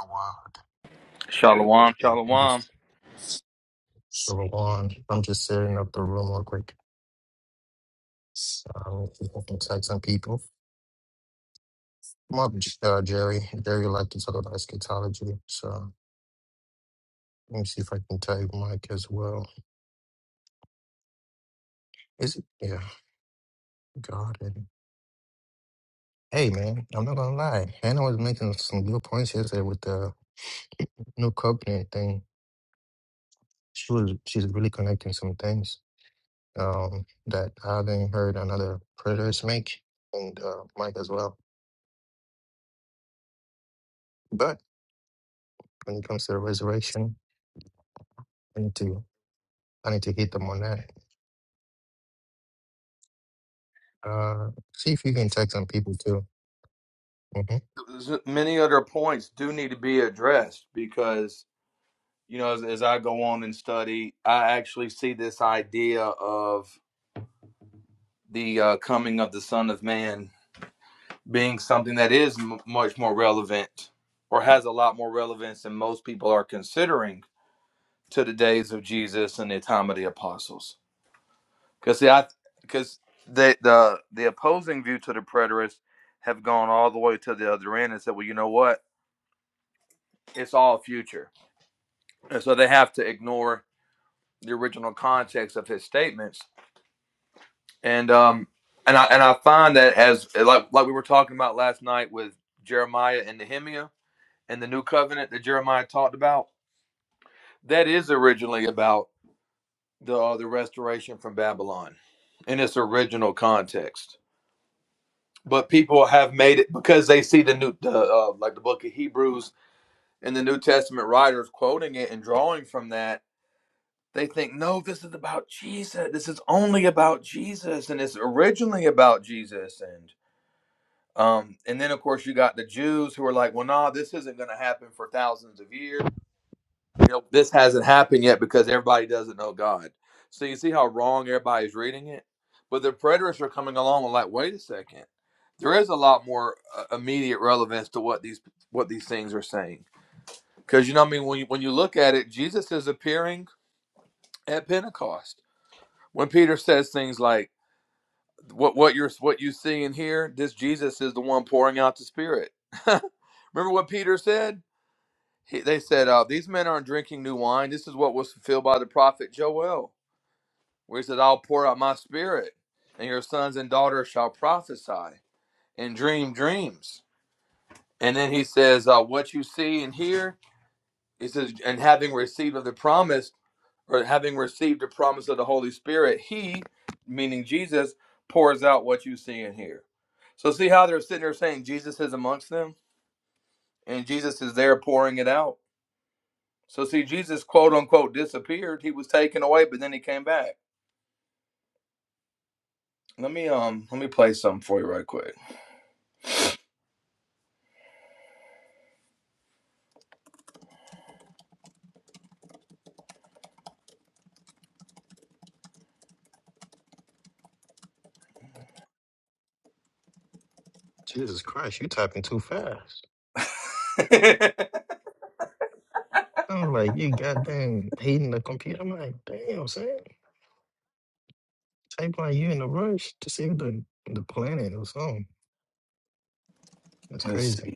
Oh, wow. Shalom, I'm shalom. just so long. I'm just setting up the room real quick. Um, if I can tag some people. Come up, J- uh, Jerry. Jerry like to talk about eschatology. So let me see if I can tag Mike as well. Is it? Yeah, God. and- Hey, man, I'm not gonna lie. Hannah was making some good points yesterday with the new covenant thing. She was she's really connecting some things um, that I haven't heard another preterist make, and uh, Mike as well. But when it comes to the resurrection. I need to I need to hit them on that. Uh, see if you can tag some people too. hmm Many other points do need to be addressed because, you know, as, as I go on and study, I actually see this idea of the uh, coming of the Son of Man being something that is m- much more relevant or has a lot more relevance than most people are considering to the days of Jesus and the time of the apostles. Because, I because the, the the opposing view to the preterists have gone all the way to the other end and said, well, you know what? it's all future. And so they have to ignore the original context of his statements. And um and I and I find that as like like we were talking about last night with Jeremiah and Nehemiah and the new covenant that Jeremiah talked about, that is originally about the uh, the restoration from Babylon in its original context. But people have made it because they see the new the uh, like the book of Hebrews and the New Testament writers quoting it and drawing from that They think, no, this is about Jesus. This is only about Jesus, and it's originally about Jesus. And um, and then of course you got the Jews who are like, well, nah, this isn't going to happen for thousands of years. You know, this hasn't happened yet because everybody doesn't know God. So you see how wrong everybody's reading it. But the preterists are coming along and like, wait a second, there is a lot more uh, immediate relevance to what these what these things are saying. Because you know, what I mean, when you, when you look at it, Jesus is appearing at Pentecost when Peter says things like what what you're what you see and hear, this Jesus is the one pouring out the Spirit. Remember what Peter said? He, they said, uh, "These men aren't drinking new wine. This is what was fulfilled by the prophet Joel, where he said, "I'll pour out my Spirit, and your sons and daughters shall prophesy and dream dreams." And then he says, uh, "What you see and hear," he says, "and having received of the promise." or having received the promise of the Holy Spirit, he, meaning Jesus, pours out what you see and hear. So see how they're sitting there saying Jesus is amongst them and Jesus is there pouring it out. So see Jesus quote unquote disappeared. He was taken away, but then he came back. Let me um let me play something for you right quick. Jesus Christ, you typing too fast. I'm like you goddamn hating the computer. I'm like, damn, son. Type like you in a rush to save the the planet or something. That's Let's see. crazy.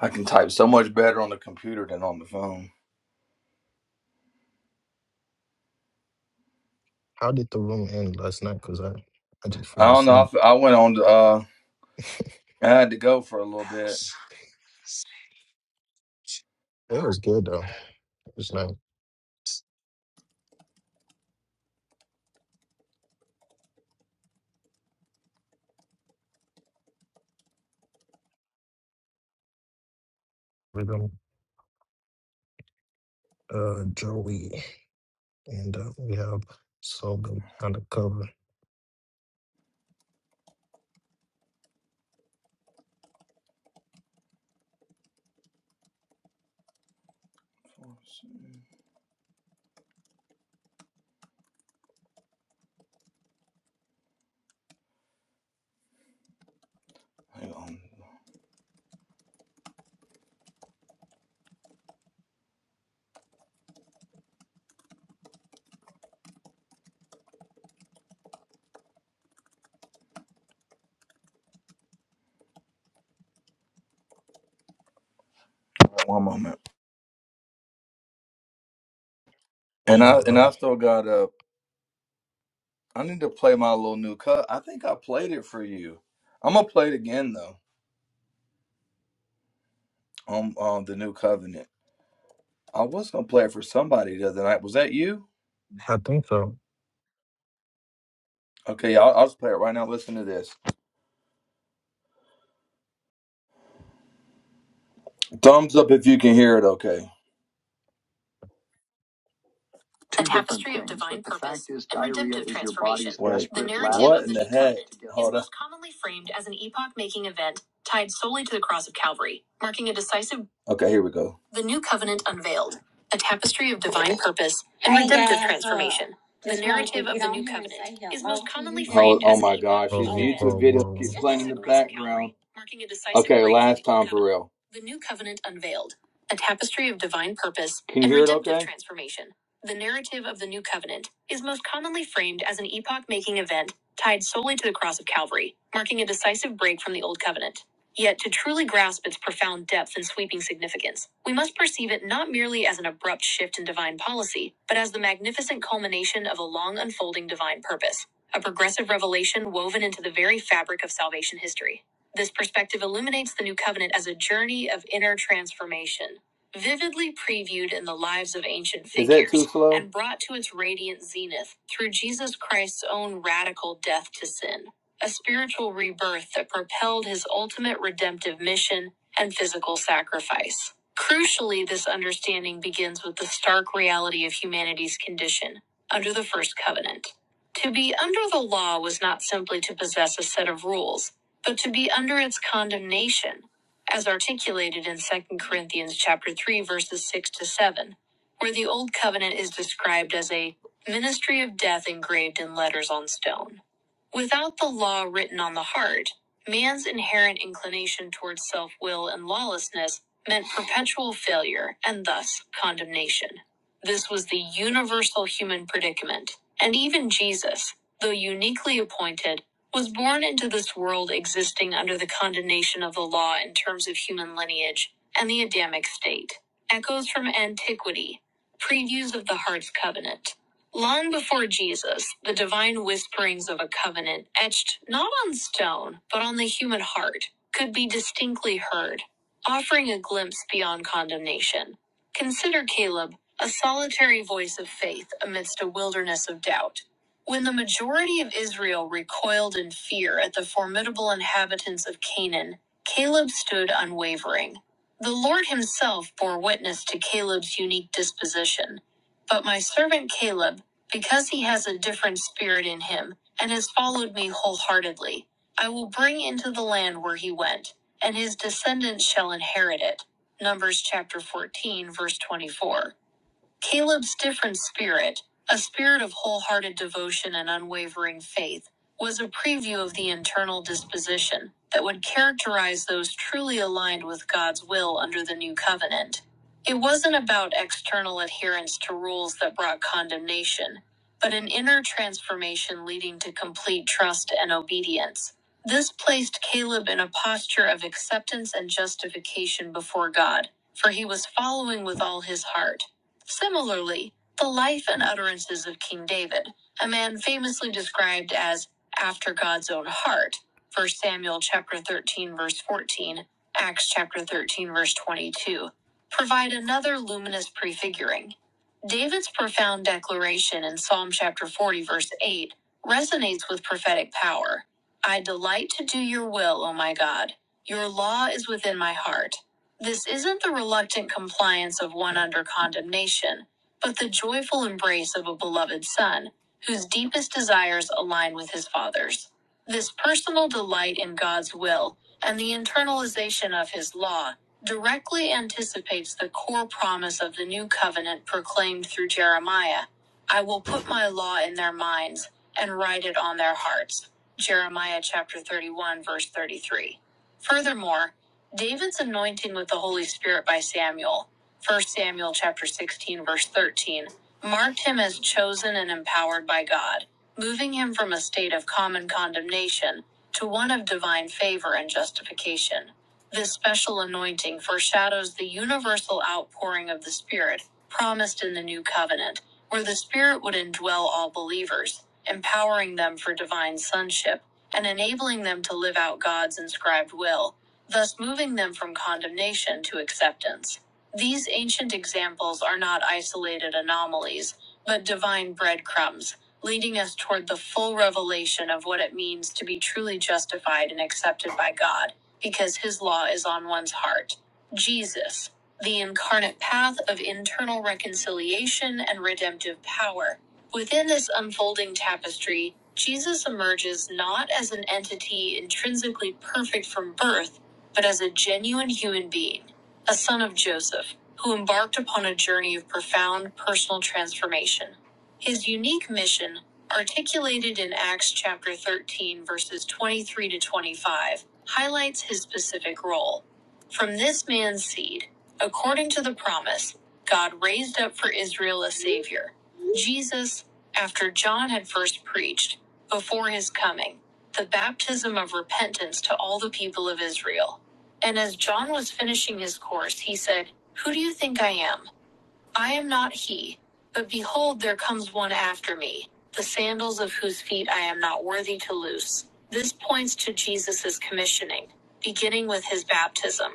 I can type so much better on the computer than on the phone. How did the room end last night? Cause I I just I fell don't know. I asleep. I went on. To, Uh, I had to go for a little bit. It was good though. It's like rhythm, uh, Joey, and uh, we have Sogan undercover. Hang on. One moment. And No I and I problem. still got a. I need to play my little new cut. I think I played it for you. I'm gonna play it again though. On on the new covenant. I was gonna play it for somebody the other night. Was that you? I think so. Okay, I'll, I'll just play it right now. Listen to this. Thumbs up if you can hear it. Okay. a tapestry of divine purpose and redemptive transformation. the narrative what of the, the heck? atonement is most commonly framed as an epoch-making event tied solely to the cross of Calvary, marking a decisive. Okay, here we go. The new covenant unveiled, a tapestry of divine purpose and redemptive transformation. The narrative of the new covenant is most commonly framed. as... Oh, oh my gosh, his Whoa, whoa, YouTube whoa. video keeps whoa. playing in the background. Marking a decisive Okay, last time for real. The new covenant unveiled, a tapestry of divine purpose and redemptive okay? transformation. The narrative of the New Covenant is most commonly framed as an epoch making event tied solely to the cross of Calvary, marking a decisive break from the Old Covenant. Yet, to truly grasp its profound depth and sweeping significance, we must perceive it not merely as an abrupt shift in divine policy, but as the magnificent culmination of a long unfolding divine purpose, a progressive revelation woven into the very fabric of salvation history. This perspective illuminates the New Covenant as a journey of inner transformation vividly previewed in the lives of ancient figures and brought to its radiant zenith through Jesus Christ's own radical death to sin, a spiritual rebirth that propelled his ultimate redemptive mission and physical sacrifice. Crucially, this understanding begins with the stark reality of humanity's condition under the first covenant. To be under the law was not simply to possess a set of rules, but to be under its condemnation as articulated in Second Corinthians chapter 3 verses 6 to 7, where the old covenant is described as a ministry of death engraved in letters on stone. Without the law written on the heart, man's inherent inclination towards self-will and lawlessness meant perpetual failure and thus condemnation. This was the universal human predicament, and even Jesus, though uniquely appointed was born into this world existing under the condemnation of the law in terms of human lineage and the Adamic state. Echoes from antiquity, previews of the heart's covenant. Long before Jesus, the divine whisperings of a covenant, etched not on stone, but on the human heart, could be distinctly heard, offering a glimpse beyond condemnation. Consider Caleb, a solitary voice of faith amidst a wilderness of doubt. When the majority of Israel recoiled in fear at the formidable inhabitants of Canaan, Caleb stood unwavering. The Lord himself bore witness to Caleb's unique disposition. But my servant Caleb, because he has a different spirit in him and has followed me wholeheartedly, I will bring into the land where he went, and his descendants shall inherit it. Numbers chapter 14, verse 24. Caleb's different spirit, a spirit of wholehearted devotion and unwavering faith, was a preview of the internal disposition that would characterize those truly aligned with God's will under the new covenant. It wasn't about external adherence to rules that brought condemnation, but an inner transformation leading to complete trust and obedience. This placed Caleb in a posture of acceptance and justification before God, for he was following with all his heart. Similarly, the life and utterances of King David, a man famously described as after God's own heart, 1 Samuel chapter 13 verse 14, Acts chapter 13 verse 22, provide another luminous prefiguring. David's profound declaration in Psalm chapter 40 verse 8 resonates with prophetic power. I delight to do your will, O my God. Your law is within my heart. This isn't the reluctant compliance of one under condemnation, but the joyful embrace of a beloved son, whose deepest desires align with his father's. This personal delight in God's will and the internalization of his law directly anticipates the core promise of the new covenant proclaimed through Jeremiah I will put my law in their minds and write it on their hearts. Jeremiah chapter 31, verse 33. Furthermore, David's anointing with the Holy Spirit by Samuel, First Samuel chapter 16 verse 13, marked him as chosen and empowered by God, moving him from a state of common condemnation to one of divine favor and justification. This special anointing foreshadows the universal outpouring of the Spirit promised in the new covenant, where the Spirit would indwell all believers, empowering them for divine sonship and enabling them to live out God's inscribed will thus moving them from condemnation to acceptance. These ancient examples are not isolated anomalies, but divine breadcrumbs, leading us toward the full revelation of what it means to be truly justified and accepted by God, because His law is on one's heart. Jesus, the incarnate path of internal reconciliation and redemptive power. Within this unfolding tapestry, Jesus emerges not as an entity intrinsically perfect from birth but as a genuine human being, a son of Joseph, who embarked upon a journey of profound personal transformation. His unique mission, articulated in Acts chapter 13, verses 23 to 25, highlights his specific role. From this man's seed, according to the promise, God raised up for Israel a Savior, Jesus, after John had first preached, before his coming, the baptism of repentance to all the people of Israel. And as John was finishing his course, he said, Who do you think I am? I am not he. But behold, there comes one after me, the sandals of whose feet I am not worthy to loose. This points to Jesus' commissioning, beginning with his baptism.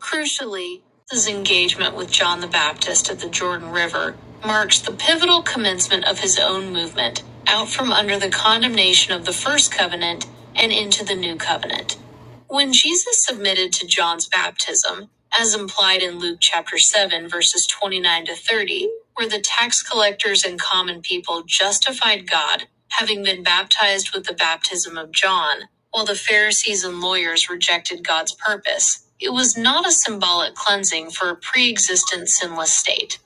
Crucially, his engagement with John the Baptist at the Jordan River marks the pivotal commencement of his own movement out from under the condemnation of the first covenant and into the new covenant. When Jesus submitted to John's baptism, as implied in Luke chapter 7, verses 29 to 30, where the tax collectors and common people justified God, having been baptized with the baptism of John, while the Pharisees and lawyers rejected God's purpose, it was not a symbolic cleansing for a pre existent sinless state.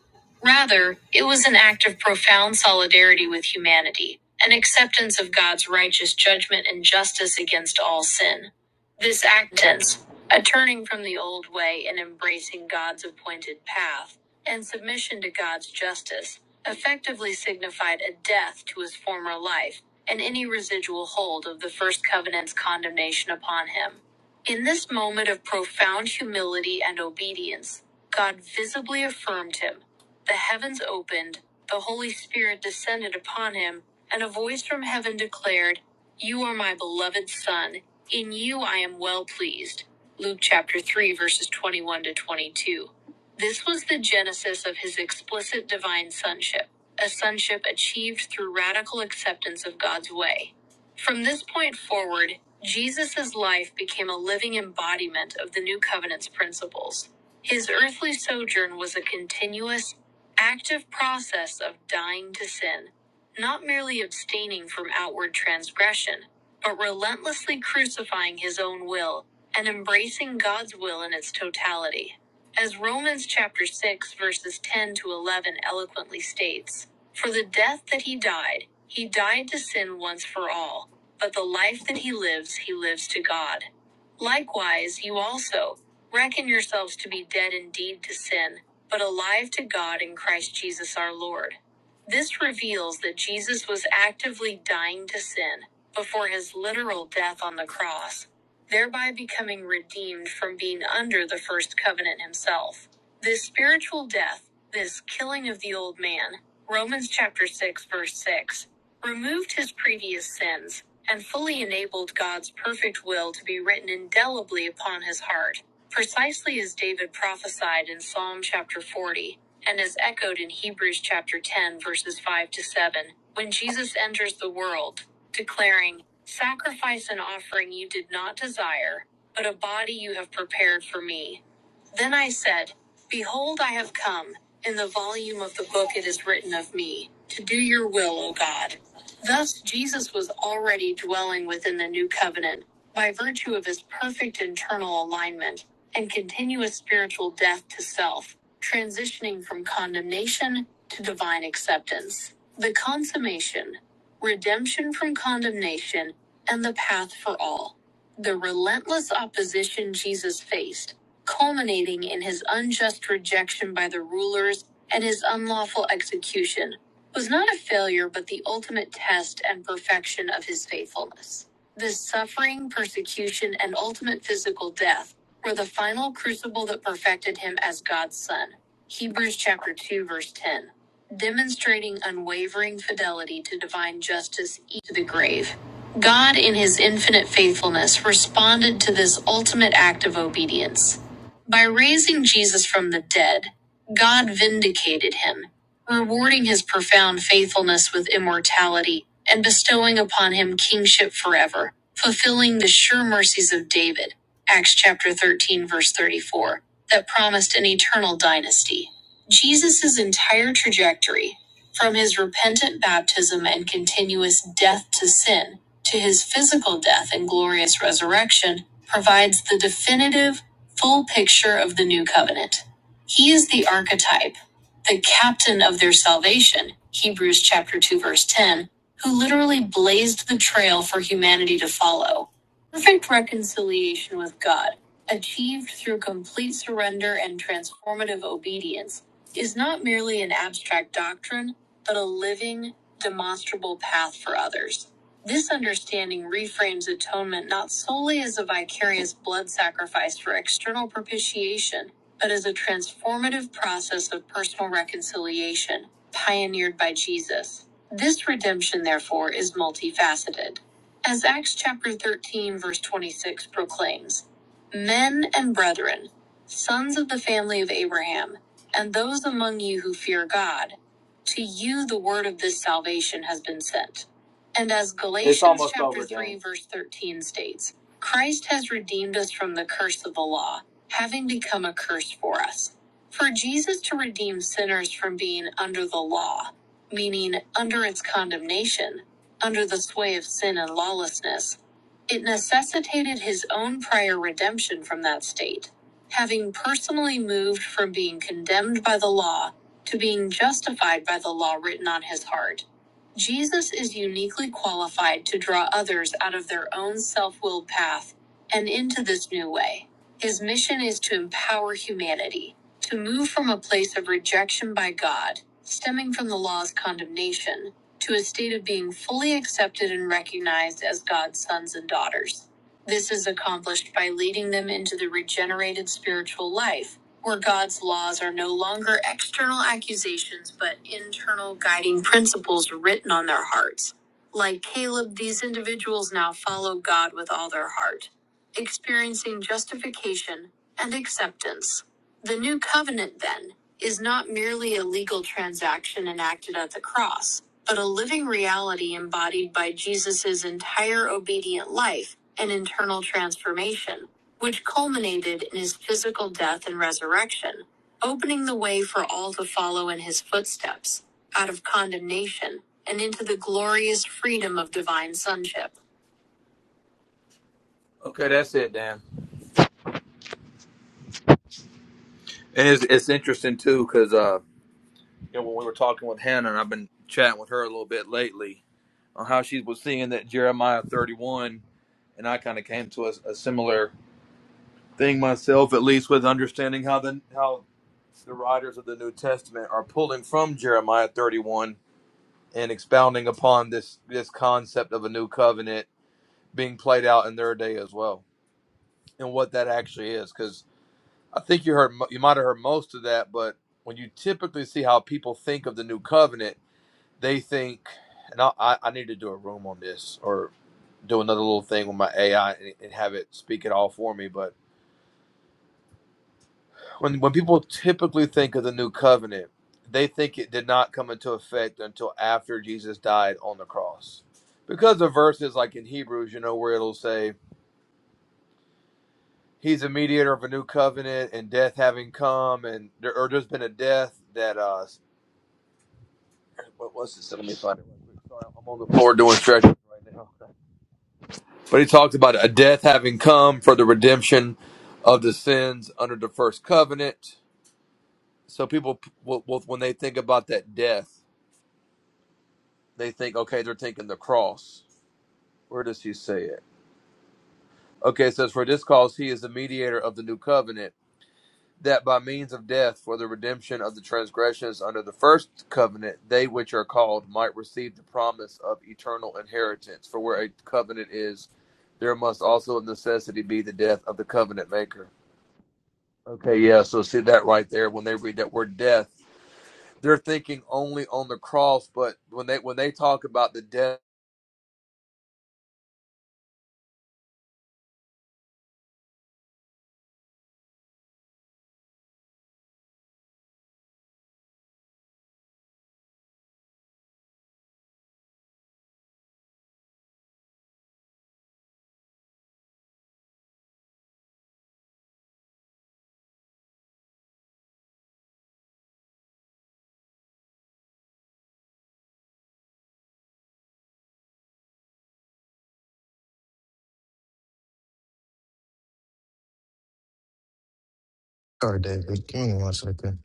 Rather, it was an act of profound solidarity with humanity, an acceptance of God's righteous judgment and justice against all sin. This actance, a turning from the old way and embracing God's appointed path, and submission to God's justice, effectively signified a death to his former life and any residual hold of the first covenant's condemnation upon him. In this moment of profound humility and obedience, God visibly affirmed him the heavens opened, the Holy Spirit descended upon him, and a voice from heaven declared, You are my beloved Son, in you I am well pleased. Luke chapter 3, verses 21 to 22. This was the genesis of his explicit divine sonship, a sonship achieved through radical acceptance of God's way. From this point forward, Jesus' life became a living embodiment of the New Covenant's principles. His earthly sojourn was a continuous active process of dying to sin, not merely abstaining from outward transgression, but relentlessly crucifying his own will and embracing God's will in its totality. As Romans chapter 6 verses 10 to 11 eloquently states, for the death that he died, he died to sin once for all, but the life that he lives, he lives to God. Likewise, you also reckon yourselves to be dead indeed to sin, but alive to God in Christ Jesus our Lord. This reveals that Jesus was actively dying to sin before his literal death on the cross thereby becoming redeemed from being under the first covenant himself. This spiritual death, this killing of the old man, Romans chapter 6 verse 6, removed his previous sins and fully enabled God's perfect will to be written indelibly upon his heart, precisely as David prophesied in Psalm chapter 40 and as echoed in Hebrews chapter 10 verses 5 to 7, when Jesus enters the world declaring, Sacrifice and offering you did not desire, but a body you have prepared for me. Then I said, Behold, I have come. In the volume of the book it is written of me, to do your will, O God. Thus, Jesus was already dwelling within the new covenant by virtue of his perfect internal alignment and continuous spiritual death to self, transitioning from condemnation to divine acceptance. The consummation redemption from condemnation, and the path for all. The relentless opposition Jesus faced, culminating in his unjust rejection by the rulers and his unlawful execution, was not a failure but the ultimate test and perfection of his faithfulness. This suffering, persecution, and ultimate physical death were the final crucible that perfected him as God's son. Hebrews chapter 2 verse 10 demonstrating unwavering fidelity to divine justice to the grave. God, in his infinite faithfulness, responded to this ultimate act of obedience. By raising Jesus from the dead, God vindicated him, rewarding his profound faithfulness with immortality and bestowing upon him kingship forever, fulfilling the sure mercies of David, Acts chapter 13 verse 34, that promised an eternal dynasty. Jesus' entire trajectory, from his repentant baptism and continuous death to sin to his physical death and glorious resurrection, provides the definitive, full picture of the new covenant. He is the archetype, the captain of their salvation, Hebrews chapter 2 verse 10, who literally blazed the trail for humanity to follow. Perfect reconciliation with God achieved through complete surrender and transformative obedience is not merely an abstract doctrine, but a living, demonstrable path for others. This understanding reframes atonement not solely as a vicarious blood sacrifice for external propitiation, but as a transformative process of personal reconciliation pioneered by Jesus. This redemption, therefore, is multifaceted. As Acts chapter 13, verse 26 proclaims Men and brethren, sons of the family of Abraham, and those among you who fear God. To you the word of this salvation has been sent. And as Galatians chapter 3 verse 13 states, Christ has redeemed us from the curse of the law, having become a curse for us. For Jesus to redeem sinners from being under the law, meaning under its condemnation, under the sway of sin and lawlessness, it necessitated his own prior redemption from that state having personally moved from being condemned by the law to being justified by the law written on his heart. Jesus is uniquely qualified to draw others out of their own self willed path and into this new way. His mission is to empower humanity, to move from a place of rejection by God, stemming from the law's condemnation, to a state of being fully accepted and recognized as God's sons and daughters. This is accomplished by leading them into the regenerated spiritual life, where God's laws are no longer external accusations but internal guiding principles written on their hearts. Like Caleb, these individuals now follow God with all their heart, experiencing justification and acceptance. The new covenant, then, is not merely a legal transaction enacted at the cross, but a living reality embodied by Jesus' entire obedient life and internal transformation, which culminated in his physical death and resurrection, opening the way for all to follow in his footsteps, out of condemnation and into the glorious freedom of divine sonship. Okay, that's it, Dan. And it's, it's interesting too, because uh, you know, when we were talking with Hannah, and I've been chatting with her a little bit lately on how she was seeing that Jeremiah 31, and I kind of came to a, a similar thing myself, at least with understanding how the how the writers of the New Testament are pulling from Jeremiah 31 and expounding upon this this concept of a new covenant being played out in their day as well, and what that actually is. Because I think you heard you might have heard most of that, but when you typically see how people think of the new covenant they think, and I, I need to do a room on this or do another little thing with my AI and, and have it speak it all for me. But when when people typically think of the new covenant, they think it did not come into effect until after Jesus died on the cross, because of verses like in Hebrews, you know, where it'll say he's a mediator of a new covenant and death having come and there or there's been a death that uh what was this let me find it sorry i'm on the floor doing stretches right now But he talks about a death having come for the redemption of the sins under the first covenant. So people, p- will- when they think about that death, they think, okay, they're thinking the cross. Where does he say it? Okay, it says, for this cause he is the mediator of the new covenant, that by means of death for the redemption of the transgressions under the first covenant, they which are called might receive the promise of eternal inheritance. For where a covenant is, there must also of necessity be the death of the covenant maker. Okay, yeah. So see that right there. When they read that word death, they're thinking only on the cross. But when they when they talk about the death, Sorry, David. Give me one second.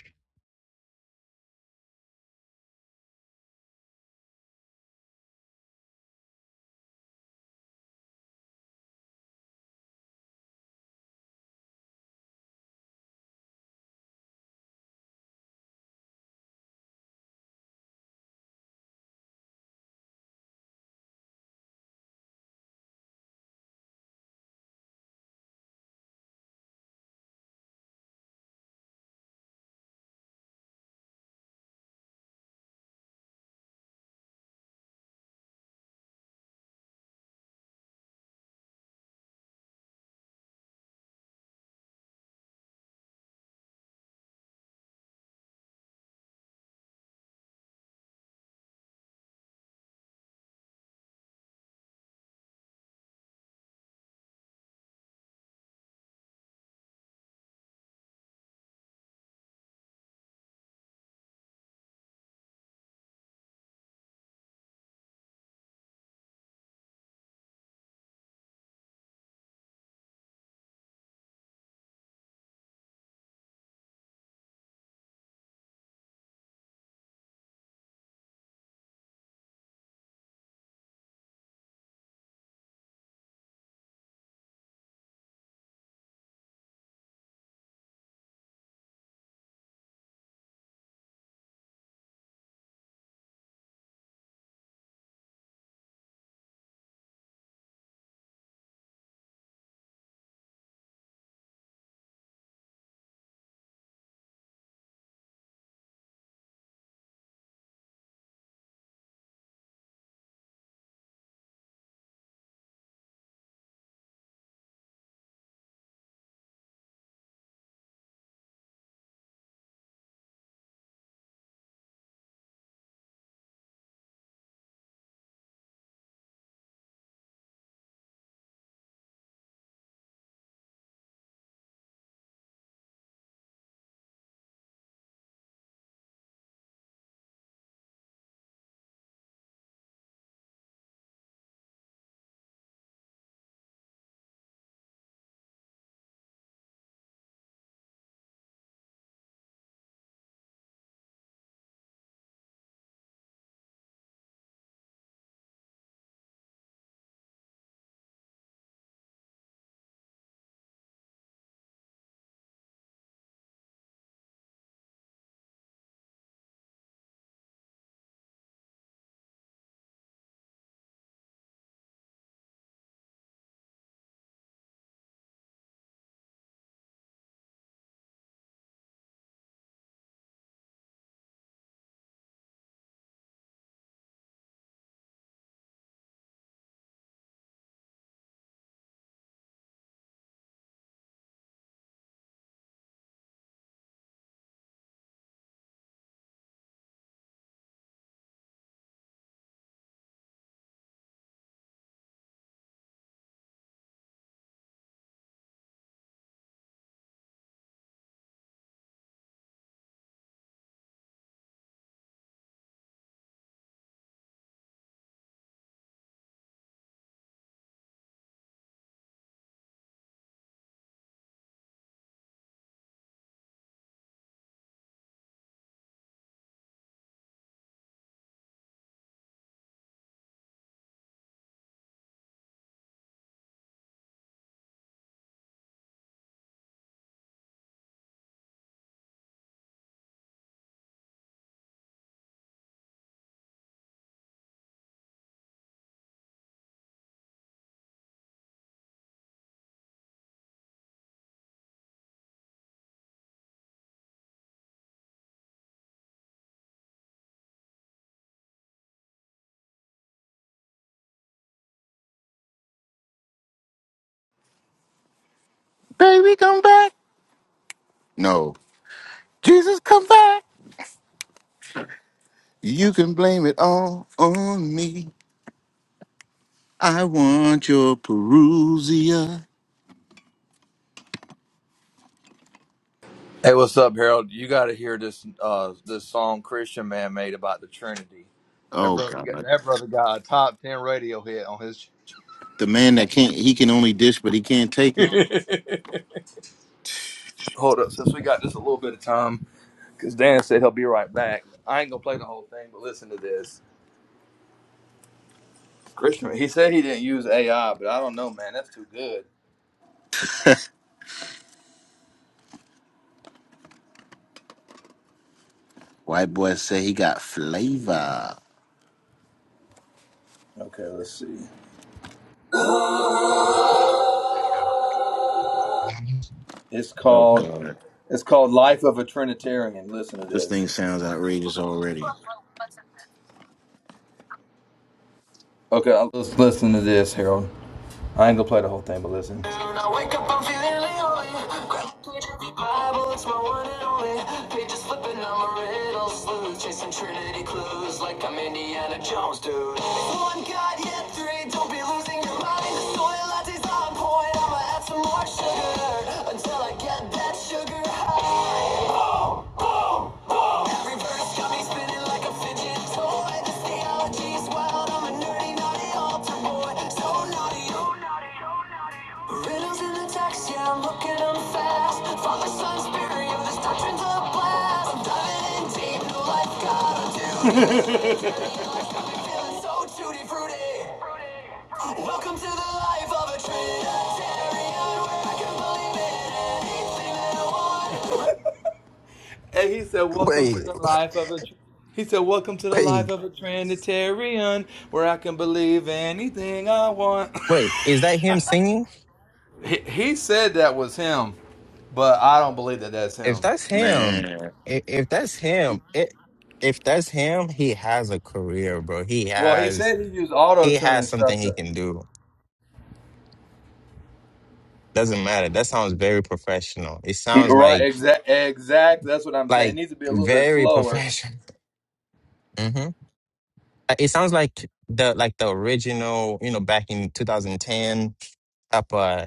Baby, come back. No. Jesus, come back. You can blame it all on me. I want your Perusia. hey, what's up, Harold? You got to hear this uh this song Christian man made about the Trinity. That Oh brother, got, God. that brother got a top ten radio hit on his. The man that can't he can only dish, but he can't take it. Hold up, since we got just a little bit of time, because Dan said he'll be right back. I ain't gonna play the whole thing, but listen to this. Christian, he said he didn't use AI, but I don't know, man. That's too good. Let's- White boy say he got flavor. Okay, let's see. It's Oh called God. It's called Life of a Trinitarian. Listen to This this. thing sounds outrageous already. Okay, let's listen to this, Harold. I ain't gonna play the whole thing, but listen. Chasing Trinity clues like I'm Indiana Jones, dude. One God, yet three. Don't be losing your mind. The soy latte's on point. I'ma add some more sugar until I get that sugar high. Boom, boom, boom. Every verse got me spinning like a fidget toy. This theology's wild. I'm a nerdy, naughty altar boy. So naughty, oh Riddles in the text, yeah, I'm looking them fast. Father, son, spirit, yo, this doctrine's a blast. I'm diving in deep, no life, God, I'm Feeling so tutti frutti. Welcome to the life of a Trinitarian, where I can believe in anything that I want. And he said, Welcome Wait, to the life of a. Tr- he said, Welcome to the life wait, of a Trinitarian, where I can believe anything I want. wait. Is that him singing? he, he said that was him, but I don't believe that that's If him. that's him, Man. i- if that's him, it, if that's him, he has a career, bro. He Well, he has, said he used auto he tune and has something stuff. he To, can do. Doesn't matter. That sounds very professional. It he, sounds right, like, exact, exact. That's what I'm saying. It like needs to be a little bit very slower. professional. hmm It sounds like the, like the original, you know, back in 2010 type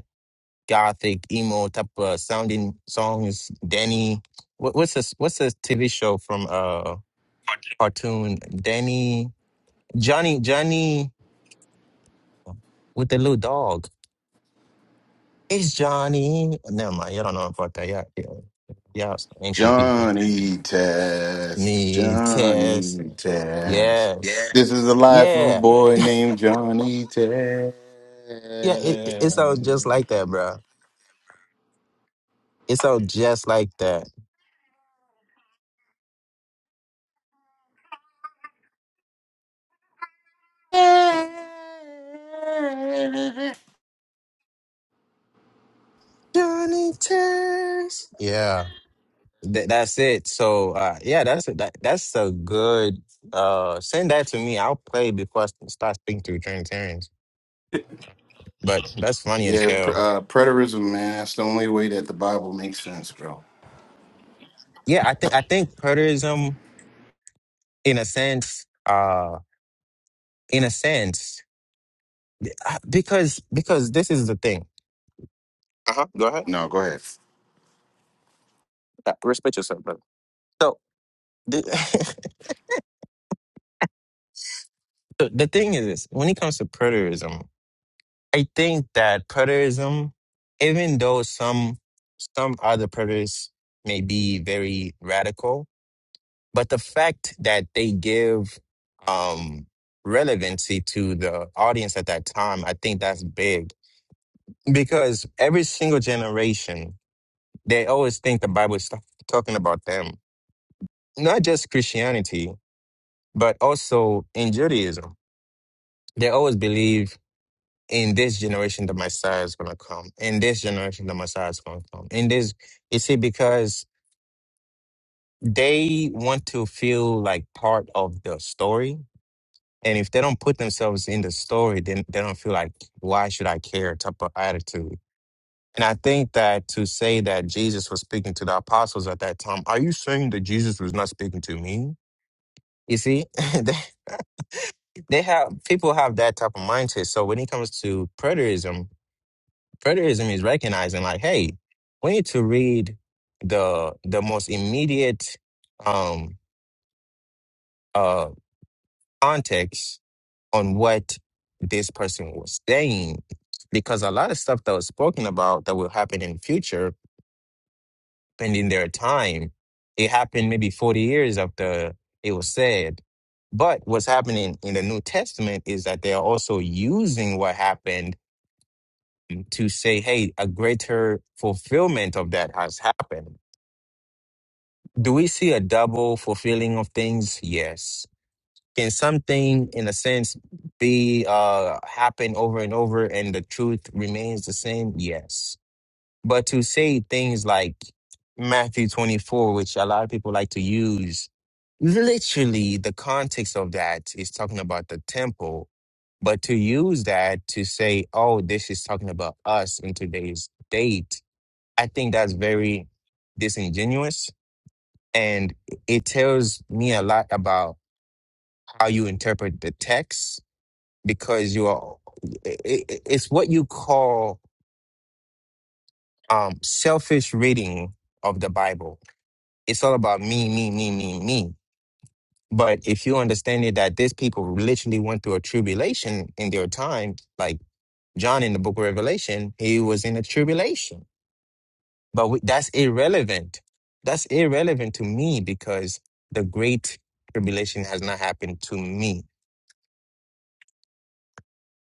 gothic emo type of sounding songs. Danny, what, what's this? What's this TV show from uh cartoon? Danny, Johnny, Johnny with the little dog. It's Johnny. Never mind. You don't know about that. Yeah, yeah, yeah. it's Ancient people. Johnny Test. Me test. Johnny Test. Yeah. Yes. This is the life of a Yeah. boy named Johnny Test. Yeah. It, it- it sounds just like that, bro. It sounds just like that. Johnny Test. Yeah. Th- that's it. So uh, yeah, that's a, that, that's a good uh send that to me. I'll play before I s- start speaking to Trinitarians. But that's funny as Yeah, pr- hell. uh, preterism, man. That's the only way that the Bible makes sense, bro. Yeah, I think I think preterism in a sense, uh in a sense uh, because because this is the thing. Uh-huh. Go ahead. No, go ahead. Uh, Respect yourself, brother. So the, so the thing is this, when it comes to preterism, I think that preterism, even though some some other predators may be very radical, but the fact that they give um, relevancy to the audience at that time, I think that's big because every single generation they always think the Bible is talking about them, not just Christianity, but also in Judaism. They always believe in this generation the Messiah is gonna come. In this generation the Messiah is gonna come. In this you see, because they want to feel like part of the story. And if they don't put themselves in the story, then they don't feel like why should I care type of attitude. And I think that to say that Jesus was speaking to the apostles at that time, are you saying that Jesus was not speaking to me? You see, they, they have people have that type of mindset. So when it comes to preterism, Preterism is recognizing like, hey, we need to read the the most immediate um uh context on what this person was saying. Because a lot of stuff that was spoken about that will happen in future, pending their time, it happened maybe 40 years after it was said. But what's happening in the New Testament is that they are also using what happened to say, hey, a greater fulfillment of that has happened. Do we see a double fulfilling of things? Yes. Can something, in a sense, be uh, happen over and over, and the truth remains the same? Yes. But to say things like Matthew twenty-four, which a lot of people like to use, literally the context of that is talking about the temple. But to use that to say, "Oh, this is talking about us in today's date," I think that's very disingenuous and it tells me a lot about how you interpret the text because you are, i i it's what you call um, selfish reading of the Bible. It's all about me, me, me, me, me. But if you understand it that these people literally went through a tribulation in their time, like John in the book of Revelation, he was in a tribulation. But we, that's irrelevant. That's irrelevant to me because the great tribulation has not happened to me.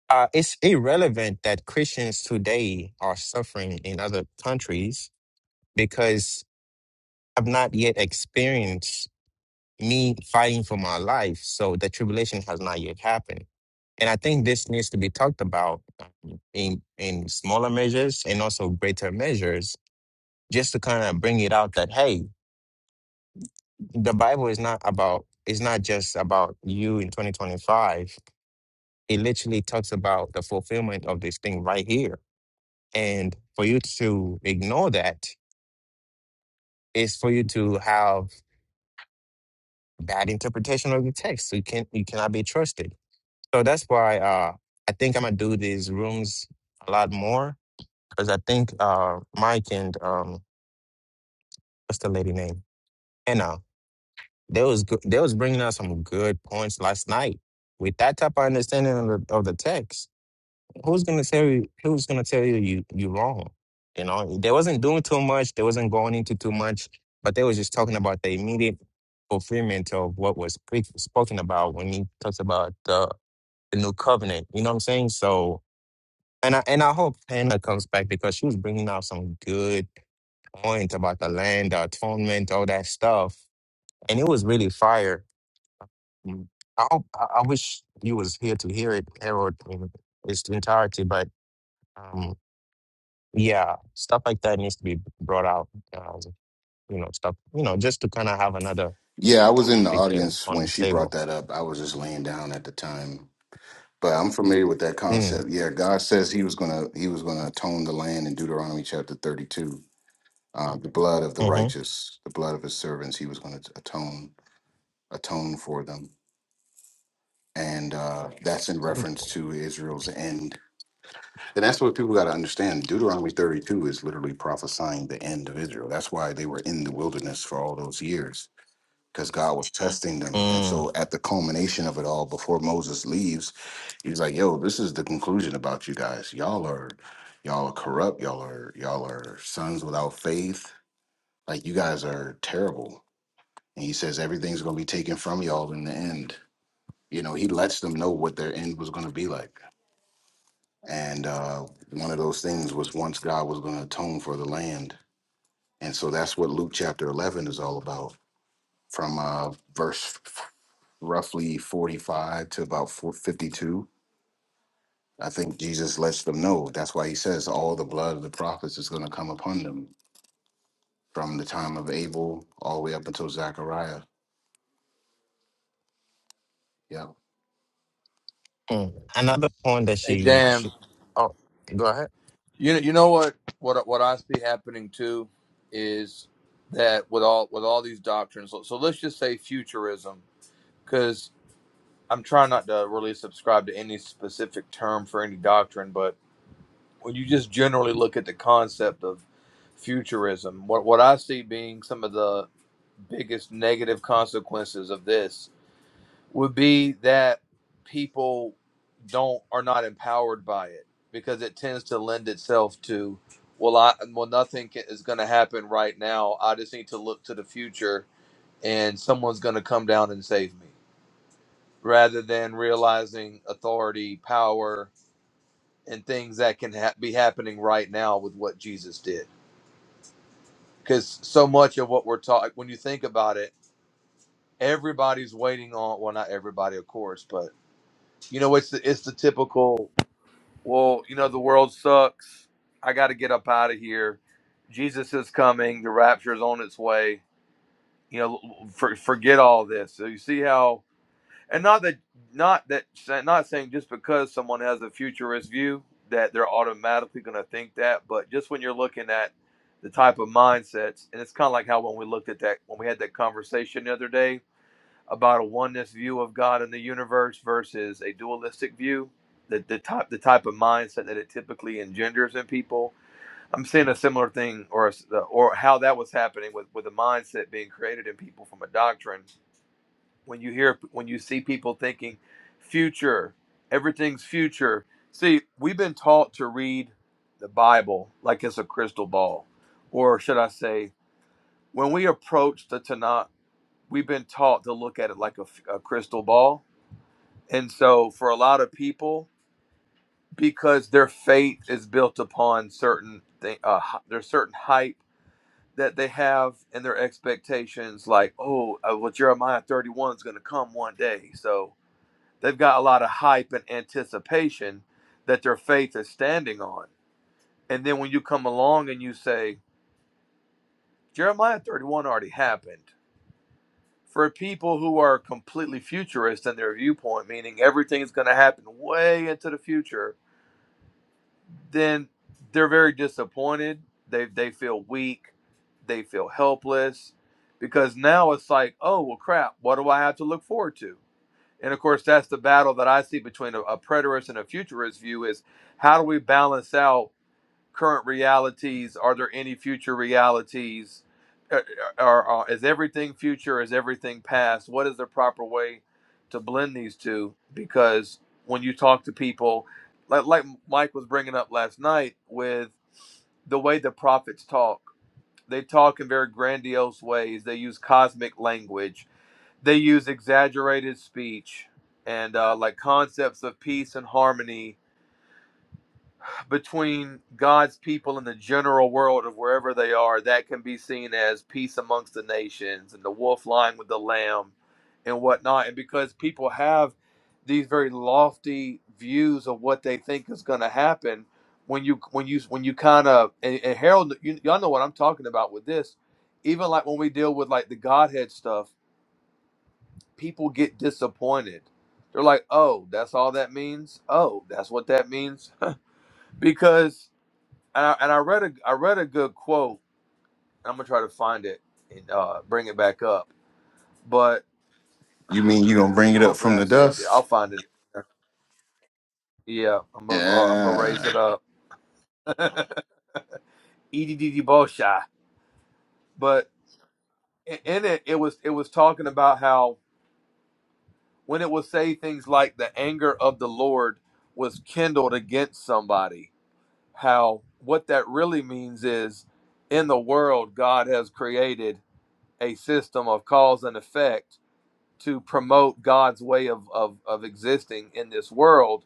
Uh, it's irrelevant that Christians today are suffering in other countries because I've not yet experienced me fighting for my life. So the tribulation has not yet happened. And I think this needs to be talked about um, in, in smaller measures and also greater measures, just to kind of bring it out that, hey, the Bible is not about, it's not just about you in 2025. It literally talks about the fulfillment of this thing right here And for you to ignore that is for you to have bad interpretation of the text. So you can you cannot be trusted. So that's why uh, I think I'm gonna do these rooms a lot more because I think uh, Mike and um, what's the lady name? Anna. They was go- they was bringing out some good points last night with that type of understanding of the, of the text who's gonna tell you who's gonna tell you you you wrong you know they wasn't doing too much they wasn't going into too much but they was just talking about the immediate fulfillment of what was pre- spoken about when he talks about the, the new covenant you know what i'm saying so and i and i hope hannah comes back because she was bringing out some good points about the land the atonement all that stuff and it was really fire Mm. i hope i, I wish you was here to hear it harold in its entirety but um, yeah, stuff like that needs to be brought out. Um, you know, stuff. You know, just to kind of have another Yeah, I was in the topic in, audience on when the she brought table. that up. I was just laying down at the time, but I'm familiar with that Mm, concept. Yeah, God says He was gonna He was gonna atone the land in Deuteronomy chapter 32 Uh, the blood of the mm-hmm. righteous, the blood of his servants, he was going to atone atone for them, and uh, that's in reference to Israel's end. And that's what people got to understand. Deuteronomy thirty two is literally prophesying the end of Israel. That's why they were in the wilderness for all those years because God was testing them. And mm, so, at the culmination of it all, before Moses leaves, he's like, "Yo, this is the conclusion about you guys. Y'all are." Y'all are corrupt. Y'all are y'all are sons without faith. Like you guys are terrible and he says everything's going to be taken from y'all in the end you know he lets them know what their end was going to be like and uh, one of those things was once god was going to atone for the land and so that's what luke chapter 11 is all about from uh, verse f- roughly 45 to about 4- 52 i think jesus lets them know that's why he says all the blood of the prophets is going to come upon them from the time of abel all the way up until zechariah yeah mm. Another point that Hey, she, damn. she. Oh, go ahead. You know, you know what? What what I see happening too is that with all with all these doctrines. So, so let's just say futurism, because I'm trying not to really subscribe to any specific term for any doctrine, but when you just generally look at the concept of futurism, what what I see being some of the biggest negative consequences of this would be that people don't are not empowered by it because it tends to lend itself to well i well nothing ca- is going to happen right now i just need to look to the future and someone's going to come down and save me rather than realizing authority power and things that can ha- be happening right now with what jesus did because so much of what we're taught when you think about it everybody's waiting on well not everybody of course but you know it's the, it's the typical well, you know, the world sucks. I got to get up out of here. Jesus is coming. The rapture is on its way. You know, for, forget all this. So you see how, and not that, not that, not saying just because someone has a futurist view that they're automatically going to think that, but just when you're looking at the type of mindsets, and it's kind of like how when we looked at that, when we had that conversation the other day, about a oneness view of God and the universe versus a dualistic view, the, the type the type of mindset that it typically engenders in people. I'm seeing a similar thing, or a s- or how that was happening with with a mindset being created in people from a doctrine. When you hear when you see people thinking future, everything's future. See, we've been taught to read the Bible like it's a crystal ball, or should I say, when we approach the Tanakh, we've been taught to look at it like a f a a crystal ball and so, for a lot of people, because their faith is built upon certain thing, uh, hy- there's certain hype that they have and their expectations, like, oh, uh, well, Jeremiah 31 is going to come one day. So they've got a lot of hype and anticipation that their faith is standing on. And then when you come along and you say, Jeremiah 31 already happened. For people who are completely futurist in their viewpoint, meaning everything is going to happen way into the future, then they're very disappointed. They they feel weak, they feel helpless, because now it's like, oh well, crap. What do I have to look forward to? And of course, that's the battle that I see between a, a preterist and a futurist view: is how do we balance out? current realities? Are there any future realities? Are, are, are- is everything future? Is everything past? What is the proper way to blend these two? Because when you talk to people, like, like Mike was bringing up last night with the way the prophets talk, they talk in very grandiose ways. They use cosmic language, they use exaggerated speech and uh, like concepts of peace and harmony between God's people and the general world of wherever they are, that can be seen as peace amongst the nations and the wolf lying with the lamb and whatnot. And because people have these very lofty views of what they think is going to happen, when you when you when you kind of and, and Harold, you, y'all know what I'm talking about with this. Even like when we deal with like the Godhead stuff, people get disappointed. They're like, "Oh, that's all that means. Oh, that's what that means," because and I, and I read a I read a good quote. I'm gonna try to find it and uh, bring it back up. But you oh, mean you gonna bring it up hopefully from I the saved it. I'll dust find it. Yeah, I'm gonna I'm gonna yeah raise it up. EDDD bullshy. But i- in it, it was it was talking about how when it would say things like the anger of the Lord was kindled against somebody, how what that really means is in the world God has created a system of cause and effect to promote God's way of, of, of existing in this world.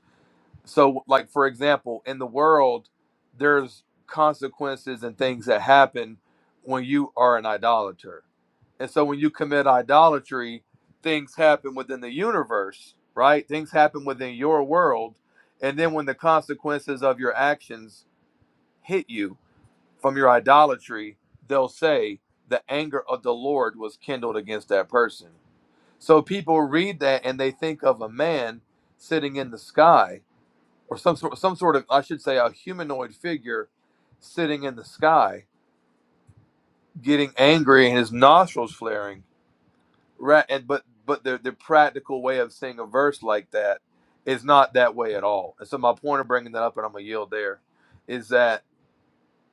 So, like, for example, in the world, there's consequences and things that happen when you are an idolater. And so, when you commit idolatry, things happen within the universe, right? Things happen within your world. And then, when the consequences of your actions hit you from your idolatry, they'll say, The anger of the Lord was kindled against that person so people read that and they think of a man sitting in the sky, or some sort, some sort of, I should say, a humanoid figure sitting in the sky, getting angry and his nostrils flaring. Right, and but but the the practical way of seeing a verse like that is not that way at all. And so my point of bringing that up, and I'm gonna yield there, is that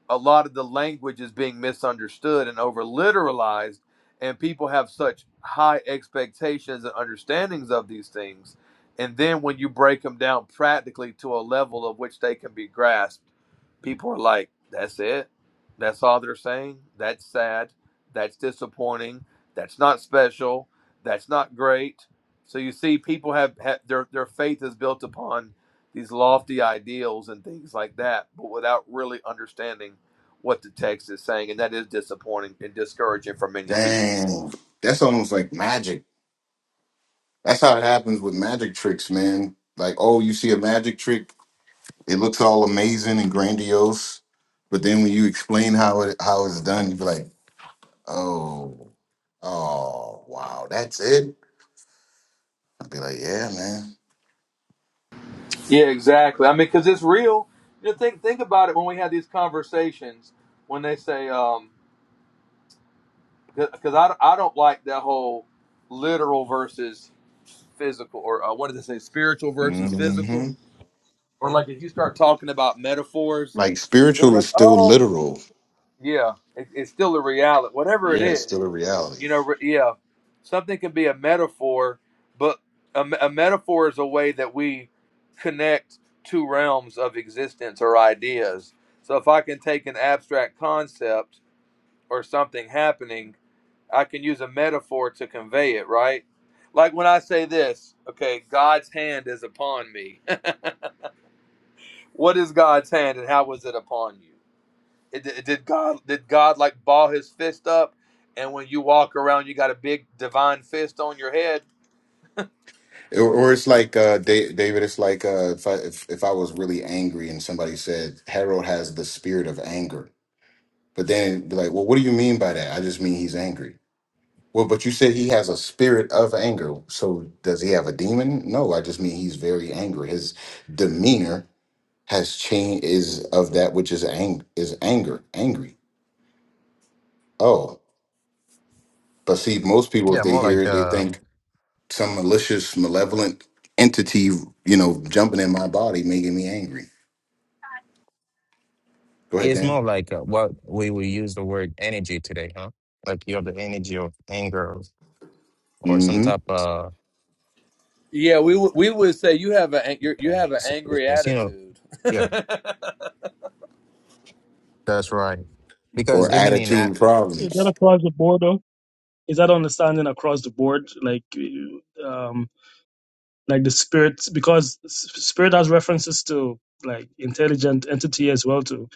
a lot of the language is being misunderstood and over literalized and people have such high expectations and understandings of these things and then when you break them down practically to a level of which they can be grasped people are like that's it that's all they're saying that's sad that's disappointing that's not special that's not great so you see people have, have their their faith is built upon these lofty ideals and things like that but without really understanding what the text is saying, and that is disappointing and discouraging for many people. Dang. That's almost like magic. That's how it happens with magic tricks, man. Like, oh, you see a magic trick, it looks all amazing and grandiose, but then when you explain how it how it's done, you be like, oh, oh, wow, that's it. I'd be like, yeah, Yeah, exactly. I mean, because it's real. You know, think think about it when we have these conversations when they say, um, because I, I don't like that whole literal versus physical or uh, what did they say, spiritual man. versus hmm physical, or like if you start talking about metaphors, Like they're spiritual is like, still oh, literal. yeah, it, it's still a reality, whatever it Yeah, it's is. still a reality. You know, re- yeah, something can be a metaphor, but a, me- a metaphor is a way that we connect two realms of existence or ideas. So if I can take an abstract concept or something happening, I can use a metaphor to convey it, right? Like when I say this, okay, God's hand is upon me. what is God's hand and how was it upon you? It, did did God did God like ball his fist up and when you walk around you got a big divine fist on your head? Or, or it's like uh, Da- David. It's like uh, if I if, if I was really angry and somebody said Harold has the spirit of anger, But then be like, well, what do you mean by that? I just mean he's angry. Well, but you said he has a spirit of anger. So does he have a demon? No, I just mean he's very angry. His demeanor has changed is of that which is ang- is anger, angry. Oh. But see, most people if Yeah, they more hear like it, they uh, think some malicious, malevolent entity, you know, jumping in my body making me angry. Go ahead, it's Dan. more like uh, what we will use the word energy today, huh? Like you have the energy of anger or some Mm-hmm. type of Yeah, we would- we would say you have a you you yeah, have an s- angry it's, you know. attitude. Yeah, that's right. Because Or even in that, attitude Is problems. that across the board though? Is that understanding across the board? Like, um, like the spirit, because s- spirit has references to like intelligent entity as well too.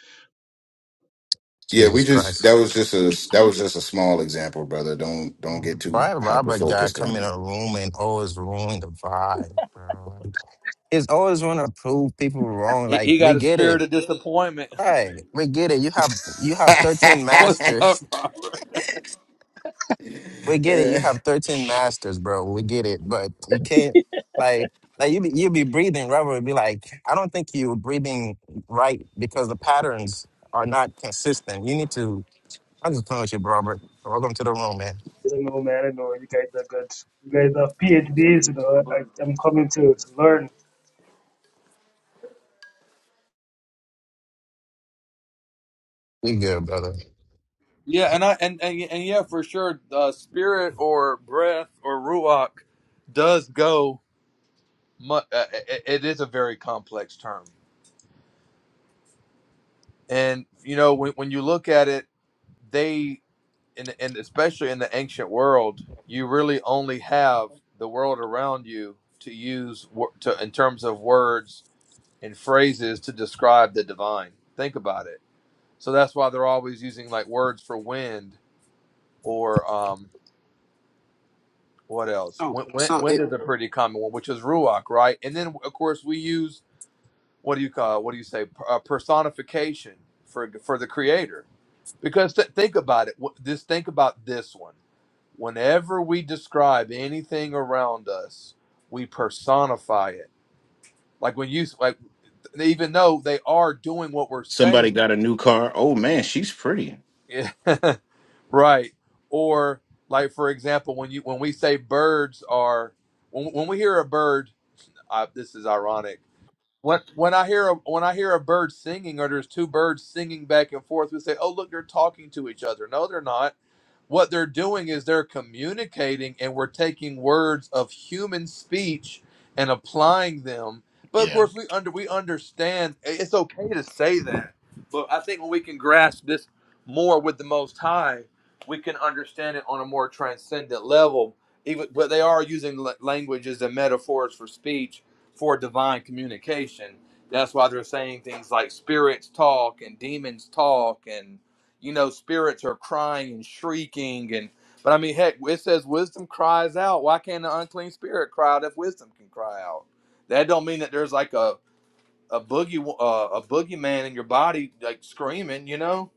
Yeah, we Jesus just Christ. that was just a that was just a small example, brother. Don't don't get too Why hyper Robert guy focused come in on a room and always ruin the vibe, bro? Like, It's always want to prove people wrong. he, Like he we got a get it, spirit of disappointment. right? We get it. You have you have it. thirteen What's up, masters. Robert? We get it. You have thirteen masters, bro. We get it. But you can't like like you be, you be breathing. Robert would be like, I don't think you're breathing right because the patterns are not consistent. You need to. I'm just playing with you, Robert. Welcome to the room, man. I don't know, man. I don't know. You guys are good. You guys have PhDs. You know, I, I'm coming to to learn. You good, brother? Yeah, and I and and, and yeah, for sure, uh, spirit or breath or ruach does go. Mu- uh, it, it is a very complex term, and you know when when you look at it, they and and especially in the ancient world, you really only have the world around you to use wo- to in terms of words and phrases to describe the divine. Think about it. So that's why they're always using like words for wind or um, what else? Oh, Wind, wind, so it, wind is a pretty common one, which is ruach, right? And then of course we use what do you call what do you say uh, personification for for the creator. Because th- think about it. Wh- This think about this one. Whenever we describe anything around us, we personify it. Like when you like, even though they are doing what we're Somebody saying, got a new car. Oh man, she's pretty. Right. Or like for example, when you when we say birds are when when we hear a bird, uh, this is ironic. When when I hear a when I hear a bird singing or there's two birds singing back and forth, we say, "Oh, look, they're talking to each other." No, they're not what they're doing is they're communicating and we're taking words of human speech and applying them but of Yeah. course we under we understand it's okay to say that but i think when we can grasp this more with the most high we can understand it on a more transcendent level even but they are using la- languages and metaphors for speech for divine communication that's why they're saying things like spirits talk and demons talk and you know spirits are crying and shrieking and but i mean heck it says wisdom cries out why can't the unclean spirit cry out if wisdom can cry out that don't mean that there's like a a boogie uh, a boogeyman in your body like screaming you know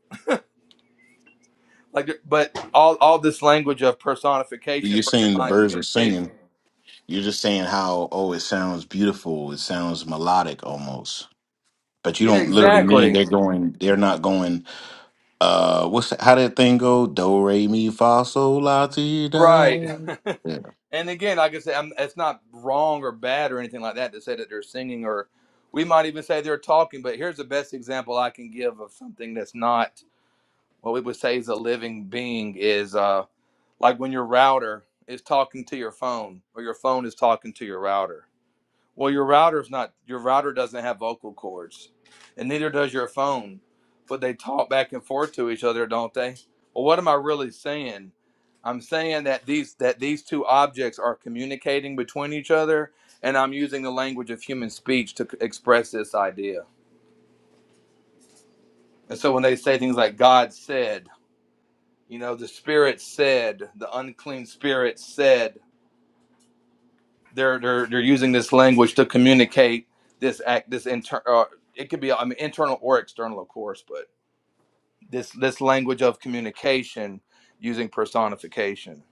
like there- but all all this language of personification You're for saying the divine birds are communication singing. You're just saying how oh it sounds beautiful, it sounds melodic almost. But you yeah don't literally mean exactly they're going they're not going uh what's that, how that thing go? Do re mi fa sol la ti da. Right. Yeah. and again, like I said, I'm, it's not wrong or bad or anything like that to say that they're singing or we might even say they're talking, but here's the best example I can give of something that's not what we would say is a living being is uh, like when your router is talking to your phone or your phone is talking to your router. Well, your router's not your router doesn't have vocal cords, and neither does your phone. But they talk back and forth to each other, don't they? Well, what am I really saying? I'm saying that these that these two objects are communicating between each other, and I'm using the language of human speech to c- express this idea. And so when they say things like God said, you know, the spirit said, the unclean spirit said, they're they're they're using this language to communicate this act this inter uh, it could be I mean, internal or external of course but this this language of communication using personification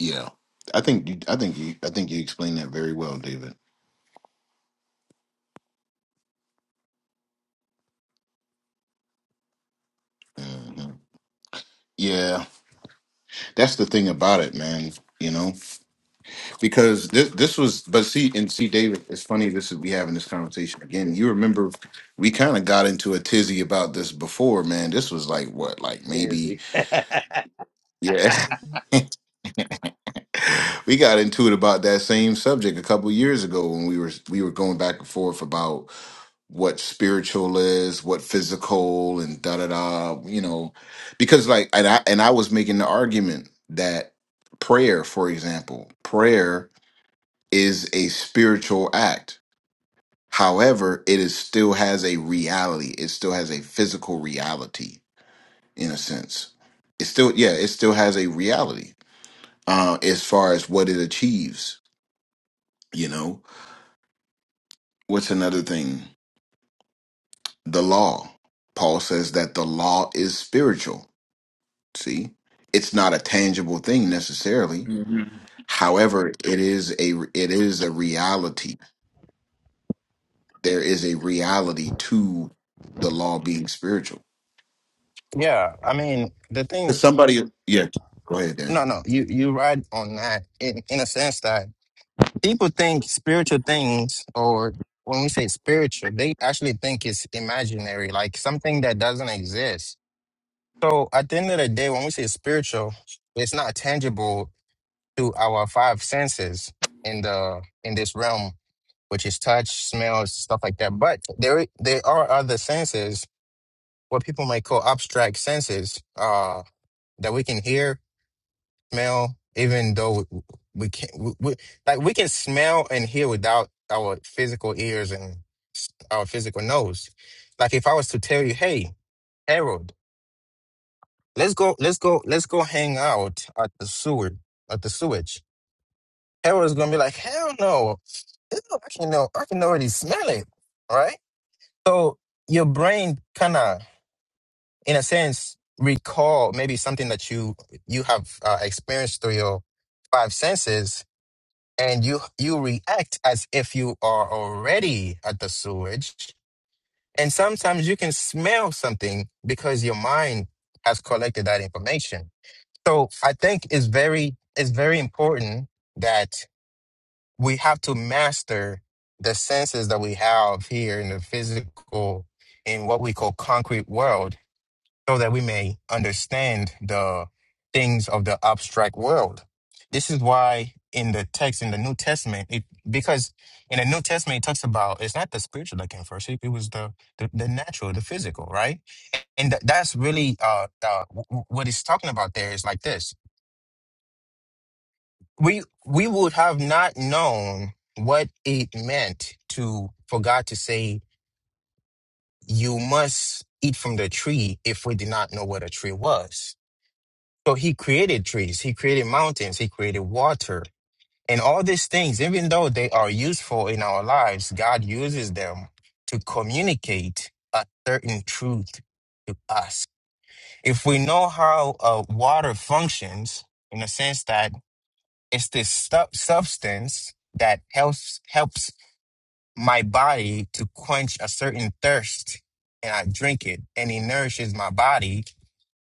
Yeah. I think you I think you I think you explained that very well, David. hmm Yeah. that's the thing about it, man. You know, because this this was, but see, and see, David, it's funny. This is we having this conversation again. You remember we kind of got into a tizzy about this before, man. This was like what, like maybe, Tizzy. yeah. we got into it about that same subject a couple years ago when we were we were going back and forth about what spiritual is, what physical, and da da da. You know, because like, and I and I was making the argument that prayer, for example, prayer is a spiritual act. However, it is still has a reality. It still has a physical reality in a sense. It still, yeah, it still has a reality uh, as far as what it achieves. You know, what's another thing? The law. Paul says that the law is spiritual. See, it's not a tangible thing necessarily. However, it is a it is a reality. There is a reality to the law being spiritual. Yeah, I mean, the thing, Cause somebody, yeah, go ahead, Dan. no, no, you you right on that in, in a sense that people think spiritual things, or when we say spiritual, they actually think it's imaginary, like something that doesn't exist. So at the end of the day, when we say spiritual, it's not tangible to our five senses in the in this realm, which is touch, smell, stuff like that. But there i- there are other senses, what people might call abstract senses, uh, that we can hear smell, even though we, we can't, we, we, like we can smell and hear without our physical ears and s- our physical nose. Like if I was to tell you, hey, Harold, let's go, let's go, let's go hang out at the sewer, at the sewage. Harold's gonna be like, hell no, Ew, I can know, I can already smell it, right? So your brain kind of, in a sense, recall maybe something that you you have uh, experienced through your five senses and you you react as if you are already at the sewage and sometimes you can smell something because your mind has collected that information so i think it's very it's very important that we have to master the senses that we have here in the physical in what we call concrete world so that we may understand the things of the abstract world. This is why in the text in the New Testament, it, because in the New Testament it talks about it's not the spiritual that came first; it, it was the, the the natural, the physical, right? And th- that's really uh, uh, w- w- what it's talking about. There is like this: we we would have not known what it meant to for God to say, "You must eat from the tree," if we did not know what a tree was So he created trees, he created mountains, he created water. And all these things, even though they are useful in our lives, God uses them to communicate a certain truth to us. If we know how uh, water functions, in a sense that it's this stu- substance that helps helps my body to quench a certain thirst, and I drink it, and it nourishes my body,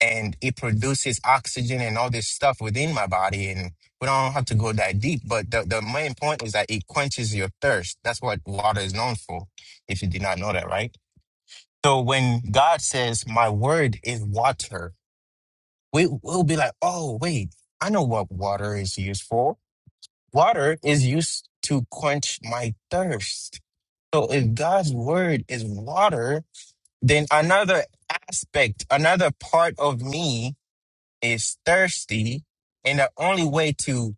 and it produces oxygen and all this stuff within my body. And we don't have to go that deep, but the, the main point is that it quenches your thirst. That's what water is known for, if you did not know that, right? So when God says, My word is water, we will be like, Oh, wait, I know what water is used for. Water is used to quench my thirst. So if God's word is water, then another aspect, another part of me is thirsty, and the only way to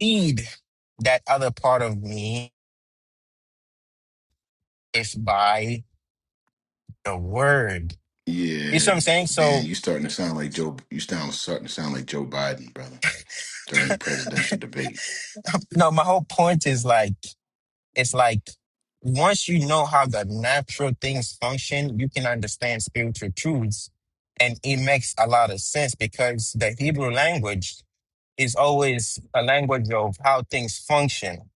feed that other part of me is by the word. You Yeah, see what I'm saying? Dan, So, you starting to sound like Joe. You sound starting to sound like Joe Biden, brother, during the presidential debate. no, my whole point is like, it's like once you know how the natural things function, you can understand spiritual truths. And it makes a lot of sense because the Hebrew language is always a language of how things function.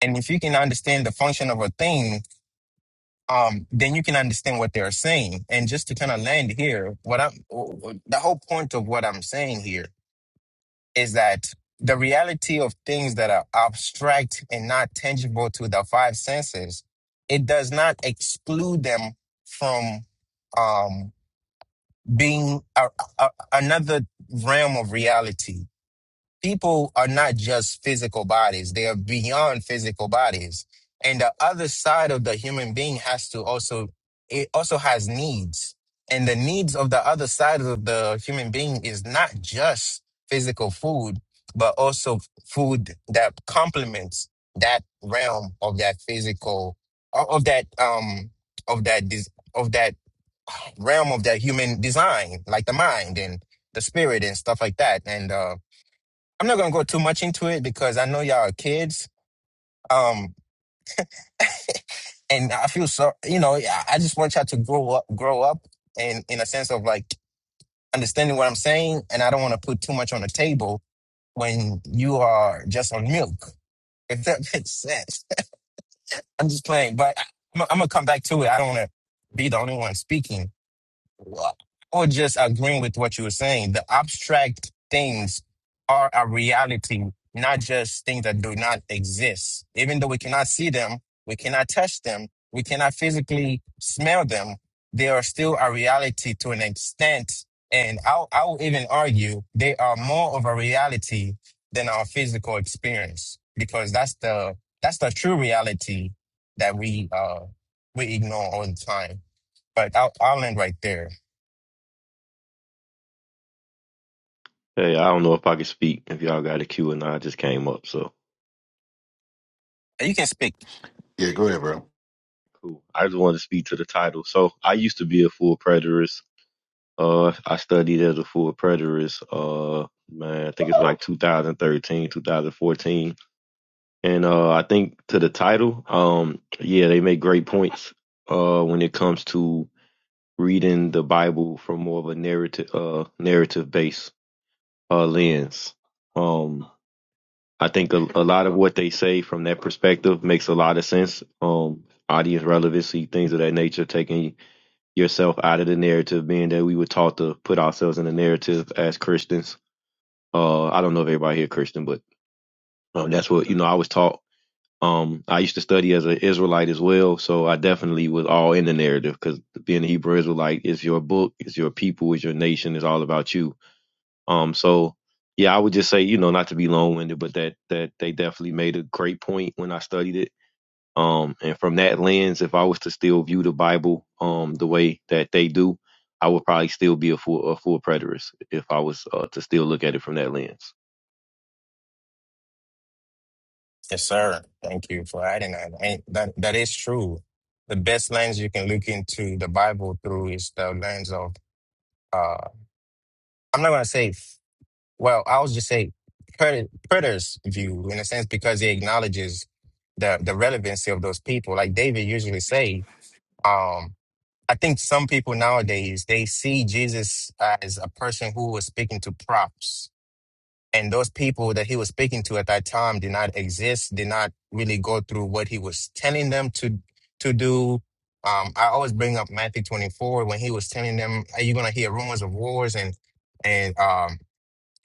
And if you can understand the function of a thing, um, then you can understand what they're saying. And just to kind of land here, what I'm w- w- the whole point of what I'm saying here is that the reality of things that are abstract and not tangible to the five senses, it does not exclude them from um, being a, a, another realm of reality people are not just physical bodies, they are beyond physical bodies. And the other side of the human being has to also, it also has needs. And the needs of the other side of the human being is not just physical food, but also food that complements that realm of that physical, of that, um, of that, dis- of that realm of that human design, like the mind and the spirit and stuff like that. And, um, I'm not gonna go too much into it because I know y'all are kids. Um, and I feel so, you know, I I just want y'all to grow up, grow up, and in a sense of like understanding what I'm saying. And I don't want to put too much on the table when you are just on milk. If that makes sense, I'm just playing. But I- I'm, I'm gonna come back to it. I don't want to be the only one speaking. Well, Or just agreeing with what you were saying. The abstract things are a reality, not just things that do not exist. Even though we cannot see them, we cannot touch them, we cannot physically smell them, they are still a reality to an extent. And I'll, I'll even argue they are more of a reality than our physical experience because that's the, that's the true reality that we, uh, we ignore all the time. But I'll, I'll end right there. Hey, I don't know if I can speak if y'all got a queue or not. I just came up, so You can speak. Yeah, go ahead, bro. cool. I just wanted to speak to the title. So I used to be a full preterist. Uh, I studied as a full preterist. Uh, man, I think it's like 2013, 2014. And uh, I think to the title, um, yeah, they make great points. Uh, when it comes to reading the Bible from more of a narrative, uh, narrative based uh lens. Um, I think a, a lot of what they say from that perspective makes a lot of sense. Um, audience relevancy, things of that nature, taking yourself out of the narrative, being that we were taught to put ourselves in the narrative as Christians. Uh, I don't know if everybody here Christian, but um, that's what you know. I was taught. Um, I used to study as an Israelite as well, so I definitely was all in the narrative because being a Hebrew Israelite is your book, is your people, is your nation, is all about you um, so yeah, I would just say, you know, not to be long winded, but that that they definitely made a great point when I studied it. Um, and from that lens, if I was to still view the Bible um the way that they do, I would probably still be a full a full preterist if I was uh, to still look at it from that lens. Yes, sir. Thank you for adding that. And that, that is true. The best lens you can look into the Bible through is the lens of, uh, I'm not going to say, f- well, I'll just say Pret- Preter's view in a sense because he acknowledges the, the relevancy of those people. Like David usually say, um, I think some people nowadays, they see Jesus as a person who was speaking to props And those people that he was speaking to at that time did not exist, did not really go through what he was telling them to to do. Um, I always bring up Matthew 24 when he was telling them, Are you gonna hear rumors of wars and and um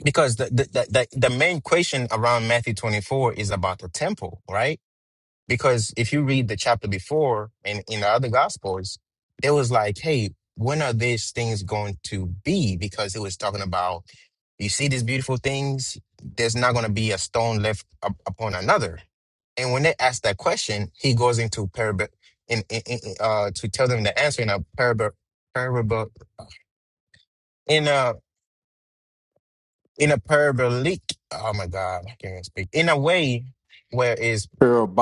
because the the, the the the main question around Matthew 24 is about the temple, right? Because if you read the chapter before in, in the other gospels, it was like, hey, when are these things going to be? Because it was talking about, you see these beautiful things, there's not going to be a stone left up upon another. And when they ask that question, he goes into parable in, in, in uh to tell them the answer in a parable parable in a in a parabolic oh my god, I can't even speak. In a way where is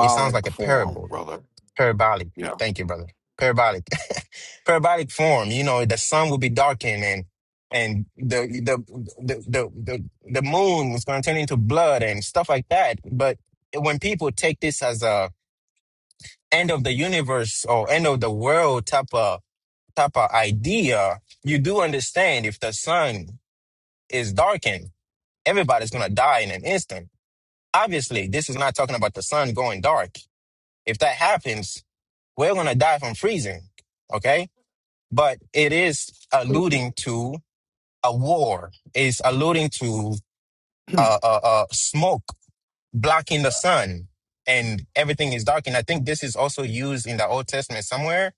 it sounds like a form, parable. brother. parabolic. Yeah. Thank you, brother. Parabolic, parabolic form. You know, the sun will be darkened, and and the the the the the, the moon was going to turn into blood and stuff like that. But when people take this as a end of the universe or end of the world type of type of idea, you do understand if the sun is darkened, everybody's going to die in an instant. Obviously, this is not talking about the sun going dark. If that happens, we're going to die from freezing. Okay but it is alluding to a war. It's alluding to uh, uh, uh, smoke blocking the sun, and everything is dark. And I think this is also used in the Old Testament somewhere,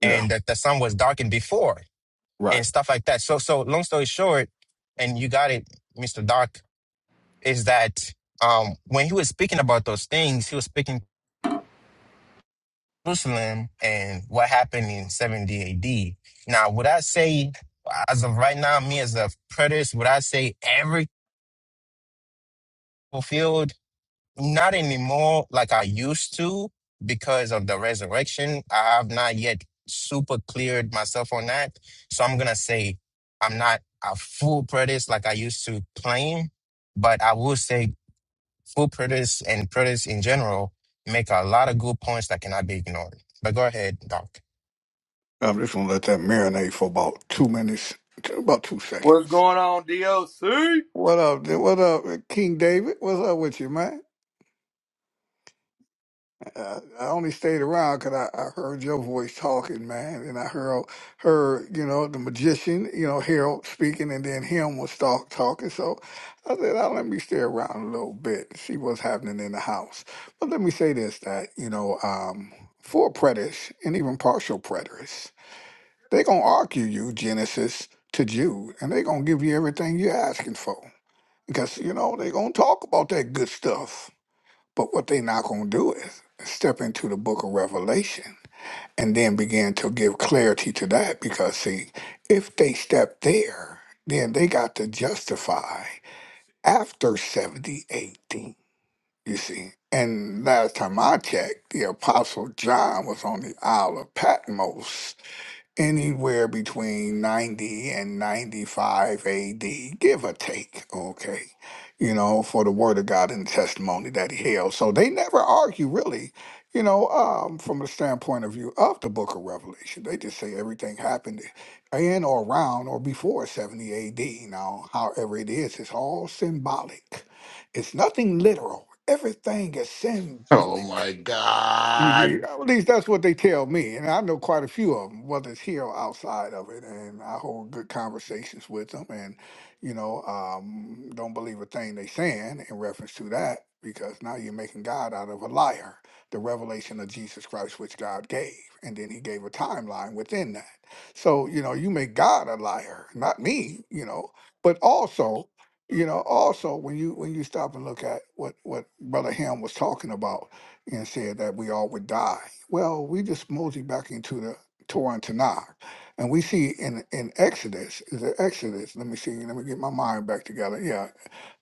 yeah, and that the sun was darkened before, right. and stuff like that. So, so long story short, and you got it, Mister Doc, is that um, when he was speaking about those things, he was speaking Jerusalem and what happened in 70 AD. Now, would I say, as of right now, me as a preterist, would I say every fulfilled? Not anymore like I used to because of the resurrection. I have not yet super cleared myself on that. So I'm going to say I'm not a full preterist like I used to claim, but I will say full preterists and preterists in general make a lot of good points that cannot be ignored. But go ahead, Doc. I'm just gonna let that marinate for about two minutes, t- about two what's seconds. going on doc What up, dude? What up, King David? What's up with you, man? Uh, I only stayed around 'cause I, I heard your voice talking, man, and I heard heard you know the magician, you know Harold speaking, and then him was talk talking. So I said, oh, let me stay around a little bit, see what's happening in the house. But let me say this: that you know, um, for preterists and even partial preterists, they gonna argue you Genesis to Jude, and they gonna give you everything you're asking for because you know they gonna talk about that good stuff. But what they not going to do is step into the book of Revelation and then begin to give clarity to that because, see, if they step there, then they got to justify after 70 AD, you see. And last time I checked, the Apostle John was on the Isle of Patmos anywhere between 90 and 95 AD, give or take, okay, you know, for the word of God and testimony that he held. So they never argue, really, you know, um, from the standpoint of view of the book of Revelation. They just say everything happened in or around or before 70 AD. Now, however it is, it's all symbolic, it's nothing literal. Everything is Oh symbolic my you hear? God! At least that's what they tell me, and I know quite a few of them, whether it's here or outside of it. And I hold good conversations with them, and you know, um, don't believe a thing they saying in reference to that, because now you're making God out of a liar. The revelation of Jesus Christ, which God gave, and then He gave a timeline within that. So you know, you make God a liar, not me. You know, but also, you know, also when you when you stop and look at what what Brother Ham was talking about and said that we all would die. Well, we just mosey back into the Torah and Tanakh, and we see in in Exodus, is it Exodus? Let me see. Let me get my mind back together. Yeah,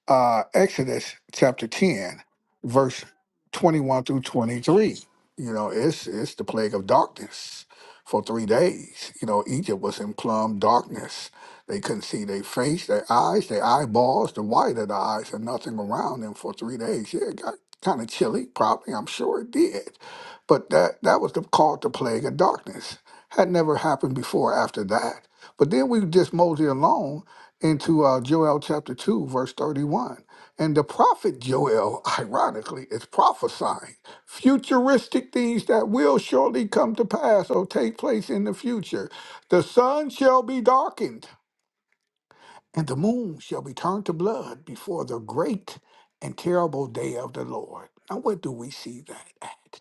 uh, Exodus chapter 10, verse 21 through 23. You know, it's, it's the plague of darkness for three days. You know, Egypt was in plumb darkness. They couldn't see their face, their eyes, their eyeballs, the white of the eyes, and nothing around them for three days. Yeah, it got kind of chilly, probably. I'm sure it did. But that, that was the, called the plague of darkness. Had never happened before after that. But then we just mosey along into uh, Joel chapter 2, verse 31. And the prophet Joel, ironically, is prophesying futuristic things that will surely come to pass or take place in the future. The sun shall be darkened, and the moon shall be turned to blood before the great and terrible day of the Lord. Now, where do we see that at?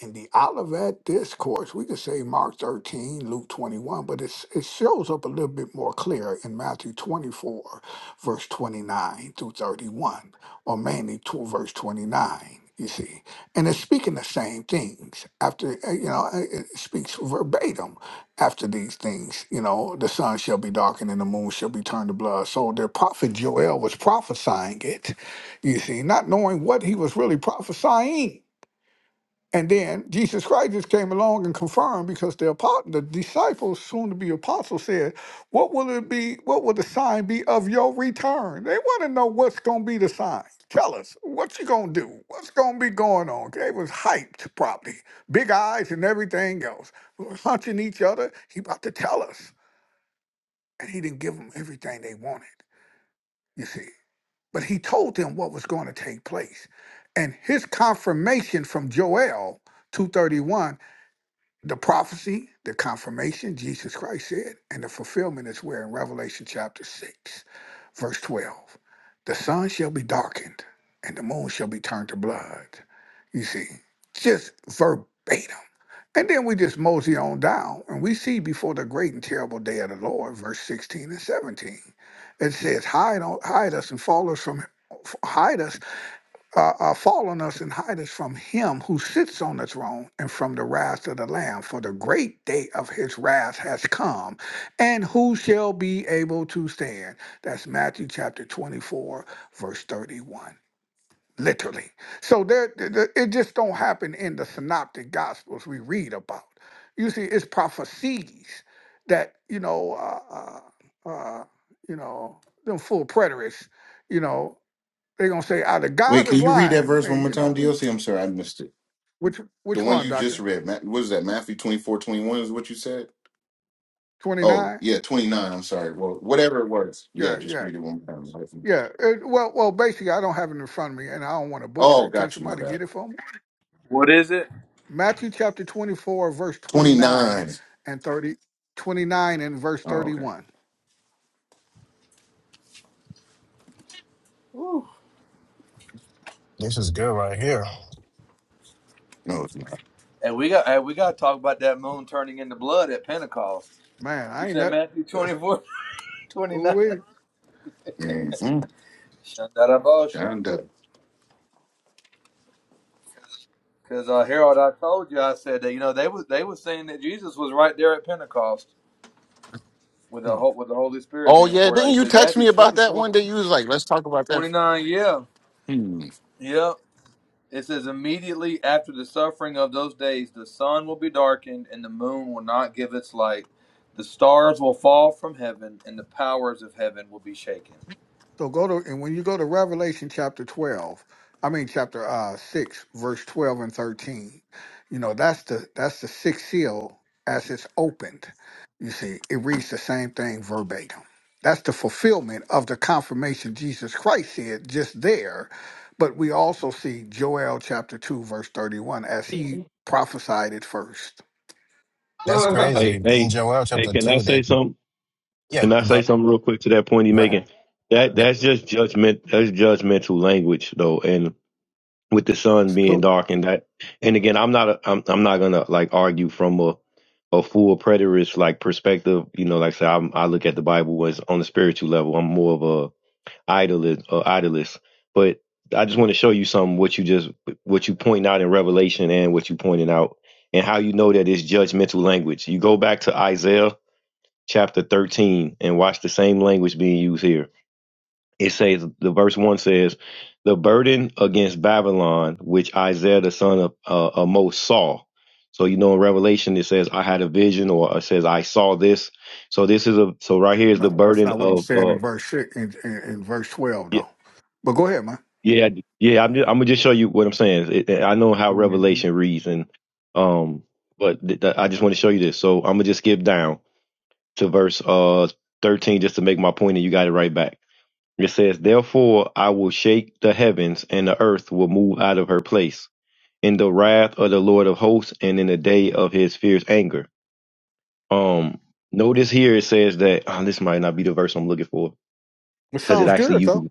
in the Olivet Discourse, we could say Mark 13, Luke 21, but it's, it shows up a little bit more clear in Matthew 24, verse 29 through 31, or mainly to verse 29, you see. And it's speaking the same things after, uh, you know, uh, it speaks verbatim after these things, you know, the sun shall be darkened and the moon shall be turned to blood. So the prophet Joel was prophesying it, you see, not knowing what he was really prophesying and then Jesus Christ just came along and confirmed because the apostle, the disciples, soon to be apostles, said, What will it be? What will the sign be of your return? They want to know what's going to be the sign. Tell us, what you going to do? What's going to be going on? They was hyped probably, big eyes and everything else. We were hunching each other. He about to tell us. And he didn't give them everything they wanted, you see. But he told them what was going to take place. And his confirmation from Joel 231 the prophecy, the confirmation, Jesus Christ said, and the fulfillment is where in Revelation chapter 6, verse 12. The sun shall be darkened and the moon shall be turned to blood. You see, just verbatim. And then we just mosey on down and we see before the great and terrible day of the Lord, verse 16 and 17. It says, Hide, on, hide us and fall us from, hide us uh, uh, fall on us and hide us from him who sits on the throne and from the wrath of the Lamb. For the great day of his wrath has come, and who shall be able to stand? That's Matthew chapter 24, verse 31. Literally. So there, th- th- it just don't happen in the synoptic gospels we read about. You see, it's prophecies that, you know, uh, uh, uh, you know, them full preterists, you know, they're gonna say either God Wait, can is you read that lying. verse Hey, one more you know time, we- DLC? I'm sorry, I missed it. which The which one one, you just Doctor? read. Ma- What is that? Matthew 24 21 is what you said. Twenty Oh nine? yeah, 29. I'm sorry. Well, whatever it was. Yeah, Yeah, just yeah, read it one more time. like, yeah. It- well, well, basically, I don't have it in front of me, and I don't want to butcher Oh, it. Can got you. My somebody bad. get it for me? What is it? Matthew chapter twenty four, verse twenty nine 29. and 30, 29 and verse Oh, thirty okay. one. Woo. This is good right here. No, it's not. and we got and we got to talk about that moon turning into blood at pentecost Man, you I ain't said that. matthew 24 Ooh 29 wee. Mhm. Shandarabasha. John Doe. because uh harold i told you i said that you know they was they was saying that jesus was right there at pentecost with the ho- with the Holy Spirit Oh being yeah, poured out. didn't You you said text Matthew me about twenty that four one day? You was like, "Let's talk about that." 29. Yeah, Hmm. yeah. Yep. It says immediately after the suffering of those days the sun will be darkened and the moon will not give its light. The stars will fall from heaven and the powers of heaven will be shaken. So go to and when you go to Revelation chapter twelve, I mean chapter uh six, verse twelve and thirteen, you know, that's the that's the sixth seal as it's opened. You see, it reads the same thing verbatim. That's the fulfillment of the confirmation Jesus Christ said just there. But we also see Joel chapter two, verse thirty one, as he prophesied it first. That's crazy. Hey, In hey, Joel hey! chapter Can I two, say that something? yeah, Can I go, say something real quick to that point you're go, making? That yeah. that's just judgment. That's judgmental language, though, and with the sun being Cool. dark and that and again i'm not a, I'm, I'm not gonna like argue from a a full preterist like perspective you know like i said I'm, i look at the bible as on a spiritual level i'm more of a idolist a idolist but i just want to show you some what you just what you point out in revelation and what you pointed out and how you know that it's judgmental language you go back to isaiah chapter 13 and watch the same language being used here it says the verse one says the burden against Babylon, which Isaiah the son of uh, Amos saw. So you know in Revelation it says I had a vision, or it says I saw this. So this is a so right here is the No, that's burden not what it of said uh in verse six, in, in, in verse twelve yeah though. But go ahead, yeah yeah. I'm just, I'm gonna just show you what I'm saying. It, I know how man. Revelation reads, and um, but th- th- I just want to show you this. So I'm gonna just skip down to verse uh 13 just to make my point, and you got it right back. It says, Therefore I will shake the heavens, and the earth will move out of her place in the wrath of the Lord of hosts and in the day of his fierce anger. Um, notice here it says that oh, this might not be the verse I'm looking for It because it sounds actually good though. uses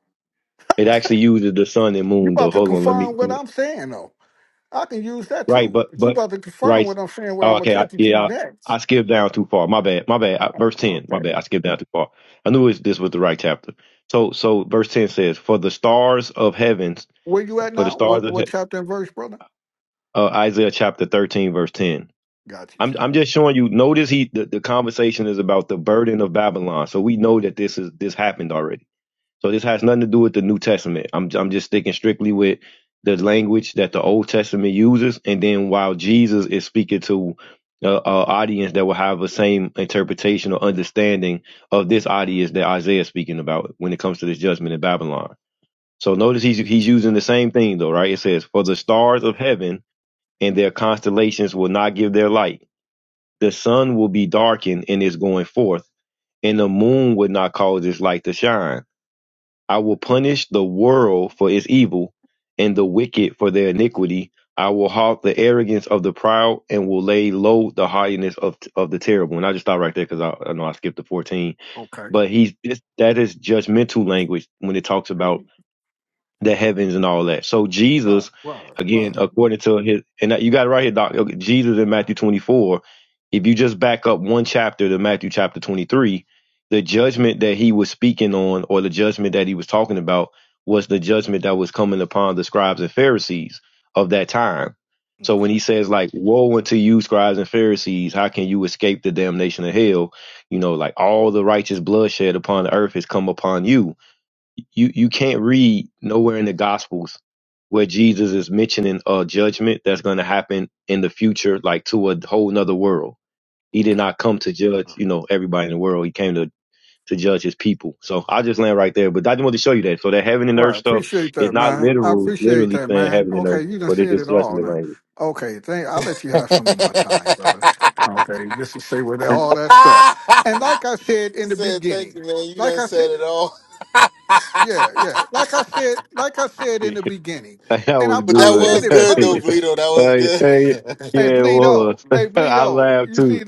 it actually uses the sun and You moon though. about to Hold on, let me confirm let what me I'm saying though. I can use that right, too. but But you but about to confirm right. what I'm saying where Oh, I'm gonna okay, I, take you to yeah, I, next. I skipped down too far. My bad, my bad. Uh, I, verse ten, okay. my bad. I skipped down too far. I knew it, this was the right chapter. So so verse ten says, "For the stars of heavens, Where you at for the now? stars What of he- what chapter and verse, brother? uh, Isaiah chapter 13, verse 10. Got you, I'm, Chief. I'm just showing you. Notice he the, the conversation is about the burden of Babylon, so we know that this is this happened already. So this has nothing to do with the New Testament. I'm I'm just sticking strictly with the language that the Old Testament uses, and then while Jesus is speaking to uh, uh, audience that will have the same interpretation or understanding of this audience that Isaiah is speaking about when it comes to this judgment in Babylon. So notice he's he's using the same thing though, right? It says, "For the stars of heaven." and their constellations will not give their light. The sun will be darkened in its going forth, and the moon will not cause its light to shine. I will punish the world for its evil, and the wicked for their iniquity. I will halt the arrogance of the proud, and will lay low the haughtiness of of the terrible. And I just stop right there because I, I know I skipped the fourteen, Okay. but he's this, that is judgmental language when it talks about Right, the heavens and all that. So Jesus, right, again, right. according to his, and you got it right here, Doc. Okay, Jesus in Matthew 24. If you just back up one chapter to Matthew chapter 23, the judgment that he was speaking on, or the judgment that he was talking about, was the judgment that was coming upon the scribes and Pharisees of that time. So when Okay. he says like, "Woe unto you, scribes and Pharisees! How can you escape the damnation of hell?" You know, like all the righteous bloodshed upon the earth has come upon you you you can't read nowhere in the gospels where jesus is mentioning a judgment that's going to happen in the future like to a whole nother world he did Okay. not come to judge you know everybody in the world he came to to judge his people so i just land right there but i just wanted to show you that so that heaven and earth Right. stuff Appreciate is that, not man. I literal appreciate literally that, saying man. heaven and Okay, earth you done but it said is it all judgment now. language Okay, thank I'll let you have some of my time, brother. Okay, just to say with all that stuff. And like I said he in the said, "Thank beginning, you, man. You like done I said. said it all." but Yeah, yeah. Like I said, like I said in the beginning, that and I was I that good said was it good, though, purpose. Bleedo. That was hey, hey, good. yeah Hey, it Bleedo. was Hey, i Bleedo. laughed You too see,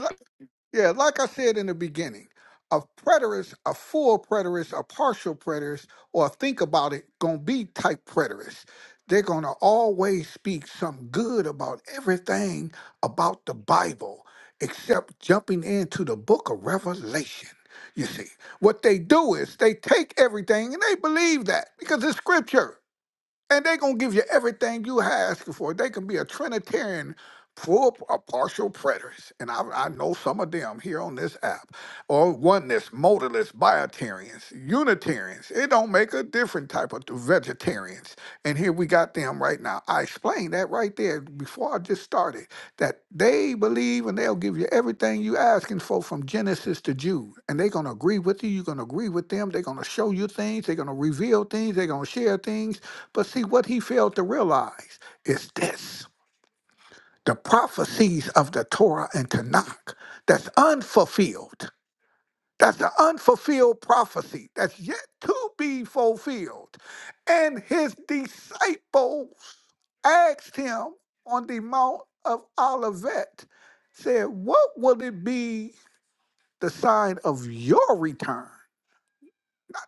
yeah, like I said in the beginning, a preterist, a full preterist, a partial preterist, or a think about it, gonna be type preterist. They're gonna always speak some good about everything about the Bible, except jumping into the book of Revelation. You see, what they do is they take everything and they believe that because it's scripture and they're gonna give you everything you asking for. They can be a Trinitarian, full p- or partial preterist, and I, I know some of them here on this app, or oneness, modalists, biotarians, Unitarians. It don't make a different type of vegetarians. And here we got them right now. I explained that right there before I just started that they believe and they'll give you everything you asking for from Genesis to Jude, and they're gonna agree with you. You're gonna agree with them. They're gonna show you things. They're gonna reveal things. They're gonna share things but see, what he failed to realize is this the prophecies of the Torah and Tanakh that's unfulfilled. That's the unfulfilled prophecy that's yet to be fulfilled. And his disciples asked him on the Mount of Olivet, said, What will it be the sign of your return?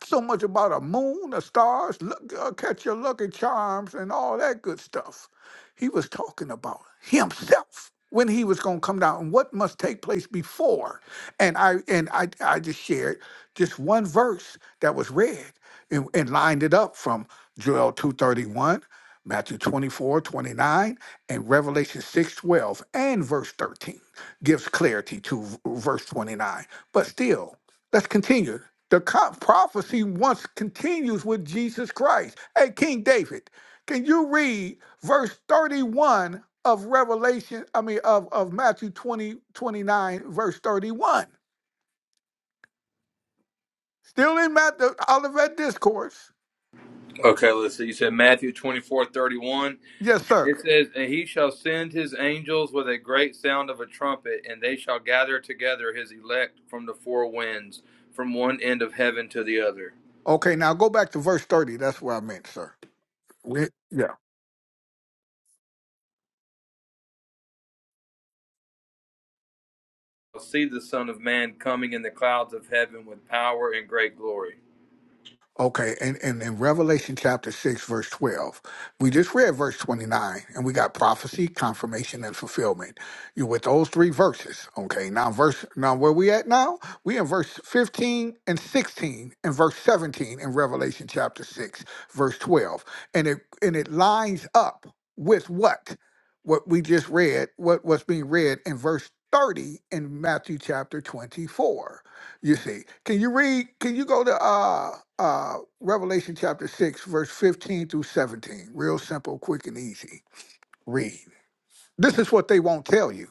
not so much about a moon, the stars, look, uh, catch your lucky charms, and all that good stuff. He was talking about himself when he was going to come down and what must take place before. And I and I, I just shared just one verse that was read and, and lined it up from Joel 231, Matthew 24 29, and Revelation 6 12, and verse 13 gives clarity to v- verse 29. But still, Let's continue. The co- prophecy once continues with Jesus Christ. Hey, King David, can you read verse 31 of Revelation, I mean, of, of Matthew 20 29, verse 31? Still in Matthew, Olivet Discourse. Okay, let's see. You said Matthew 24 31. Yes, sir. It says, And he shall send his angels with a great sound of a trumpet, and they shall gather together his elect from the four winds, from one end of heaven to the other. Okay, now go back to verse 30. That's what I meant, sir. We- Yeah. see the Son of Man coming in the clouds of heaven with power and great glory. Okay, and, and in Revelation chapter 6, verse 12, we just read verse 29, and we got prophecy, confirmation, and fulfillment. You with those three verses. Okay, now verse now where we at now? We in verse 15 and 16 and verse 17 in Revelation chapter 6, verse 12. And it and it lines up with what? What we just read, what what's being read in verse 30 in Matthew chapter 24. You see, can you read? Can you go to uh uh Revelation chapter six, verse fifteen through seventeen? Real simple, quick, and easy. Read. This is what they won't tell you.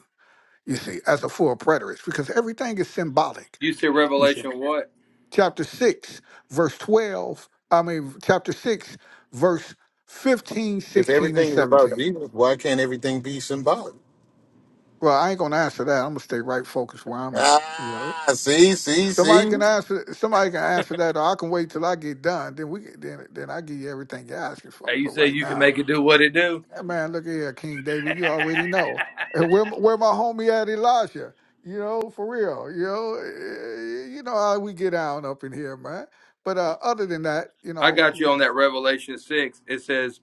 You see, as a full preterist, because everything is symbolic. You say You see, Revelation what? chapter six, verse twelve. I mean, chapter six, verse 15, if 16, and everything is about seventeen. Jesus, why can't everything be symbolic? Well, I ain't gonna answer that. I'm gonna stay right focused where I'm at. Ah, see, see, Somebody see. can answer. Somebody can answer that, or I can wait till I get done. Then we can- then then I give you everything you're asking for. Hey, you But say right you can now, make it do what it do? hey, man, look here, King David. You already know And where my- where my homie at, Elijah. You know, for real. You know, eh, you know how we get down up in here, man. But uh, other than that, you I know, got you on that Revelation 6. It says,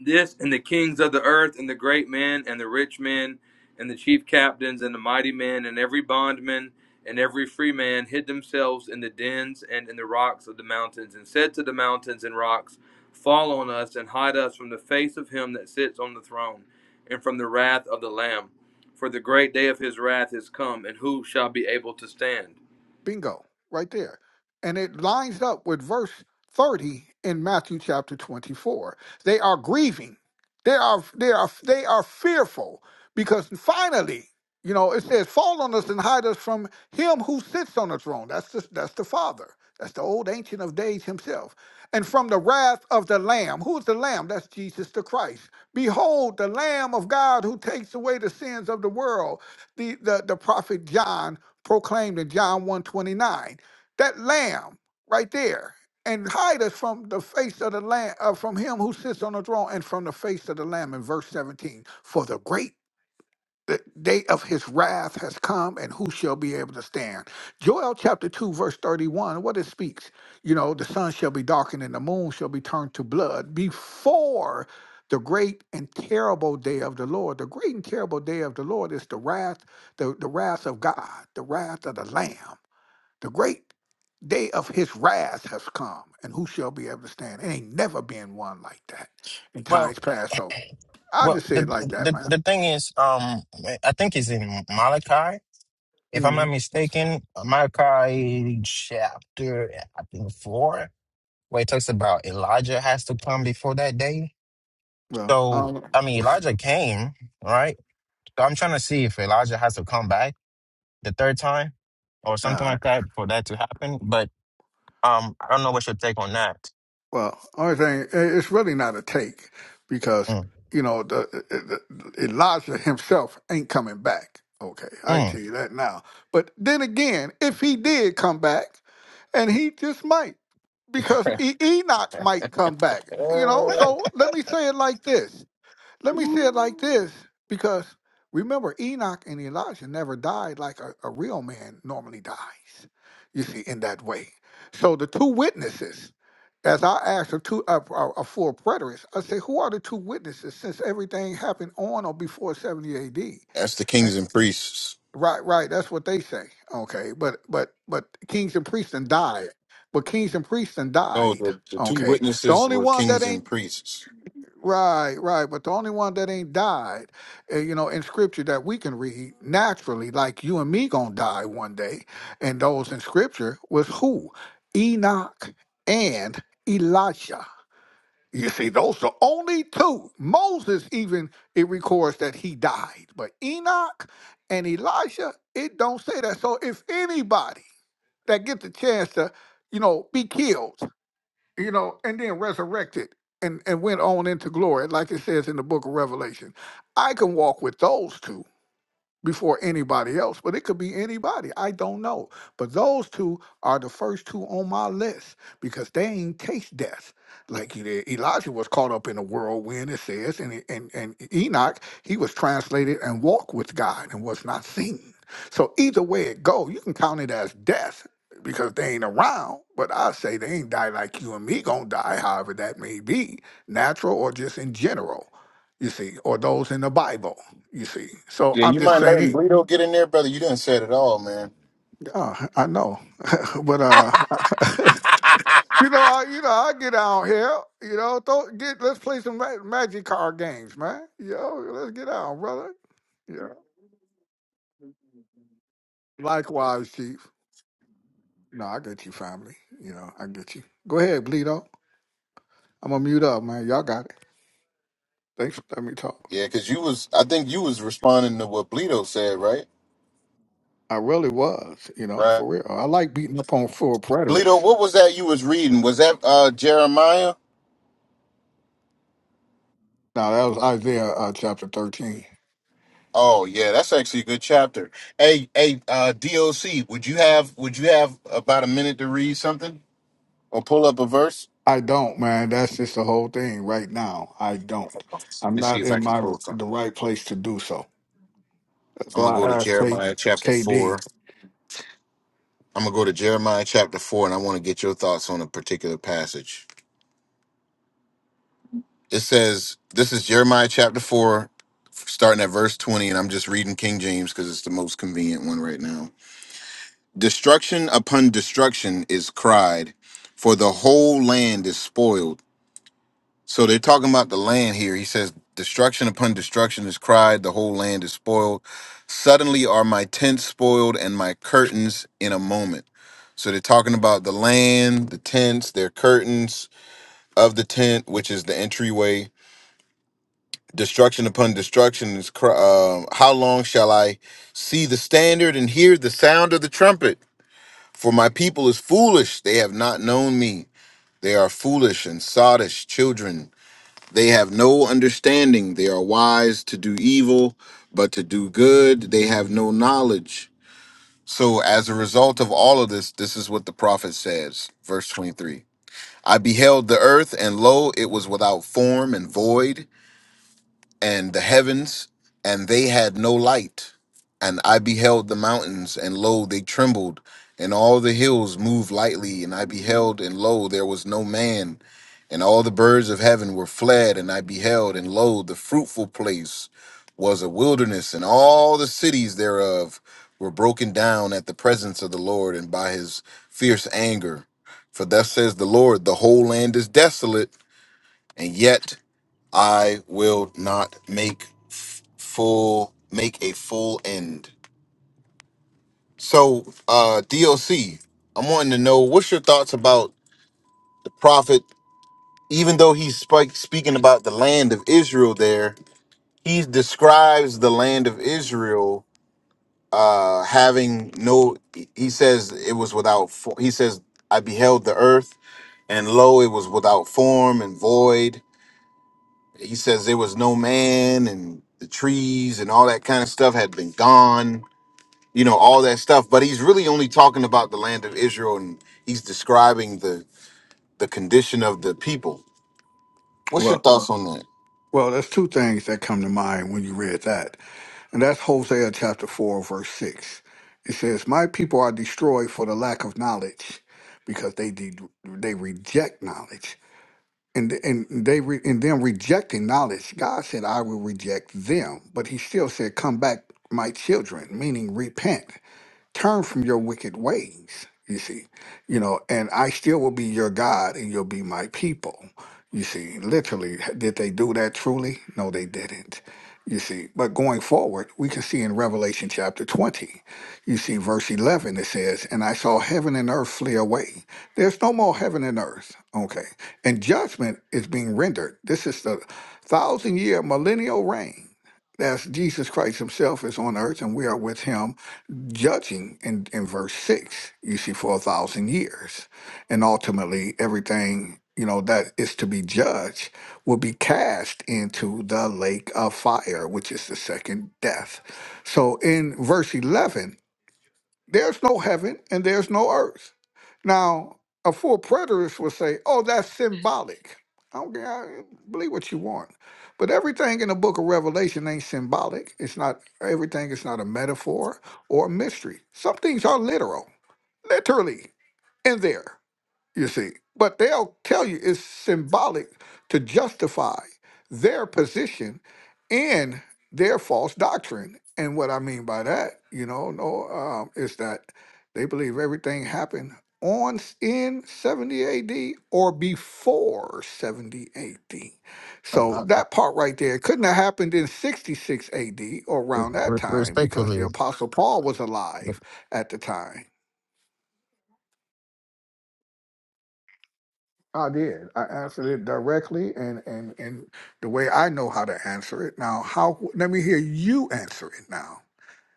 This and the kings of the earth, and the great men, and the rich men, and the chief captains, and the mighty men, and every bondman, and every free man hid themselves in the dens and in the rocks of the mountains, and said to the mountains and rocks, Fall on us, and hide us from the face of him that sits on the throne, and from the wrath of the Lamb. For the great day of his wrath is come, and who shall be able to stand? Bingo, right there. And it lines up with verse 30 in Matthew chapter 24. They are grieving. They are they are they are fearful because finally, you know, it says, "Fall on us and hide us from him who sits on the throne." That's the, that's the Father. That's the old ancient of days himself. And from the wrath of the Lamb. Who is the Lamb? That's Jesus the Christ. Behold, the Lamb of God who takes away the sins of the world the, the, the prophet John proclaimed in John 129. That lamb right there. And hide us from the face of the lamb, uh, from him who sits on the throne and from the face of the lamb in verse 17. For the great the day of his wrath has come, and who shall be able to stand? Joel chapter 2, verse 31, what it speaks, you know, the sun shall be darkened and the moon shall be turned to blood before the great and terrible day of the Lord. The great and terrible day of the Lord is the wrath, the, the wrath of God, the wrath of the Lamb. The great day of his wrath has come, and who shall be able to stand? It ain't never been one like that in Well, times past. So I'll well, just say the, it like that, the man. the thing is, um, I think it's in Malachi, if I'm not Mhm. mistaken, Malachi chapter I think four, where it talks about Elijah has to come before that day. Well, I So don't know. I mean, Elijah came, right? So I'm trying to see if Elijah has to come back the third time or All something right. like that for that to happen. But um, I don't know what's your take on that. Well, only thing i- it's really not a take because Mm. you know the, the, Elijah himself ain't coming back. Okay, I can Mm. tell you that now. But then again, if he did come back, and he just might, because e- Enoch might come back. You know. So let me say it like this. Let me say it like this, because remember, Enoch and Elijah never died like a, a real man normally dies, you see, in that way. So the two witnesses, as I asked a, two, a, a, a full preterist, I say, who are the two witnesses since everything happened on or before 70 AD? That's the And- kings and priests. Right, right. That's what they say. Okay, but but but kings and priests and died. But kings and priests and No, died. the, the two Okay, the witnesses only were one that kings ain't and priests. Right, right. But the only one that ain't died, uh, you know, in scripture that we can read naturally, like you and me gonna die one day, and those in scripture was who? Enoch and Elijah. You see, those are only two. Moses even it records that he died, but Enoch and Elijah, it don't say that. So if anybody that gets a chance to, you know, be killed, you know, and then resurrected and, and went on into glory, like it says in the book of Revelation. I can walk with those two before anybody else, but it could be anybody. I don't know. But those two are the first two on my list because they ain't taste death. Like you did. Elijah was caught up in a whirlwind, it says, and, and, and Enoch, he was translated and walked with God and was not seen. So either way it go, you can count it as death because they ain't around. But I say they ain't die like you and me gonna die, however that may be, natural or just in general, you see, or those in the Bible. You see, so Yeah, I'm you just mind letting saying. Bleedo get in there, brother? You didn't say it at all, man. Uh, I know, but uh, you know, I, you know, I get out here. You know, throw, get let's play some ma- magic card games, man. You know, let's get out, brother. Yeah. Likewise, Chief. No, I get you, family. You know, I get you. Go ahead, Bleedo. I'm gonna mute up, man. Y'all got it. Thanks for letting me talk. Yeah, because you was, I think you was responding to what Bleedo said, right? I really was, you know, Right. for real. I like beating up on full Bleedo, preterists. what was that you was reading? Was that uh Jeremiah? Now that was Isaiah uh, chapter 13. Oh yeah, that's actually a good chapter. Hey, hey, uh DOC, would you have would you have about a minute to read something or pull up a verse? I don't, man. That's just the whole thing right now. I don't. Let I'm me see not if I in can my pull the something. right place to do so. That's I'm gonna why go to I asked K- Jeremiah chapter four. KD. I'm gonna go to Jeremiah chapter four, and I want to get your thoughts on a particular passage. It says, this is Jeremiah chapter 4, starting at verse 20, and I'm just reading King James because it's the most convenient one right now. Destruction upon destruction is cried, for the whole land is spoiled. So they're talking about the land here. He says, Destruction upon destruction is cried, the whole land is spoiled. Suddenly are my tents spoiled and my curtains in a moment. So they're talking about the land, the tents, their curtains of the tent, which is the entryway destruction upon destruction is cr- um, how long shall i see the standard and hear the sound of the trumpet for my people is foolish they have not known me they are foolish and sottish children they have no understanding they are wise to do evil but to do good they have no knowledge so as a result of all of this this is what the prophet says verse 23 i beheld the earth and lo it was without form and void and the heavens, and they had no light. And I beheld the mountains, and lo, they trembled, and all the hills moved lightly. And I beheld, and lo, there was no man. And all the birds of heaven were fled, and I beheld, and lo, the fruitful place was a wilderness, and all the cities thereof were broken down at the presence of the Lord and by his fierce anger. For thus says the Lord, the whole land is desolate, and yet I will not make f- full make a full end. So, uh DLC, I'm wanting to know what's your thoughts about the prophet even though he's spike speaking about the land of Israel there, he describes the land of Israel uh having no he says it was without fo- he says I beheld the earth and lo it was without form and void He says there was no man and the trees and all that kind of stuff had been gone, you know, all that stuff. But he's really only talking about the land of Israel and he's describing the, the condition of the people. What's your Well, thoughts on that? well, there's two things that come to mind when you read that, and that's Hosea chapter four, verse six. It says, "My people are destroyed for the lack of knowledge, because they de- they reject knowledge." And, and they re- and them rejecting knowledge, God said, "I will reject them," but He still said, "Come back, my children," meaning repent turn from your wicked ways you see you know and i still will be your god and you'll be my people you see literally did they do that truly no they didn't you see but going forward we can see in revelation chapter 20 you see verse 11 it says and i saw heaven and earth flee away there's no more heaven and earth okay and judgment is being rendered this is the thousand year millennial reign that's jesus christ himself is on earth and we are with him judging in, in verse six, you see, for a thousand years. And ultimately, everything, you know, that is to be judged will be cast into the lake of fire, which is the second death. So in verse 11, there's no heaven and there's no earth. Now, a full preterist will say, oh, that's symbolic. I don't care, I- believe what you want. But everything in the book of Revelation ain't symbolic. It's not, everything is not a metaphor or a mystery. Some things are literal, literally in there you see. But they'll tell you it's symbolic to justify their position in their false doctrine. And what I mean by that, you know, no, um, is that they believe everything happened on s- in 70 AD or before 70 AD. I, So I, I- that part right there couldn't have happened in 66 AD or re- around that re- time because the respectfully, apostle Paul was look, alive at the time I did. I answered it directly and, and, and the way I know how to answer it. Now, how? Let me hear you answer it now,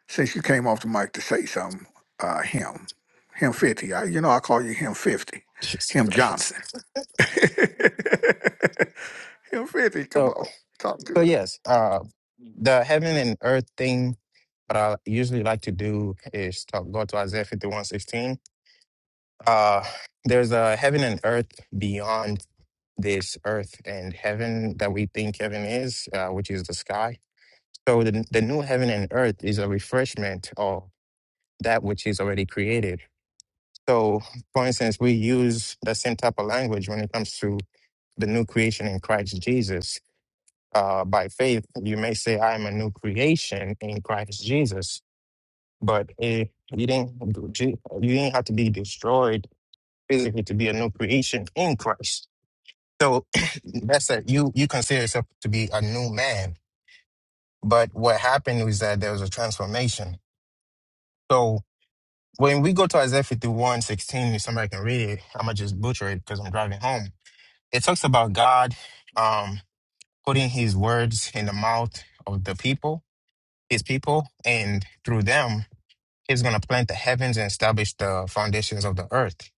since you came off the mic to say something. Uh, him, him fifty. I, you know, I call you him fifty, Jesus him Johnson. Christ. him fifty. Come So, on, talk to so it. yes, uh, Hey, the heaven and earth thing. What I usually like to do is talk, go to Isaiah fifty-one sixteen. Uh, there's a heaven and earth beyond this earth and heaven that we think heaven is, uh, which is the sky. So the the new heaven and earth is a refreshment of that which is already created. So, for instance, we use the same type of language when it comes to the new creation in Christ Jesus. Uh, by faith, you may say, I am a new creation in Christ Jesus, but eh, you, didn't, you didn't have to be destroyed physically to be a new creation in Christ. So that's that you, you consider yourself to be a new man. But what happened was that there was a transformation. So when we go to Isaiah 51 16, if somebody can read it, I'm going to just butcher it because I'm driving home. It talks about God. Um, putting his words in the mouth of the people, his people, and through them, he's going to plant the heavens and establish the foundations of the earth.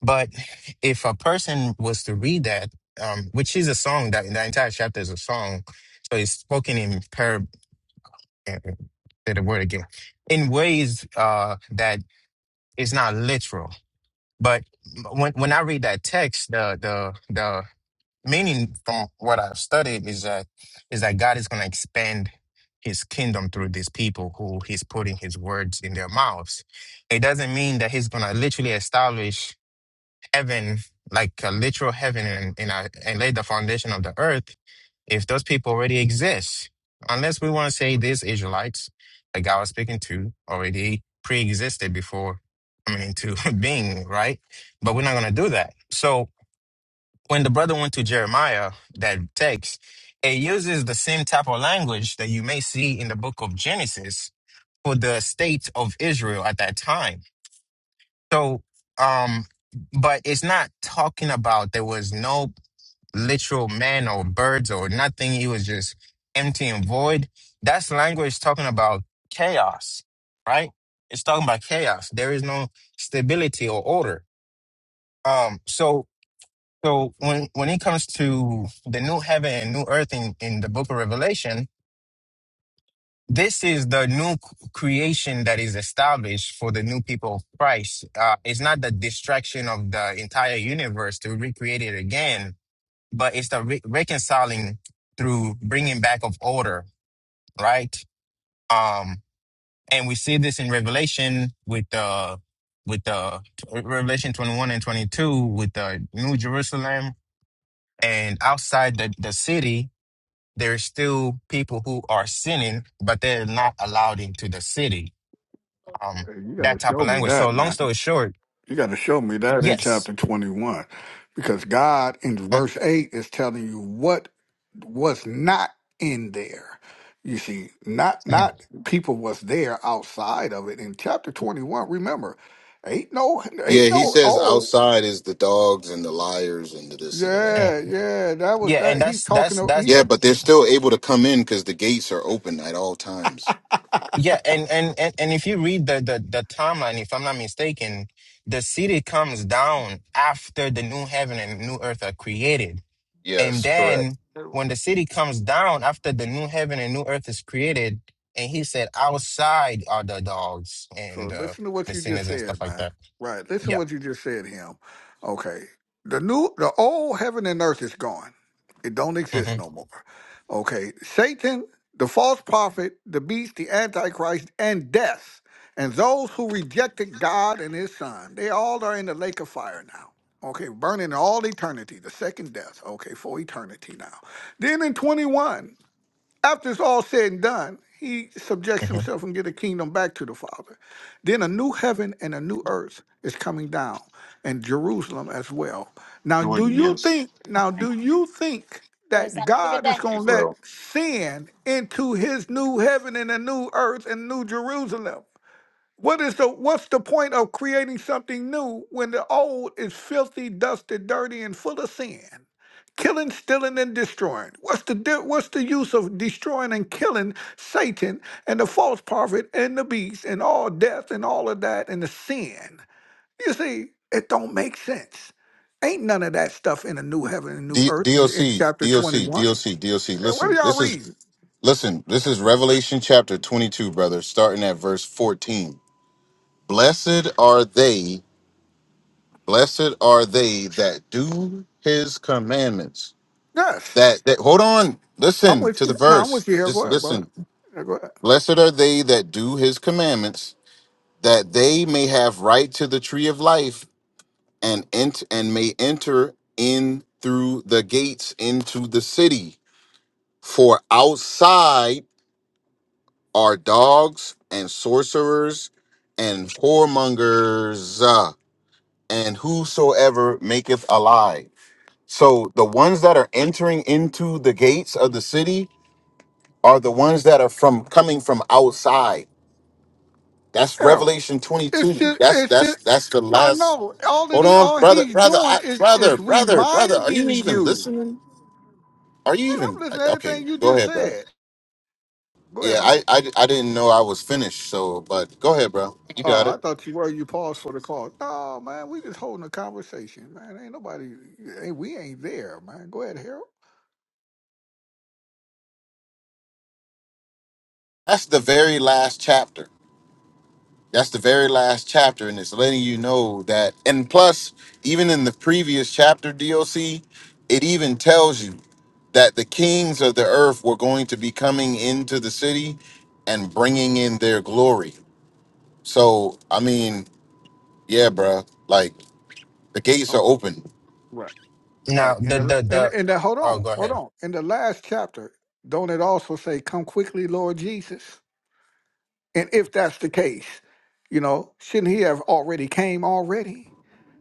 But if a person was to read that, um, which is a song, that the entire chapter is a song, so it's spoken in par. uh, Say the word again, in ways uh, that is not literal. But mm, when when I read that text, the the the meaning from what I've studied is that is that God is going to expand his kingdom through these people who he's putting his words in their mouths. It doesn't mean that he's going to literally establish heaven like a literal heaven and and, uh, and lay the foundation of the earth if those people already exist. Unless we want to say these Israelites that God was speaking to already pre-existed before coming into being, right? But we're not going to do that. So when the brother went to Jeremiah, that text, it uses the same type of language that you may see in the book of Genesis for the state of Israel at that time. So, um, but it's not talking about there was no literal man or birds or nothing. It was just empty and void. That's language talking about chaos, right? It's talking about chaos. There is no stability or order. Um, so so when when it comes to the new heaven and new earth in, in the book of Revelation, this is the new c- creation that is established for the new people of Christ. Uh, it's not the distraction of the entire universe to recreate it again, but it's the re- reconciling through bringing back of order, right? Um, and we see this in Revelation with the with the Revelation twenty one and twenty two with the New Jerusalem and outside the, the city there's still people who are sinning, but they're not allowed into the city. Um, you gotta that type show of me language. So that, long man. story short, You got to show me that in yes. chapter 21 because God in Mhm, verse 8 is telling you what was not in there. You see, not mhm, not people was there outside of it in chapter 21. Remember, ain't no Yeah, ain't he no says oh, outside is the dogs and the liars and the this and the that. mhm. yeah, yeah, that was Yeah, that and he's that's talking that's to that's he Yeah, the but they're still able to come in because the gates are open at all times. yeah, and and and, and if you read the, the the timeline, if I'm not mistaken, the city comes down after the new heaven and new earth are created, and Yes, correct. then when the city comes down after the new heaven and new earth is created, and he said, outside are the dogs and So the listen to what the you just sinners and stuff said, like man. that. Right. Listen to Yeah. what you just said, him. Okay. The new the old heaven and earth is gone. It don't hmm exist no more. Okay. Satan, the false prophet, the beast, the antichrist, and death. And those who rejected God and his son, they all are in the lake of fire now. Okay, burning all eternity, the second death. Okay, for eternity now. Then in 21. After it's all said and done, he subjects hmm himself and get a kingdom back to the Father. Then a new heaven and a new earth is coming down, and Jerusalem as well. Now, do you think? Now, do you think that God is going to let sin into His new heaven and a new earth and new Jerusalem? What is the what's the point of creating something new when the old is filthy, dusted, dirty, and full of sin? Killing, stealing, and destroying. What's the di- what's the use of destroying and killing Satan and the false prophet and the beast and all death and all of that and the sin? You see, it don't make sense. Ain't none of that stuff in the new heaven and new D- earth in, in DOC, chapter twenty DOC, one. DOC, DOC. What are Listen, y'all this is reading? Listen, this is Revelation chapter 22, brother, starting at verse 14. Blessed are they, blessed are they that do his commandments. Yes, That, that hold on, I'm listen with to the you. No, I'm verse. with you here. Go Just ahead, brother. listen. Yeah, Go ahead. Blessed are they that do his commandments, that they may have right to the tree of life and ent- and may enter in through the gates into the city. For outside are dogs and sorcerers and whoremongers uh, and whosoever maketh a lie. So the ones that are entering into the gates of the city are the ones that are from coming from outside. That's Harold. Revelation It's 22. just, That's it's that's just. that's the I last. know. All that Hold he, on, all brother, he's brother, I, doing is brother, is brother, brother. Are you reminding even you. Man, listening? Are you I'm even listening to okay? everything you Go just ahead, bro. said. Go Yeah, ahead, man. I, I I didn't know I was finished. So, but go ahead, bro. You Oh, got it. I thought you were. You paused for the call. No, man, we just holding a conversation, man. Ain't nobody. Ain't, we ain't there, man. Go ahead, Harold. That's the very last chapter. That's the very last chapter, and it's letting you know that. And plus, even in the previous chapter, DOC, it even tells you that the kings of the earth were going to be coming into the city and bringing in their glory. So, I mean, yeah, bruh, like the gates Oh, are open. right, Now right. And the the the and the and the, hold oh, on, go hold ahead. on. In the last chapter, don't it also say, "Come quickly, Lord Jesus"? And if that's the case, you know, shouldn't he have already came already?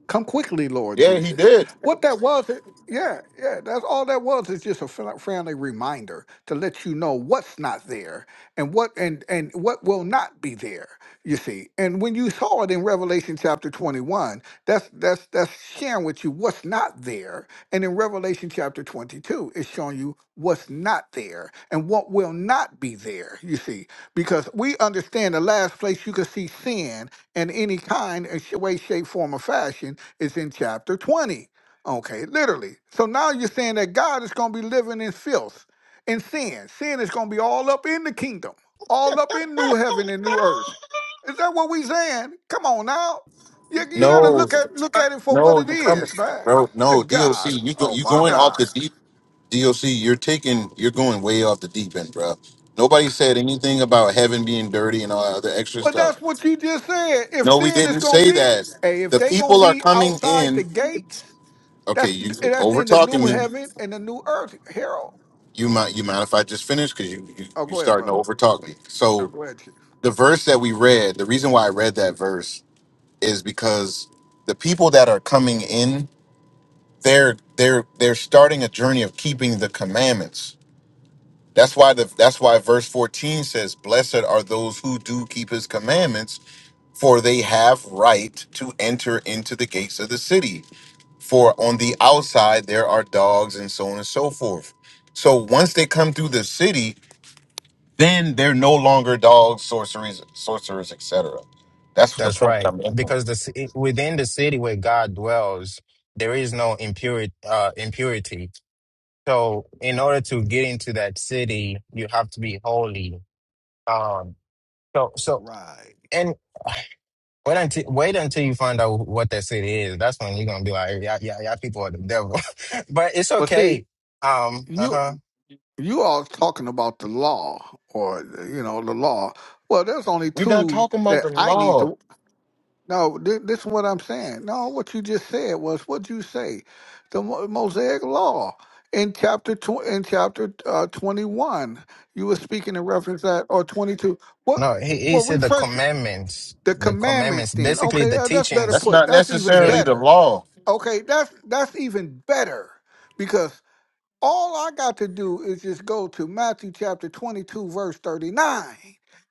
Come quickly, Lord Yeah, he Jesus. did. What that was, it- yeah, yeah, that's all that was is just a fri- friendly reminder to let you know what's not there and what and and what will not be there. You see, and when you saw it in Revelation chapter 21, that's that's that's sharing with you what's not there. And in Revelation chapter 22, it's showing you what's not there and what will not be there. You see, because we understand the last place you could see sin in any kind, or sh- way, shape, form, or fashion is in chapter 20. Okay, literally. So now you're saying that God is going to be living in filth and sin. Sin is going to be all up in the kingdom, all up in new heaven and new earth. Is that what we saying? Come on now. You, you got to No, look at look at it for what no, it you coming, is, man. bro? No, Good DOC, God. you go, Oh, you my going off God. the deep. DOC, you're taking, you're going way off the deep end, bro. Nobody said anything about heaven being dirty and all that other extra But stuff. that's what you just said. If No, we sin is didn't going to say be, that. hey, if The they going to people are be coming outside the in. gates, Okay, That's you that's over in the talking new me. heaven and the new earth, Harold. You mind, you mind if I just finish? Because you, you Oh, you go ahead, starting to brother. over talk me. No, So go ahead, Chief. the verse that we read, the reason why I read that verse is because the people that are coming in they're they're they're starting a journey of keeping the commandments. That's why the that's why verse 14 says, Blessed are those who do keep his commandments, for they have right to enter into the gates of the city. For on the outside there are dogs and so on and so forth. So once they come through the city, then they're no longer dogs, sorceries, sorcerers, etc. That's the That's point that right. I'm making. Because the ci- within the city where God dwells, there is no impurity. Uh, impurity. So in order to get into that city, you have to be holy. Um. So so Right. and wait until wait until you find out what that city is. That's when you're gonna be like, yeah, yeah, yeah. People are the devil. but it's But see, okay. Um. Uh huh. you you all talking about the law or you know the law. Well, there's only We're not two talking about that the I need law. to. No, thi- this is what I'm saying. No, what you just said was what you say, the Mo- Mosaic Law in chapter tw- in chapter uh, 21. You were speaking in reference that or 22. What? No, he, he Well, said the refresh. commandments. the The commandments commandments, then basically okay the uh, that's better teachings That's put not that's even Yeah, necessarily the better law. okay that's that's even better because all i got to do is just go to matthew chapter 22 verse 39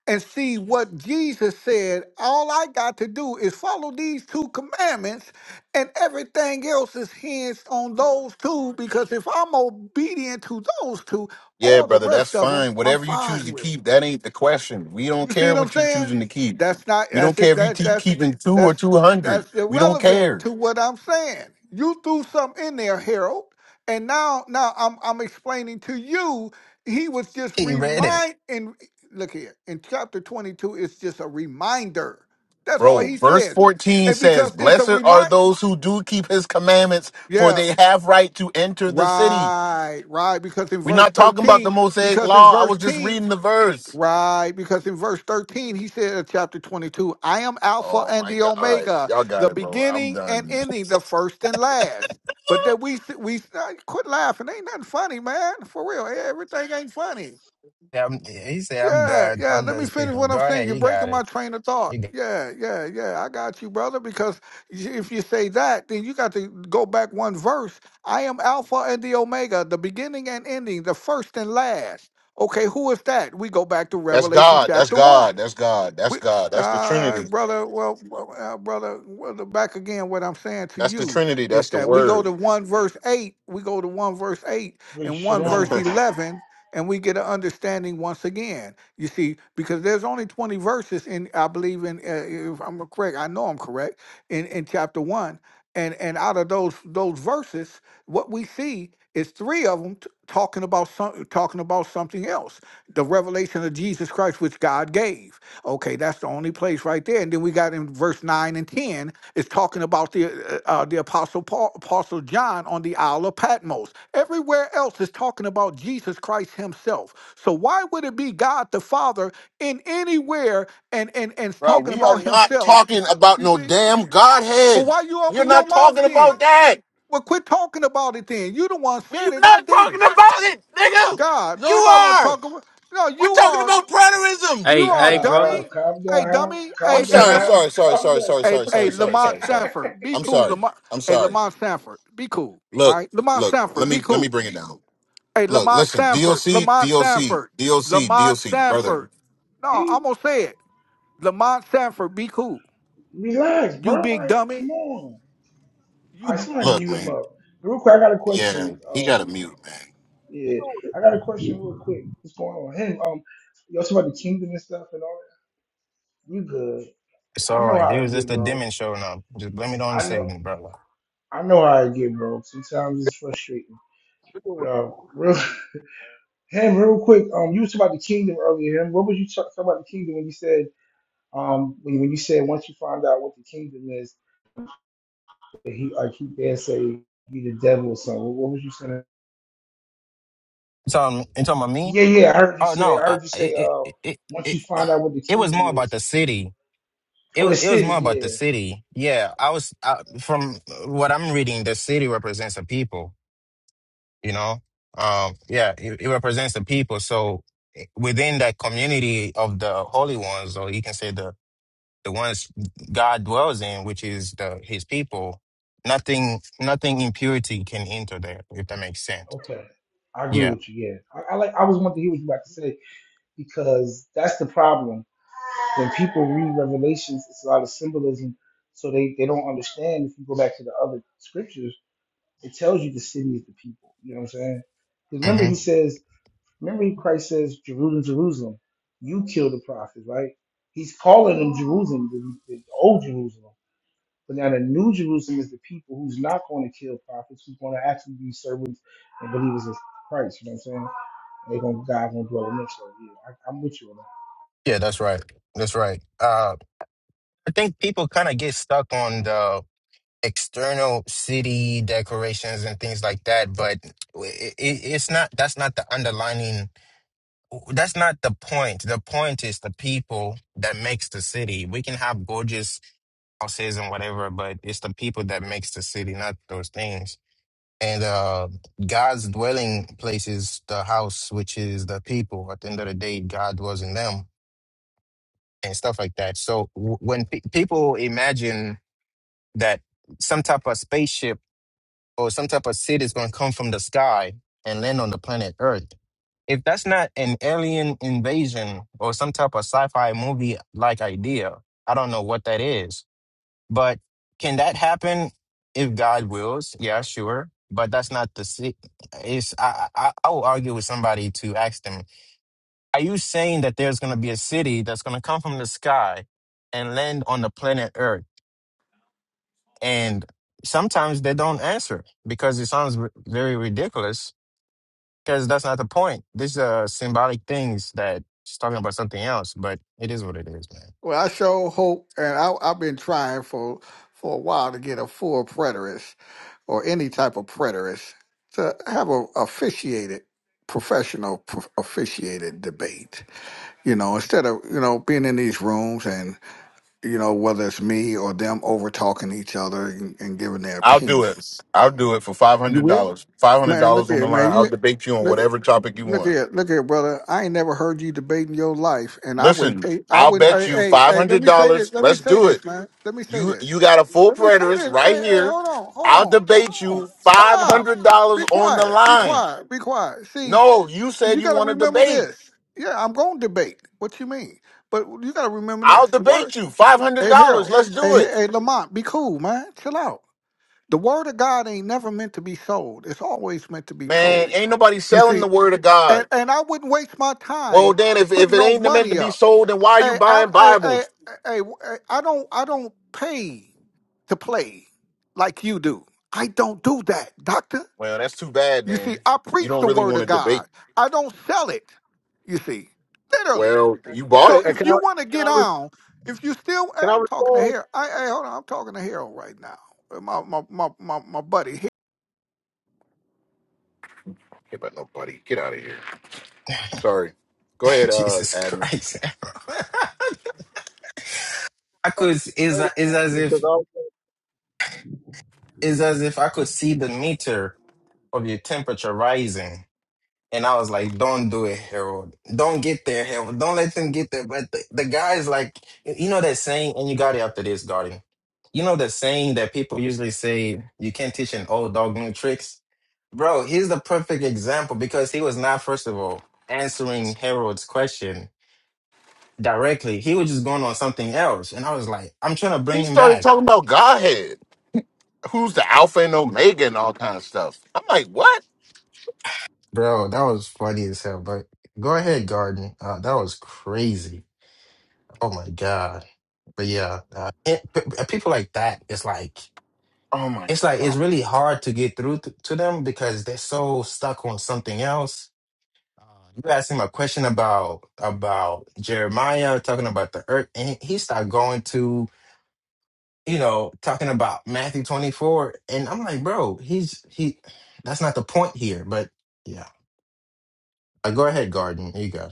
and see what jesus said all i got to do is follow these two commandments and everything else is hinged on those two because if i'm obedient to those two Yeah, all the brother, that's rest of them fine. i'm Whatever you choose fine to with keep, that ain't the question. We don't you see care what I'm what you saying? choosing to keep. That's not We don't that's care it- if you that keep that's keeping two or that's two hundred. that's We don't irrelevant care, to what I'm saying. You threw something in there, Harold, and now now I'm I'm explaining to you. He was just he read it. remind and look here in chapter 22. It's just a reminder. That's all bro. he Verse says, fourteen and says, because it's a "Blessed are remind. those who do keep His commandments, for Yeah, they have right to enter the city." right, right. Because in We're verse not talking about the 13, Mosaic because in law. I verse was just 10, reading the verse. Right, because in verse 13, he said in chapter 22, I am Alpha Oh and my the God! All right, Omega, y'all got the it, bro. I'm beginning and done. ending, the first and last. But that we, we uh, quit laughing. Ain't nothing funny, man. For real. Everything ain't funny. Um, he said, "I'm Yeah, done. yeah. I'm Let done me finish speaking. what I'm Go saying. ahead. You're You got breaking it. my train of thought. You got it. Yeah, yeah, yeah. I got you, brother. Because if you say that, then you got to go back one verse. I am Alpha and the Omega, the beginning and ending, the first and last. Okay, who is that? We go back to That's Revelation God. That's chapter one. God. That's God. That's We, God. That's the uh, Trinity. brother, well, well, uh, brother, well, the- back again, what I'm saying to That's the you Trinity. is That's the that we go Word. to one verse eight, we go to one verse eight Hey, and one Shalom. verse 11, and we get an understanding once again. You see, because there's only 20 verses in, I believe in, uh, if I'm correct, I know I'm correct, in, in chapter one. And, and out of those those verses, what we see is three of them talking about some, talking about something else, the revelation of Jesus Christ, which God gave Okay, that's the only place right there. And then we got in verse nine and ten is talking about the uh, uh, the apostle Paul, apostle John on the Isle of Patmos. Everywhere else is talking about Jesus Christ Himself. So why would it be God the Father in anywhere and and and it's Bro, talking we are about not Himself? talking about You no see? damn Well, Godhead. why you You're open not your mouth talking about then? that. Well, quit talking about it then. You the one We're said it. I not talking didn't. about it, nigga. God, You don't nobody want to are. talk about. No, We're you talking are about preterism. you Hey, are a hey, Al, brother. dummy. Al, calm Hey, down, Al. dummy. I'm Hey, Calm down, hey, sorry, Lamont. Al. sorry, sorry, Calm sorry, down. sorry, Hey, sorry, sorry, hey, sorry, Lamont sorry, sorry. Sanford, be I'm cool, sorry. Lamont. I'm Hey, sorry. Lamont Sanford, be cool. All Look, right, Lamont look, let Sanford, me be let me cool. bring it down. Hey, Look, Lamont listen, Sanford, DOC, Lamont DOC, Sanford, DOC, Lamont DOC, brother. Sanford. No, Hey, I'm gonna say it. Lamont Sanford, be cool. relax, You bro. big Like, dummy. come on. I You somebody Look, mute him man. up. Real quick, I got a Yeah, question. he Um, got a mute, man. yeah, I got a question real quick. What's going on? Him, um, you also about the kingdom and stuff and all that? You good. It's I all know right. how It was I just get, a bro. demon showing up. Just blame it on I know Satan, brother. I know how I get, bro. Sometimes it's frustrating. But Sure. uh real him real quick, um you was talking about the kingdom earlier, him. What was you talk talking about the kingdom when you said Um, when, when you said once you find out what the kingdom is, that he like he dare say he the devil or something. What was you saying? You talking, you talking about me? Yeah, yeah, I heard you Oh say. no, I I, heard you say. it, Uh, it, it, once it, you find out what the it was kingdom more about is, the city. It, Oh, the it was city. more about the Yeah, city. Yeah, I was I, from what I'm reading. The city represents the people. You know, um, yeah, it, it represents the people. So eh, within that community of the holy ones, or you can say the the ones God dwells in, which is the His people, nothing, nothing impurity can enter there. If that makes sense. okay, I agree Yeah. with you. Yeah, I, I like. I was wanting to hear what you about to say because that's the problem when people read Revelations. It's a lot of symbolism, so they they don't understand. If you go back to the other scriptures, it tells you the city is the people. You know what I'm saying? Because remember, hmm he says Remember, Christ says, Jerusalem, Jerusalem, you kill the prophets, right? He's calling them Jerusalem, the, the old Jerusalem. But now the new Jerusalem is the people who's not going to kill prophets, who's going to actually be servants and believers of Christ. You know what I'm saying? And they're going to, God's going to dwell in them. So, yeah, I, I'm with you on that. Yeah, that's right. That's right. Uh, I think people kind of get stuck on the external city decorations and things like that, but it, it, it's not. That's not the underlining. That's not the point. The point is the people that makes the city. We can have gorgeous houses and whatever, but it's the people that makes the city, not those things. And uh, God's dwelling place is the house, which is the people. At the end of the day, God was in them and stuff like that. So w- when pe- people imagine that some type of spaceship or some type of city is going to come from the sky and land on the planet Earth, if that's not an alien invasion or some type of sci fi movie like idea, I don't know what that is but can that happen if God wills? Yeah, sure. But that's not the se- is I, I I will argue with somebody to ask them, are you saying that there's gonna be a city that's gonna come from the sky and land on the planet Earth? And sometimes they don't answer because it sounds r- very ridiculous because that's not the point. These are symbolic things that she's talking about something else, but it is what it is, man. Well, I sure hope, and I, I've been trying for for a while to get a full preterist or any type of preterist to have a officiated professional pro- officiated debate. you know, instead of, you know, being in these rooms and, you know, whether it's me or them over talking to each other and, and giving their I'll do it. opinions. I'll do it for five You hundred will? dollars. Five hundred Man, dollars look on the at line. man, I'll you debate you on look at whatever topic you look want. at look at brother. I ain't never heard you debating your life and I wouldn't Listen, pay I I'll wouldn't bet hey you hey five hey let hundred me say this dollars. let me Let's say do this, it. man. Let me say You this. you got a full Let me say preterist this. right Hey, hey, here. hold on, hold I'll on, hold debate on. you five Stop. hundred dollars Be on the quiet. Be line. quiet. Be quiet. See, No, you said you you got to want to remember debate. this. Yeah, I'm going to debate. What you mean? But you got to remember I'll this. The word, debate you five hundred hey, dollars. Harold, Let's hey, do hey, it, hey, Lamont, be cool, man. Chill out. The word of God ain't never meant to be sold. It's always meant to be man. told. Ain't nobody You selling see, the word of and, God. and I wouldn't waste my Well, time then if if putting it no ain't meant to money be up. sold, then why are you Hey, I, buying I, I, Bibles? I, I I don't, I don't pay to play like you do. I don't do that, doctor. Well, that's too bad. You Then see, I you preach don't the really word want of to debate. God. I don't sell it. You see, literally. Well, you bought So it. And if can I you want to can get I re- on, if you still, hey, can I I'm talking to respond? Harold. Hey, hey, hold on, I'm talking to Harold right now. Uh, My my my my, my buddy Hey, but nobody. Get out of here. Sorry. Go ahead, uh, Jesus admin. Christ. I could is Hey, is as um, if Because I was thinking- is as if I could see the meter of your temperature rising. And I was like, don't do it, Harold. Don't get there, Harold. Don't let them get there. But the, the guy's like, you know that saying, and you got it after this, Garden. You know the saying that people usually say, you can't teach an old dog new tricks? Bro, he's the perfect example because he was not, first of all, answering Harold's question directly. He was just going on something else. And I was like, I'm trying to bring He him started back. talking about Godhead, who's the Alpha and Omega and all kind of stuff. I'm like, what? Bro, that was funny as hell. But go ahead, Garden. Uh, that was crazy. Oh my god. But yeah, uh, it, p- p- people like that. It's like Oh my it's like God. it's really hard to get through to, to them because they're so stuck on something else. Uh, You asked him a question about about Jeremiah talking about the earth, and he he started going to you know talking about Matthew twenty four, and I'm like, bro, he's he. That's not the point here. But yeah, uh, go ahead, Garden. You go.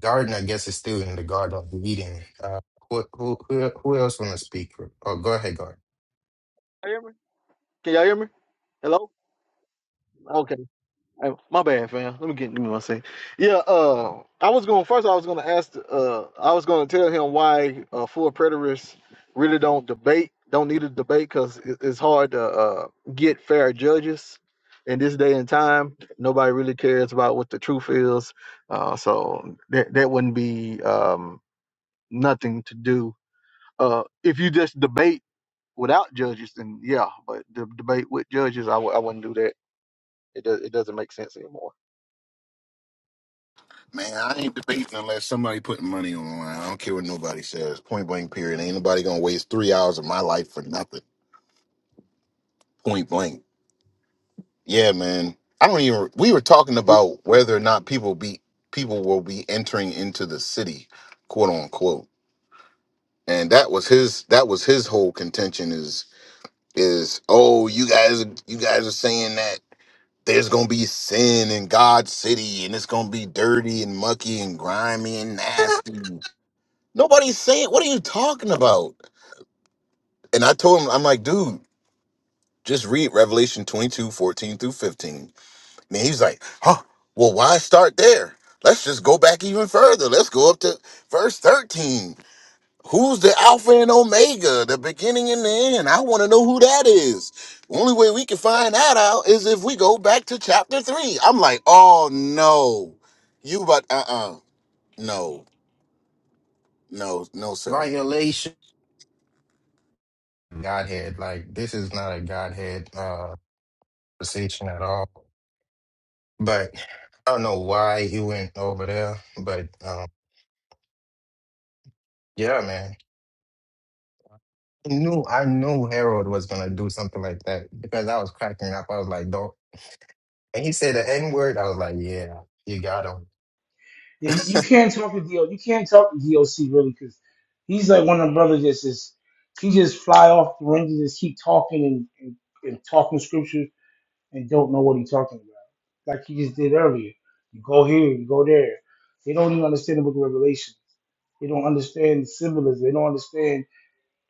Garden, I guess, is still in the Garden of Eden. Uh, who, who, who, who else want to speak? Oh, go ahead, Can Garden. you hear me? Can y'all hear me? Hello? Okay. Hey, My bad, fam. Let me get give me one second. Yeah, uh I was going first I was gonna ask uh I was gonna tell him why uh full preterists really don't debate, don't need to debate because it, it's hard to uh get fair judges in this day and time. Nobody really cares about what the truth is. Uh so that that wouldn't be um nothing to do. Uh, if you just debate without judges, then yeah, but the debate with judges, I w- I wouldn't do that. It does it doesn't make sense anymore. Man, I ain't debating unless somebody putting money on the line. I don't care what nobody says. Point blank, period. Ain't nobody gonna waste three hours of my life for nothing. Point blank. Yeah, man. I don't even. We were talking about whether or not people be people will be entering into the city, quote unquote. and that was his that was his whole contention is is oh you guys you guys are saying that there's gonna be sin in God's city and it's gonna be dirty and mucky and grimy and nasty. Nobody's saying what are you talking about? And I told him I'm like, dude, just read Revelation 22, 14 through 15. And he was like, huh, well, why start there? Let's just go back even further. Let's go up to verse 13 Who's the Alpha and Omega, the beginning and the end? I want to know who that is. Only way we can find that out is if we go back to chapter three. I'm like, oh no, you but uh uh no no no sir. Violation. Godhead. Like, this is not a Godhead uh, conversation at all. But I don't know why he went over there. But um, yeah, man. I knew, I knew Harold was going to do something like that because I was cracking up. I was like, don't. And he said the N word. I was like, yeah, you got him. Yeah, you, you can't talk to DO, you can't talk to DOC really because he's like one of the brothers that's just, he just fly off the range and just keep talking and, and, and talking scriptures and don't know what he's talking about. Like he just did earlier. You go here, you go there. They don't even understand the book of Revelation. They don't understand the symbolism. They don't understand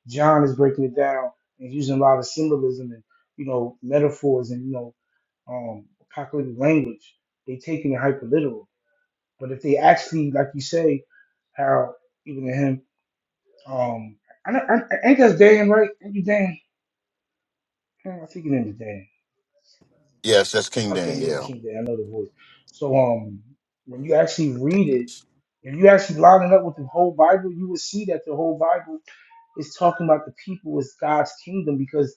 John is breaking it down and using a lot of symbolism and, you know, metaphors and, you know, um, apocalyptic language. They taking it hyper literal. But if they actually, like you say, how even to him, um, I, I, I- ain't that Dan right? Ain't you Dan? Yeah, I think it is Dan. Yes, that's King Okay, yes, Daniel. King Day. I know the voice. So um, when you actually read it, Ridiculous. if you actually line it up with the whole Bible, you will see that the whole Bible is talking about the people as God's kingdom because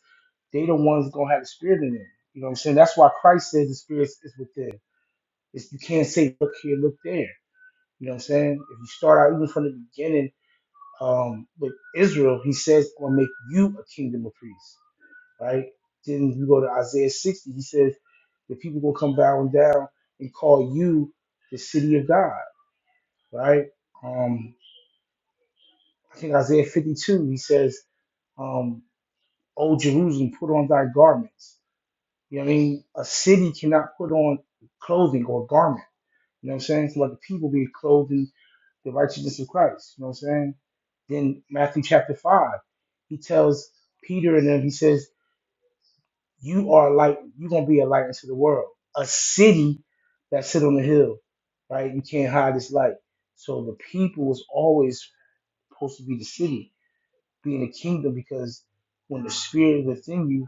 they the ones gonna have the spirit in them. You know what I'm saying? That's why Christ says the spirit is within. It's, you can't say look here, look there. You know what I'm saying? If you start out even from the beginning um, with Israel, he says, "I'll make you a kingdom of priests." right? Then you go to Isaiah 60. He says the people will come bowing down and call you the city of God, right? Um, I think Isaiah 52. He says, um, "O Jerusalem, put on thy garments." You know what I mean? A city cannot put on clothing or garment. You know what I'm saying? So let the people be clothed in the righteousness of Christ. You know what I'm saying? Then Matthew chapter five, he tells Peter and them. He says You are a light. You're gonna be a light into the world. A city that sit on the hill, right? You can't hide this light. So the people is always supposed to be the city, be in the kingdom, because when the spirit is within you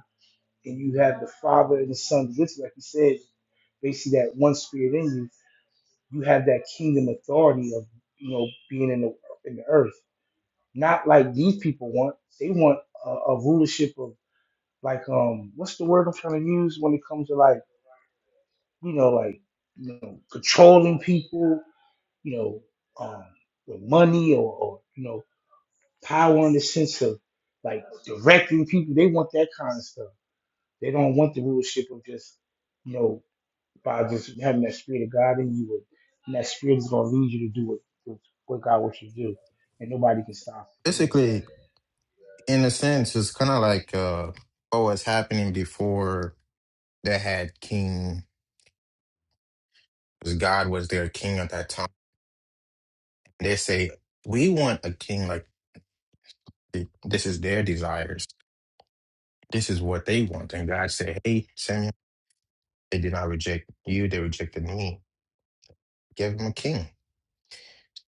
and you have the Father and the Son, which, like you said, basically that one spirit in you, you have that kingdom authority of you know being in the in the earth. Not like these people want. They want a, a rulership of like um what's the word I'm trying to use when it comes to like you know, like you know, controlling people, you know, um, with money or, or you know, power in the sense of like directing people. They want that kind of stuff. They don't want the rulership of just, you know, by just having that spirit of God in you, and that spirit is going to lead you to do what what what God wants you to do, and nobody can stop. it. You know what I'm saying? Basically, in a sense, it's kind of like uh, what was happening before that had king, because God was their king at that time. They say, We want a king like th- this is their desires. This is what they want. And God said, Hey, Samuel, they did not reject you, they rejected me. Give them a king.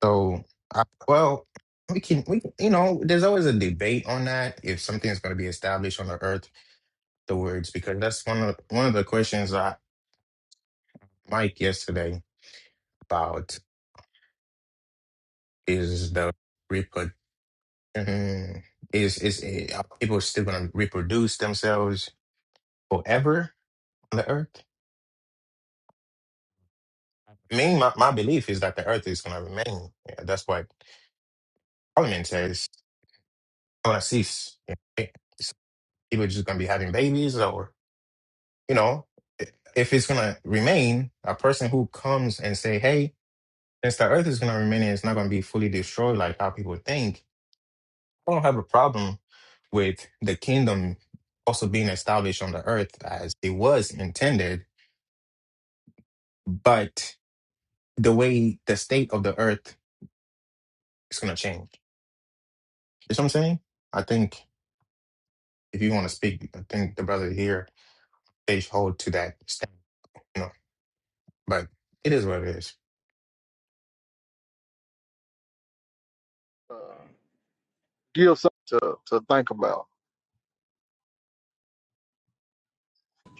So, I, well, we can, we can, you know, there's always a debate on that. If something is going to be established on the earth, the words, because that's one of one of the questions I Mike yesterday about is the hmm is it's, it, uh, people still going to reproduce themselves forever on the earth. Me, my, my belief is that the earth is going to remain. Yeah, that's what Parliament says. going to cease. Yeah. So people just going to be having babies or, you know, i- if it's going to remain, a person who comes and say, hey, since the earth is going to remain and it's not going to be fully destroyed like how people think, I don't have a problem with the kingdom also being established on the earth as it was intended but the way the state of the earth is going to change. You see what I'm saying? I think if you want to speak, I think the brother here they hold to that stand. You know, but it is what it is. Uh, give something to, to think about.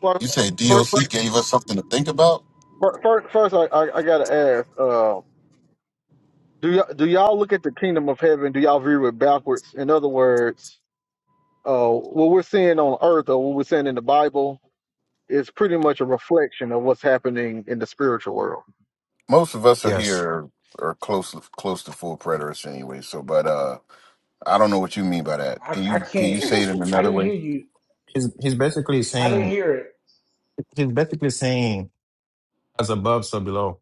First, You say DOC first, gave us something to think about? first, first I, I, I gotta ask: uh, Do y'all do y'all look at the kingdom of heaven? Do y'all view it backwards? In other words, uh, what we're seeing on earth or what we're seeing in the Bible is pretty much a reflection of what's happening in the spiritual world. Most of us are Yes, here are close close to full preterists anyway. So, but uh, I don't know what you mean by that. I Can I you can you can't. say it in he's I another didn't way? hear you. he's basically I didn't saying hear it. he's basically saying as above, so below.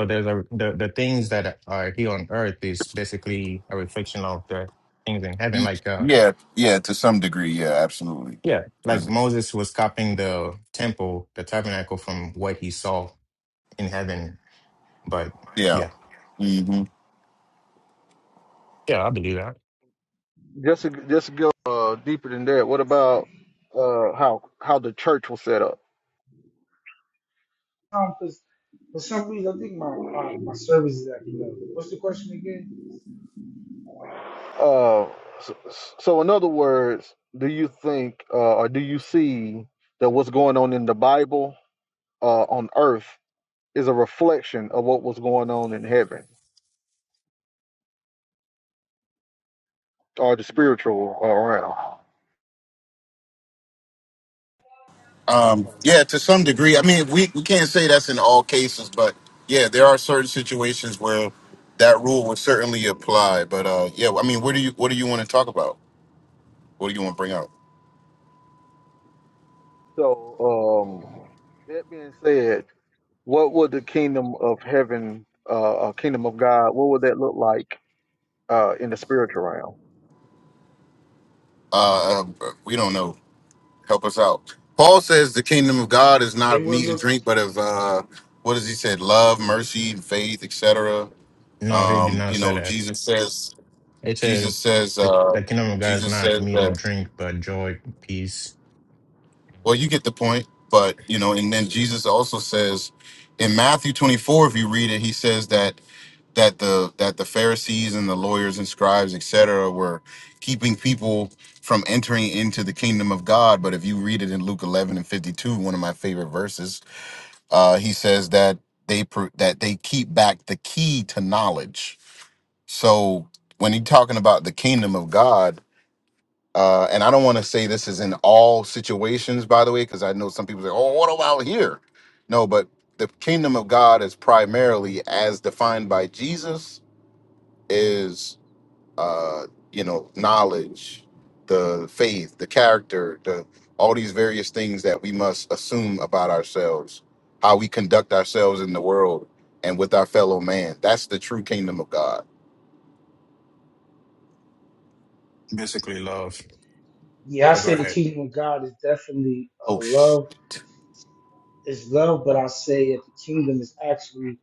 So there's a the, the things that are here on earth is basically a reflection of the things in heaven. Y- Like uh, Yeah, yeah, to some degree, yeah, absolutely. yeah, like 'Cause- Moses was copying the temple, the tabernacle from what he saw in heaven But Yeah, yeah, hmm Yeah, I believe that. just to, just to go uh, deeper than that, what about uh, how how the church was set up? Um, 'cause for some reason, I think my my my service is acting up. What's the question again? Uh, so, so, in other words, do you think uh, or do you see that what's going on in the Bible uh, on earth is a reflection of what was going on in heaven or the spiritual uh, realm? um, Um, yeah, to some it, degree. I mean, we we can't say that's in all cases, but yeah, there are certain situations where that rule would certainly apply. But uh, yeah, I mean, what do you what do you want to talk about? What do you want to bring out? So, um, that being said, what would the kingdom of heaven, uh, uh, kingdom of God, what would that look like uh, in the spiritual realm? Uh, uh, we don't know. Help us out. Paul says the kingdom of God is not of it will meat and look. drink, but of uh, what does he said? Love, mercy, and faith, etc. no, he did Um, not you say know, that. Jesus says It Jesus said says, the, uh, the kingdom of God is Jesus not says meat or that, drink, but joy, peace, well, you get the point, but, you know, and then Jesus also says in Matthew 24, if you read it, he says that, that the, that the Pharisees and the lawyers and scribes, et cetera, were keeping people from entering into the kingdom of God. But if you read it in Luke 11 and 52, one of my favorite verses, uh, he says that they, pr- that they keep back the key to knowledge. So when he's talking about the kingdom of God, Uh, and I don't want to say this is in all situations, by the way, because I know some people say, "Oh, what about here?" No, but the kingdom of God is primarily, as defined by Jesus, is uh, you know knowledge, the faith, the character, the all these various things that we must assume about ourselves, how we conduct ourselves in the world and with our fellow man. That's the true kingdom of God. basically love. Yeah, I But go say the ahead. kingdom of God is definitely uh, Oh, shit! love. It's love, but I say that the kingdom is actually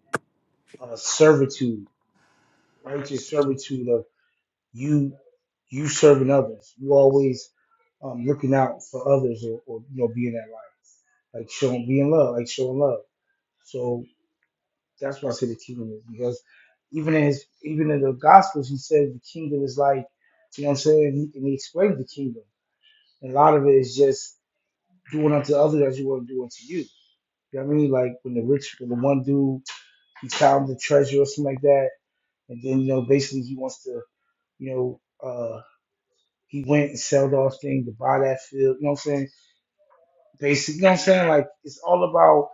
uh, servitude, righteous servitude of you, you serving others. You always um, looking out for others, or, or you know, being that light, like showing, being love, like showing love. So that's why I say the kingdom is because even in his, even in the gospels, he said the kingdom is like, you know, what I'm saying, and he explained the kingdom. And a lot of it is just Doing unto others as you want to do unto you. You know what I mean? Like when the rich, when the one dude, he found the treasure or something like that, and then you know, basically he wants to, you know, uh, he went and sold off things to buy that field. You know what I'm saying? Basic. You know what I'm saying? Like it's all about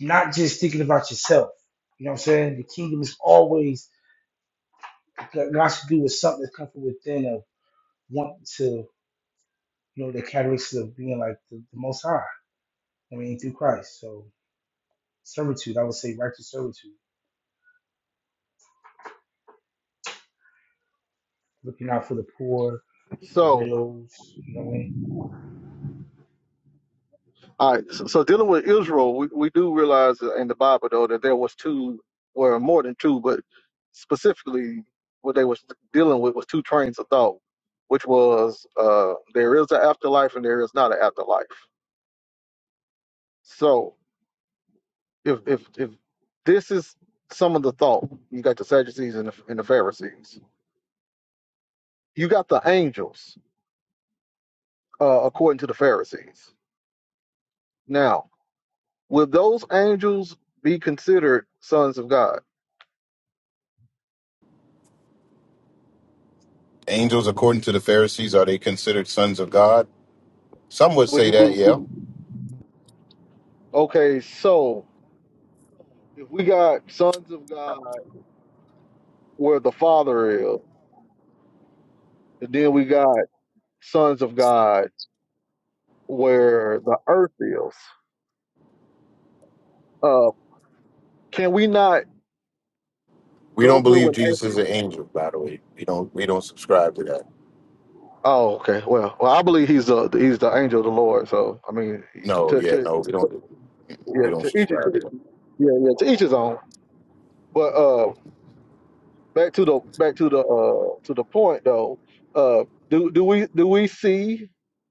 not just thinking about yourself. You know what I'm saying? The kingdom is always got to do with something that's coming from within of wanting to, you know, the characteristics of being like the, the Most High. I mean, through Christ. So servitude, I would say righteous servitude. looking out for the poor, the So. widows. You know what I mean? All right. So, so dealing with Israel, we, we do realize in the Bible though that there was two, or more than two, but specifically what they was dealing with was two trains of thought, which was uh, there is an afterlife and there is not an afterlife. So if if if this is some of the thought, you got the Sadducees and the, and the Pharisees. You got the angels, uh, according to the Pharisees. Now, will those angels be considered sons of God? angels, according to the Pharisees, are they considered sons of God? Some would Would say you that, believe? yeah. Okay, so if we got sons of God where the Father is, and then we got sons of God where the earth is, uh, can we not We go don't through believe and? Jesus is an angel, by the way. We don't we don't subscribe to that. Oh, okay. Well, well, I believe he's the he's the angel of the Lord. So I mean, No, to yeah, to no, we don't yeah, we don't to each yeah subscribe to that. yeah to each his own. But uh, back to the back to the uh to the point though. Uh, do do we do we see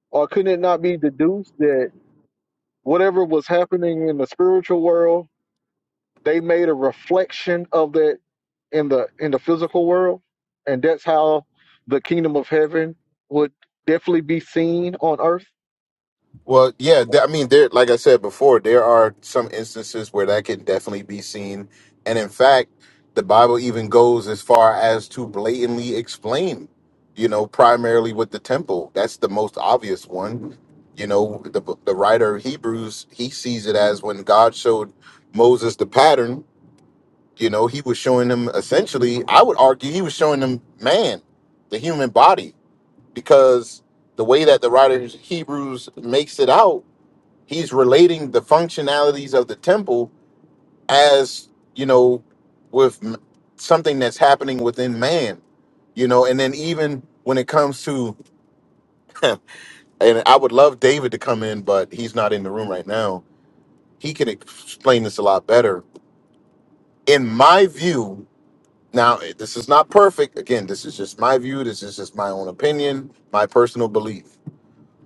or could it not be deduced that? whatever was happening in the spiritual world, they made a reflection of that in the in the physical world, and that's how the kingdom of heaven would definitely be seen on earth. Well, yeah, th- I mean there like I said before, there are some instances where that can definitely be seen. And in fact, the Bible even goes as far as to blatantly explain, you know, primarily with the temple. That's the most obvious one. You know, the the writer of Hebrews, he sees it as when God showed Moses the pattern You know, he was showing them essentially, I would argue, he was showing them man, the human body, because the way that the writer of Hebrews makes it out, he's relating the functionalities of the temple as, you know, with m- something that's happening within man, you know, and then even when it comes to, and I would love David to come in, but he's not in the room right now. He can explain this a lot better. In my view, Now, eh, this is not perfect. Again, this is just my view. This is just my own opinion, my personal belief.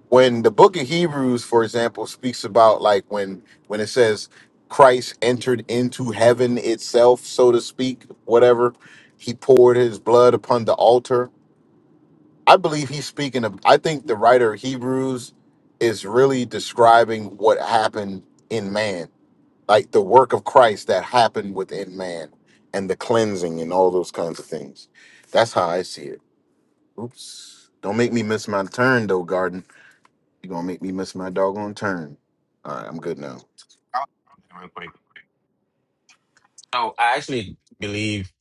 When the book of Hebrews, for example, speaks about like when when it says Christ entered into heaven itself, so to speak, whatever, he poured his blood upon the altar. I believe he's speaking of I think the writer of Hebrews is really describing what happened in man like the work of Christ that happened within man and the cleansing and all those kinds of things. That's how I see it. Oops. Don't make me miss my turn though, Garden. You're gonna make me miss my doggone turn. All right, I'm good now. I'll- Real quick. Oh, I actually believe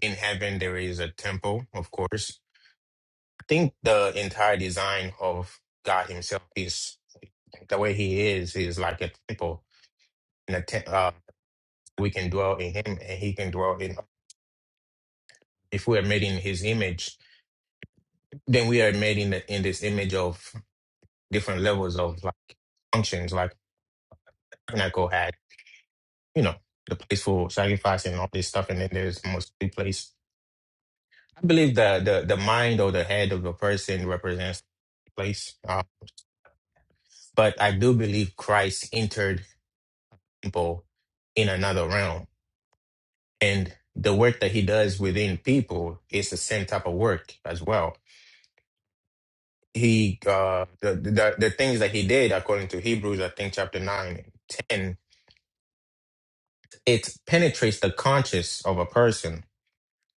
in heaven there is a temple, of course. I think the entire design of God Himself is the way He is, is like a temple. And a te- uh, we can dwell in Him and He can dwell in If we are made in His image, then we are made in the, in this image of different levels of like functions. Like Tabernacle had, you know, the place for sacrifice and all this stuff, and then there's mostly place. I believe the the the mind or the head of the person represents place, uh, but I do believe Christ entered people in another realm, and the work that he does within people is the same type of work as well. He uh the the, the things that he did according to Hebrews, I think chapter 9, and 10, it penetrates the conscious of a person.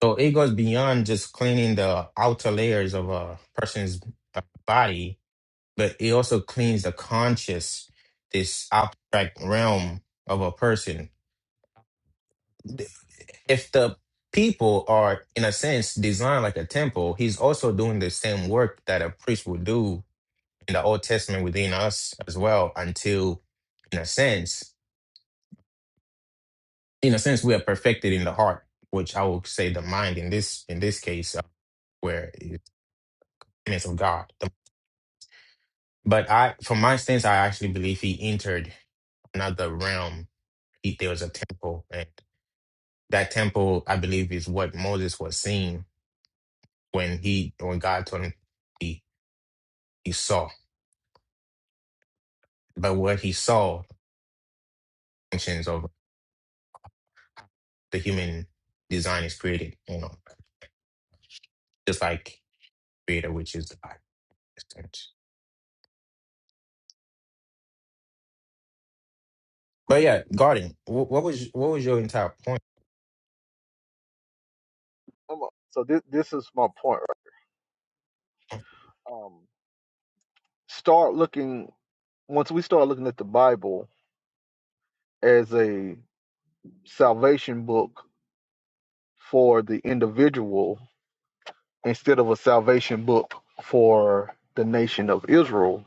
So it goes beyond just cleaning the outer layers of a person's uh, body, but it also cleans the conscious, this abstract realm of a person. If the people are, in a sense, designed like a temple, he's also doing the same work that a priest would do in the Old Testament within us as well, until, in a sense, in a sense we are perfected in the heart which i would say the mind in this in this case uh, where it's the image of god The- but i from my stance i actually believe he entered another realm he, there was a temple and that temple i believe is what moses was seeing when he when god told him he he saw but what he saw functions of the human design is created you know just like creator which is the god but yeah garden wh- what was what was your entire Um, So this this is my point. right? Um, start looking once we start looking at the Bible as a salvation book for the individual instead of a salvation book for the nation of Israel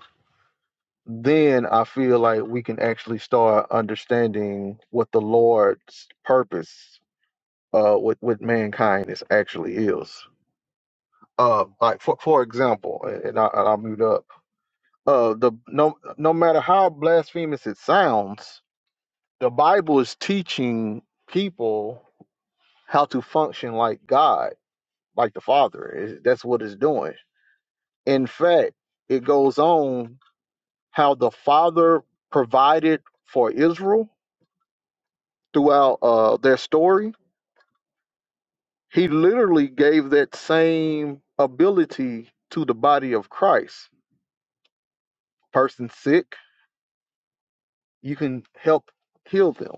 then I feel like we can actually start understanding what the Lord's purpose uh with, with mankind is actually is. Uh like for for example, and and I and I'll mute up. Uh the no no matter how blasphemous it sounds, the Bible is teaching people how to function like God, like the Father. It- that's what it's doing. In fact, it goes on how the Father provided for Israel throughout uh, their story, he literally gave that same ability to the body of Christ. Person sick, you can help heal them.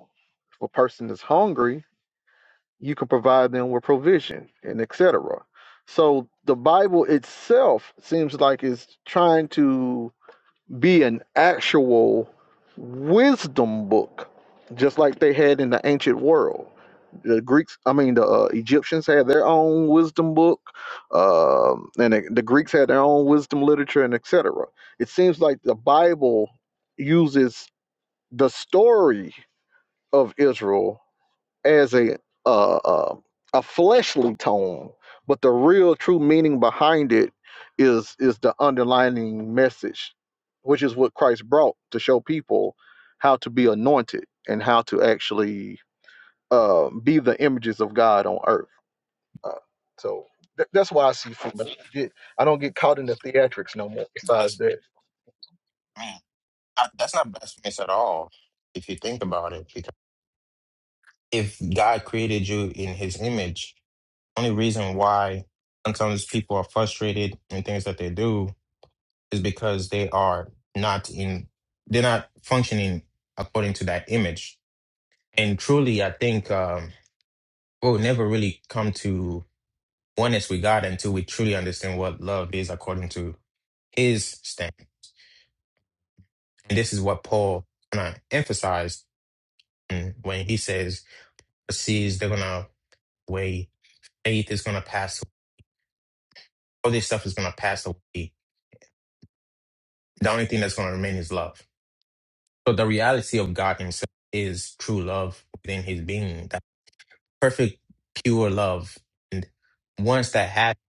If a person is hungry, you can provide them with provision and etc. So the Bible itself seems like it's trying to be an actual wisdom book, just like they had in the ancient world. The Greeks, I mean, the uh, Egyptians had their own wisdom book, um, and the, the Greeks had their own wisdom literature, and etc. It seems like the Bible uses the story of Israel as a uh, uh, a fleshly tone, but the real true meaning behind it is is the underlining message, which is what Christ brought to show people how to be anointed and how to actually uh, be the images of God on earth. Uh, so th- that's why I see from I don't get I don't get caught in the theatrics no more. point Besides that, I mean, I, that's not blasphemous at all if you think about it. Because if God created you in His image, only reason why sometimes people are frustrated in things that they do is because they are not in, they're not functioning according to that image. And truly, I think um, we'll never really come to oneness with God until we truly understand what love is according to His standard. And this is what Paul kind of emphasized mm, when he says seeds, they're gonna weigh. Faith is gonna pass. All this stuff is gonna pass away. The only thing that's gonna remain is love. So the reality of God Himself is true love within His being, that perfect, pure love. And once that happens,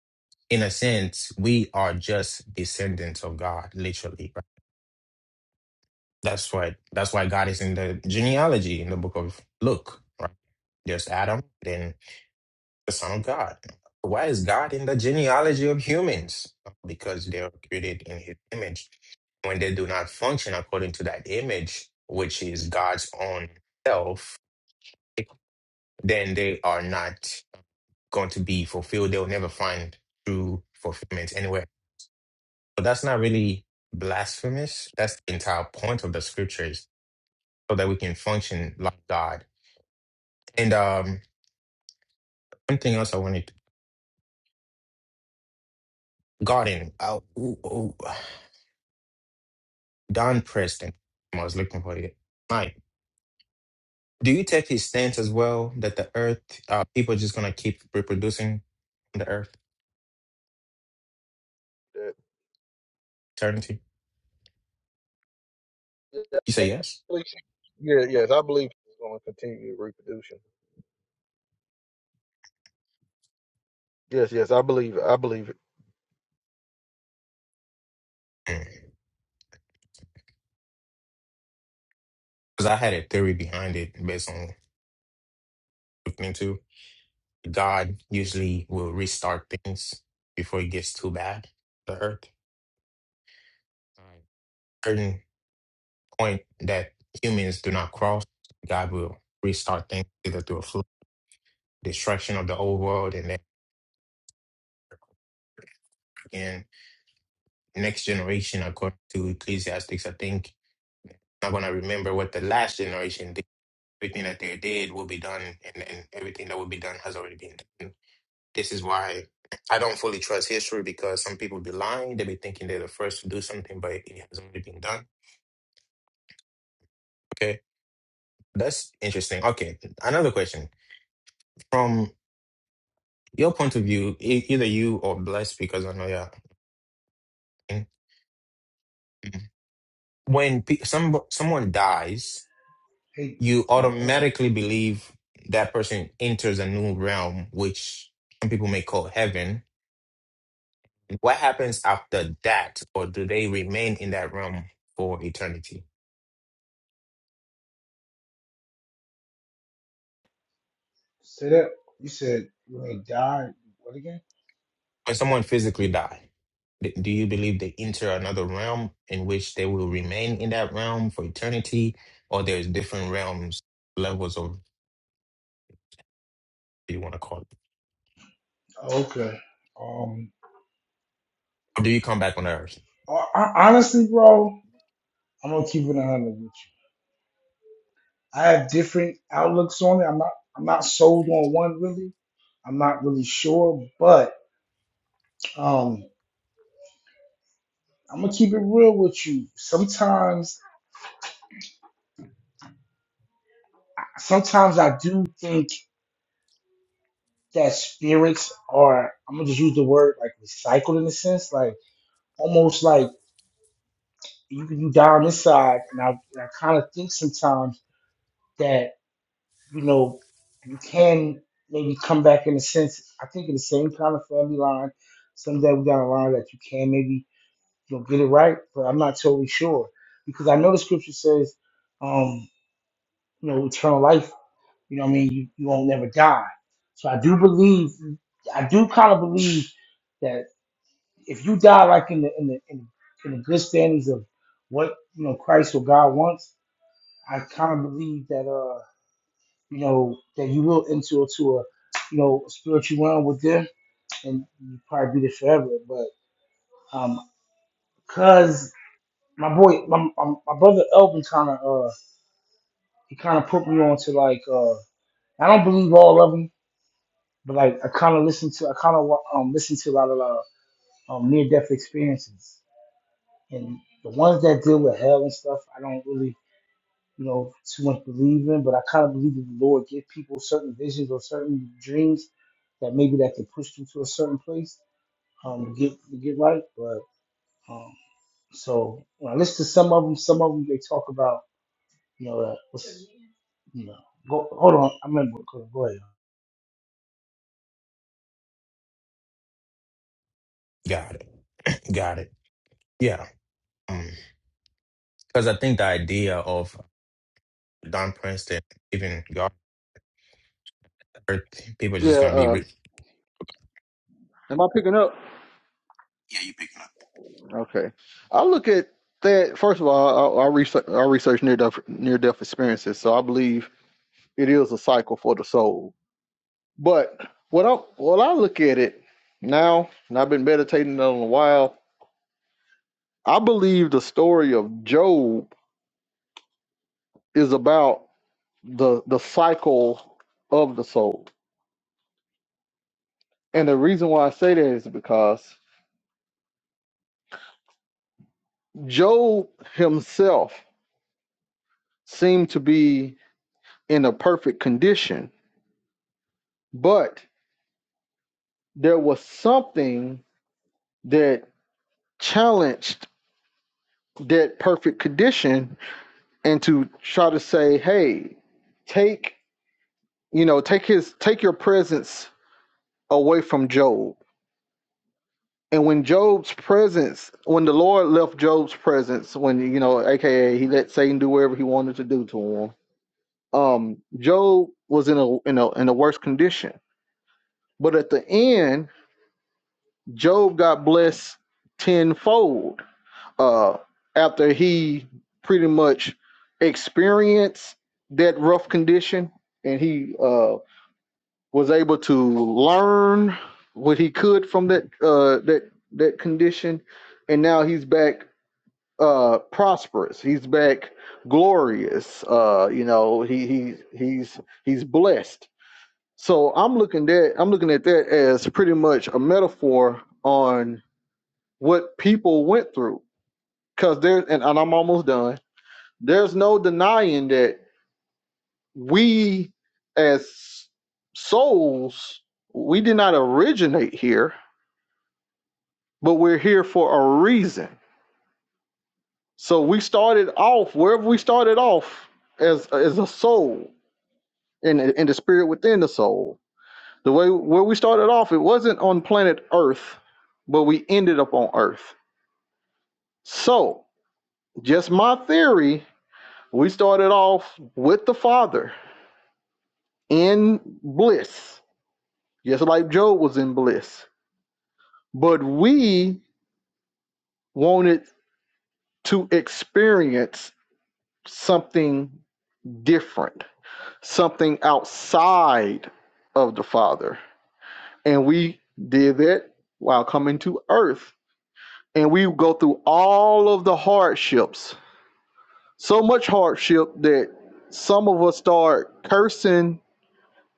in a sense, we are just descendants of God, literally. Right? That's why. That's why God is in the genealogy in the book of Luke. Right? There's Adam, then the Son of God. Why is God in the genealogy of humans? Because they are created in His image. When they do not function according to that image, which is God's own self, then they are not going to be fulfilled. They'll never find true fulfillment anywhere. But that's not really blasphemous. That's the entire point of the scriptures, so that we can function like God. And um, one thing else I wanted, garden. Uh, ooh, ooh. Don Preston. I was looking for it. Mike, do you take his stance as well that the earth, uh, people are just going to keep reproducing on the earth that eternity? yeah, You say I yes? believe- yeah, yes, I believe it's going to continue reproducing. Yes, yes, I believe it. I believe it. Because I had a theory behind it based on looking into God usually will restart things before it gets too bad, the earth. Like, Certain point that humans do not cross, God will restart things either through a flood. destruction of the old world and then again next generation according to ecclesiastics i think not going to remember what the last generation did everything that they did will be done and, and everything that will be done has already been done this is why i don't fully trust history because some people be lying they be thinking they're the first to do something but it has already been done okay that's interesting okay another question from your point of view e- either you or blessed because i know you're when pe- some someone dies Hey, you damn, hold automatically believe that person enters a new realm, which some people may call heaven. What happens after that, or do they remain in that realm for eternity? say that. You said when they died, what again? When someone physically die, d- do you believe they enter another realm in which they will remain in that realm for eternity, or there's different realms, levels, of what you want to call it? Oh, okay. Um, Or do you come back on Earth? ho- ho- honestly, bro, I'm gonna keep it 100 with you. I have different outlooks on it. I'm not, I'm not sold on one really. I'm not really sure, but um, I'm gonna keep it real with you. Sometimes, sometimes I do think that spirits are. I'm gonna just use the word like recycled in a sense, like. almost like you you down this and I, I kind of think sometimes that you know you can maybe come back in a sense. I think in the same kind of family line, someday we got a line that you can maybe you know get it right, but I'm not totally sure because I know the scripture says, um, you know, eternal life. You know, what I mean, you, you won't never die. So I do believe, I do kind of believe. that. if you die like in the in the in, in the good standings of what you know Christ or God wants, I kind of believe that uh you know that you will enter into a you know spiritual realm with them, and you probably be there forever. But um, cause my boy, my my, my brother Elvin kind of uh he kind of put me on to like uh I don't believe all of them, but like I kind of listen to I kind of um listen to a lot of uh, um, near death experiences and. The ones that deal with hell and stuff, I don't really you know, too much believing, but I kind of believe that the Lord give people certain visions or certain dreams that maybe that could push them to a certain place um, to get to get right. But um, so when I listen to some of them, some of them they talk about you know that was, you know go, hold on I remember go, go ahead Got it. Got it. Yeah. Because I think the idea of Don Princeton, even God. earth, people are just Yeah. going to uh, be. Re- Am I picking up? yeah, you picking up. Okay. I look at that first of all. I, I research I research near death near death experiences, so I believe it is a cycle for the soul. But what I what I look at it now, and I've been meditating on it a while. I believe the story of Job is about the the cycle of the soul, and the reason why I say that is because Job himself seemed to be in a perfect condition, but there was something that challenged that perfect condition and to try to say hey take you know take his take your presence away from job and when job's presence when the lord left job's presence when you know aka he let satan do whatever he wanted to do to him um job was in a in a in a worse condition but at the end job got blessed tenfold uh, after he pretty much experienced that rough condition and he uh, was able to learn what he could from that uh, that that condition and now he's back uh, prosperous he's back glorious uh, you know he, he he's he's blessed so i'm looking at i'm looking at that as pretty much a metaphor on what people went through because there and, and i'm almost done There's no denying that we as souls, we did not originate here, but we're here for a reason. So we started off wherever we started off as as a soul and in in the spirit within the soul. The way where we started off, it wasn't on planet Earth, but we ended up on Earth. So just my theory, we started off with the Father in bliss just like Job was in bliss. But we wanted to experience something different, something outside of the Father. And we did that while coming to earth. And we go through all of the hardships, so much hardship that some of us start cursing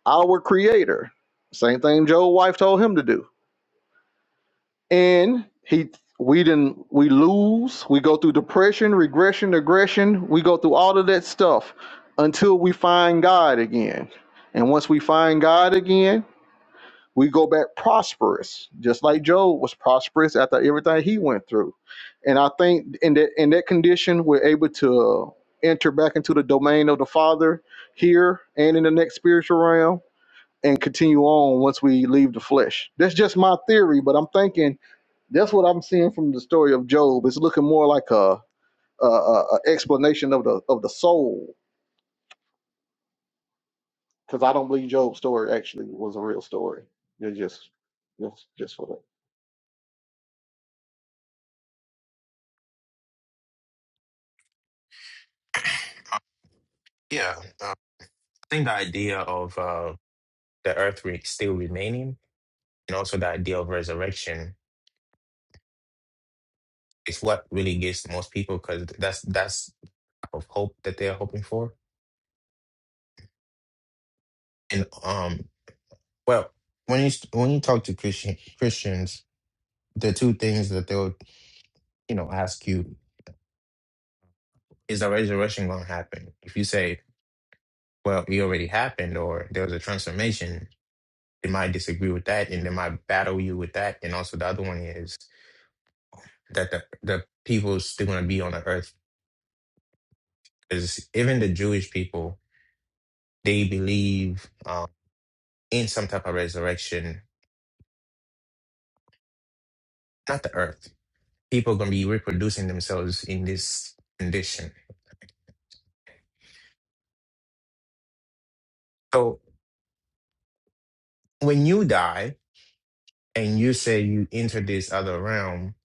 our Creator. Same thing Job's wife told him to do and he we didn't we lose we go through depression regression aggression we go through all of that stuff until we find god again and once we find god again we go back prosperous just like job was prosperous after everything he went through and i think in that in that condition we're able to enter back into the domain of the father here and in the next spiritual realm and continue on once we leave the flesh that's just my theory but i'm thinking that's what I'm seeing from the story of Job. It's looking more like a, a, a explanation of the of the soul, because I don't believe Job's story actually was a real story. It's just just just for that. Yeah, uh, I think the idea of uh, the earth re- still remaining, and also the idea of resurrection, is what really gets to most people because that's that's type of hope that they're hoping for. And um, well, when you st- when you talk to Christian Christians, the two things that they'll you know ask you is the resurrection going to happen? If you say, well, it already happened, or there was a transformation, they might disagree with that and they might battle you with that. And also the other one is that the, the people still going to be on the earth because even the Jewish people they believe um, in some type of resurrection, not the earth. People are going to be reproducing themselves in this condition. So when you die and you say you enter this other realm,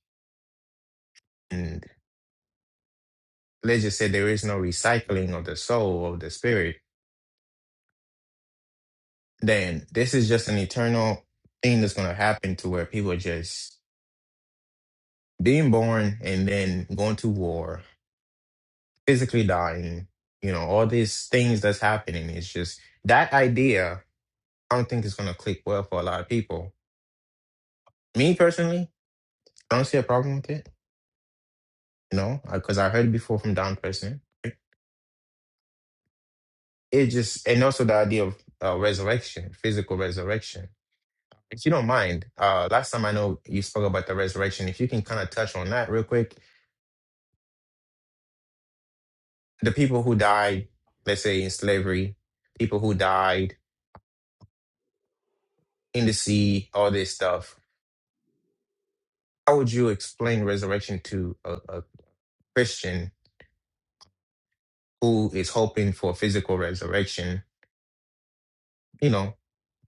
and let's just say there is no recycling of the soul of the spirit, then this is just an eternal thing that's going to happen to where people are just being born and then going to war physically dying, you know, all these things that's happening. It's just that idea, I don't think it's going to click well for a lot of people. Me personally, I don't see a problem with it, you know, because I heard it before from down person. It just, and also the idea of uh, resurrection, physical resurrection. If you don't mind, uh, last time I know you spoke about the resurrection. If you can kind of touch on that real quick, the people who died, let's say in slavery, people who died in the sea, all this stuff how would you explain resurrection to a, a Christian who is hoping for physical resurrection? You know,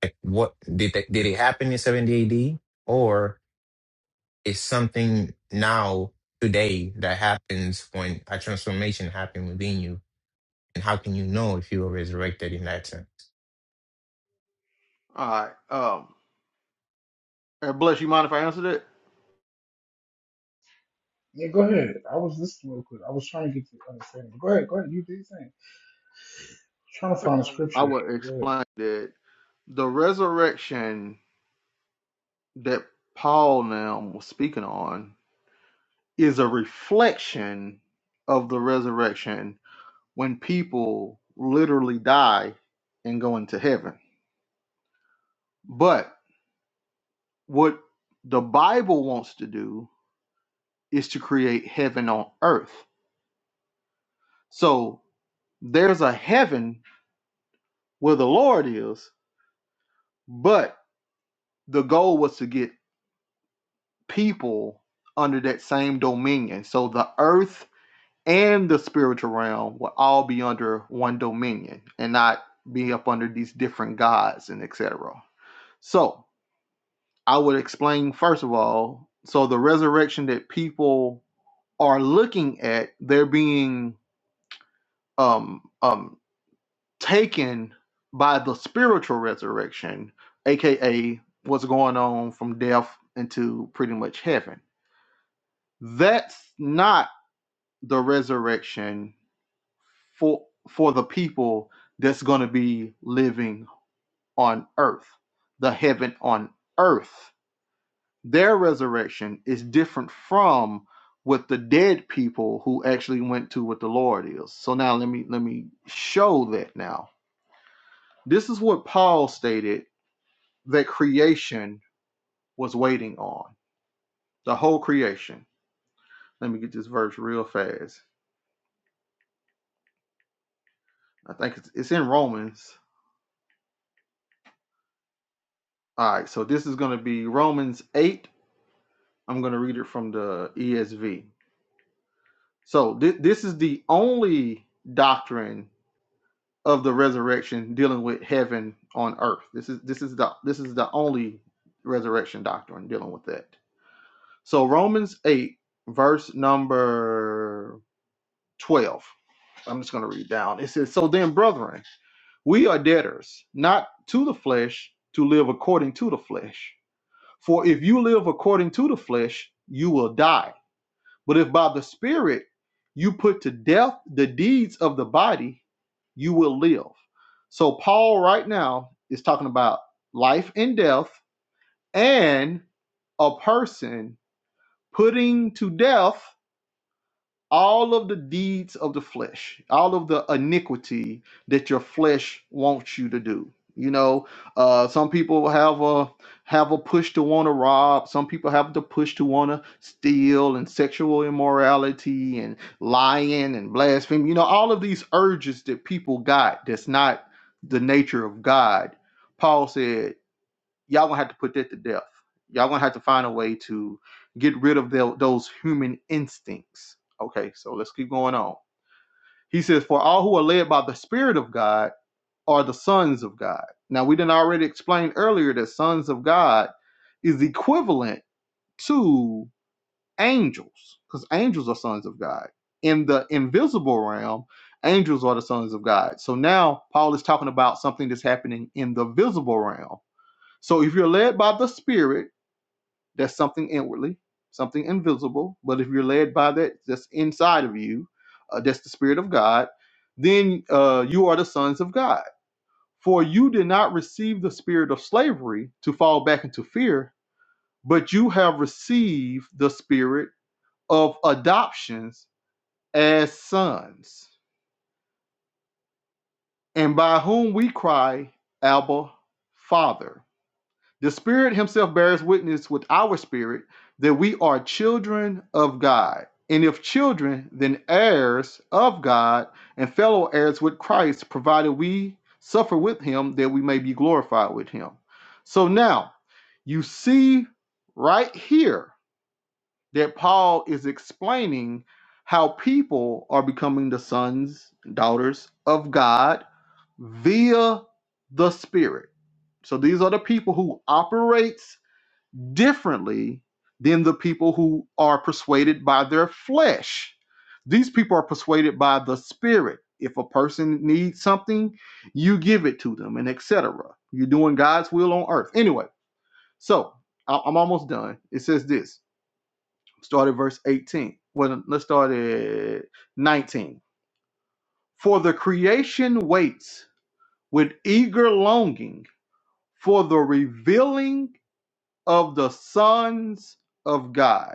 like what did that, did it happen in 70 AD, or is something now today that happens when a transformation happened within you? And how can you know if you were resurrected in that sense? All right. Um, and bless you mind if I answer that? yeah go ahead I was listening real quick I was trying to get to understanding go ahead go ahead you do your thing trying to First, find a I would I scripture would Go ahead. explain that the resurrection that Paul now was speaking on is a reflection of the resurrection when people literally die and go into heaven. but what the Bible wants to do is to create heaven on earth. So there's a heaven where the Lord is, but the goal was to get people under that same dominion. So the earth and the spiritual realm will all be under one dominion and not be up under these different gods and etc. So I would explain first of all, so the resurrection that people are looking at, they're being um um taken by the spiritual resurrection aka what's going on from death into pretty much heaven that's not the resurrection for for the people that's going to be living on earth the heaven on earth their resurrection is different from what the dead people who actually went to what the lord is so now let me let me show that now This is what Paul stated that creation was waiting on the whole creation. Let me get this verse real fast. I think it's, it's in Romans. All right, so this is going to be Romans 8. I'm going to read it from the ESV. So thi- this is the only doctrine of the resurrection dealing with heaven on earth. This is this is the this is the only resurrection doctrine dealing with that. So Romans 8 verse number 12. I'm just going to read down. It says, So then, brethren, we are debtors, not to the flesh, to live according to the flesh. For if you live according to the flesh, you will die. But if by the Spirit you put to death the deeds of the body, you will live. So, Paul right now is talking about life and death and a person putting to death all of the deeds of the flesh, all of the iniquity that your flesh wants you to do. You know, uh, some people have a have a push to want to rob. Some people have the push to want to steal and sexual immorality and lying and blasphemy. You know, all of these urges that people got that's not the nature of God. Paul said y'all gonna have to put that to death. Y'all gonna have to find a way to get rid of tho- those human instincts. Okay, so let's keep going on. He says, For all who are led by the Spirit of God are the sons of God. Now, we didn't already explain earlier that sons of God is equivalent to angels, because angels are sons of God. In the invisible realm, angels are the sons of God. So now Paul is talking about something that's happening in the visible realm. So if you're led by the Spirit, that's something inwardly, something invisible. But if you're led by that that's inside of you, uh, that's the Spirit of God, then uh, you are the sons of God. For you did not receive the spirit of slavery to fall back into fear, but you have received the spirit of adoptions as sons, and by whom we cry, Abba, Father. The Spirit Himself bears witness with our spirit that we are children of God. And if children, then heirs of God and fellow heirs with Christ, provided we suffer with Him that we may be glorified with Him. So now, you see right here that Paul is explaining how people are becoming the sons and daughters of God via the Spirit. So these are the people who operates differently than the people who are persuaded by their flesh. These people are persuaded by the spirit. If a person needs something, you give it to them, and etc. You're doing God's will on earth. Anyway, so I- I'm almost done. It says this. Start at verse 18. Well, let's start at 19. For the creation waits with eager longing for the revealing of the sons of God.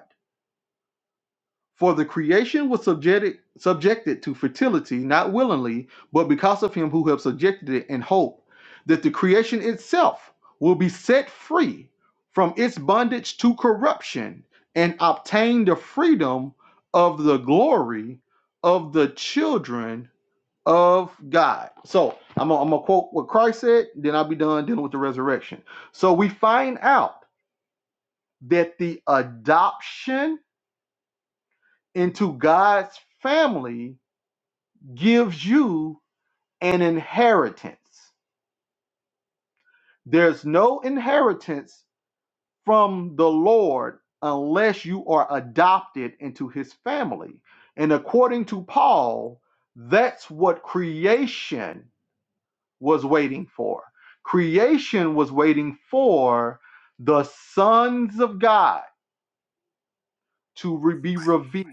For the creation was subjected, subjected to fertility, not willingly, but because of him who have subjected it in hope that the creation itself will be set free from its bondage to corruption and obtain the freedom of the glory of the children of God. So I'm gonna I'm gonna quote what Christ said, then I'll be done dealing with the resurrection. So we find out that the adoption into God's family gives you an inheritance. There's no inheritance from the Lord unless you are adopted into his family. And according to Paul, that's what creation was waiting for. Creation was waiting for the sons of God to re- be revealed.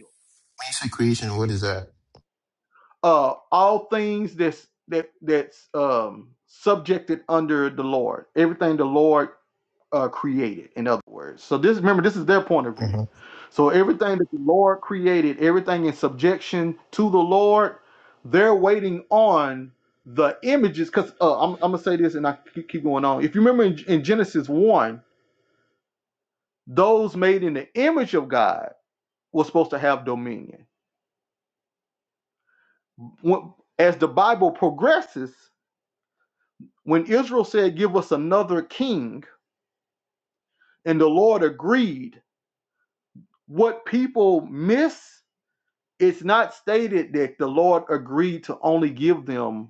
When you say creation, what is that? Uh, all things that's that that's um, subjected under the Lord. Everything the Lord uh, created, in other words. So this remember, this is their point of view. Mhm. So everything that the Lord created, everything in subjection to the Lord, they're waiting on the images. Because uh, I'm, I'm gonna say this, and I keep, keep going on. If you remember in, in Genesis one, those made in the image of God were supposed to have dominion. When, as the Bible progresses, when Israel said, "Give us another king," and the Lord agreed, what people miss it's not stated that the Lord agreed to only give them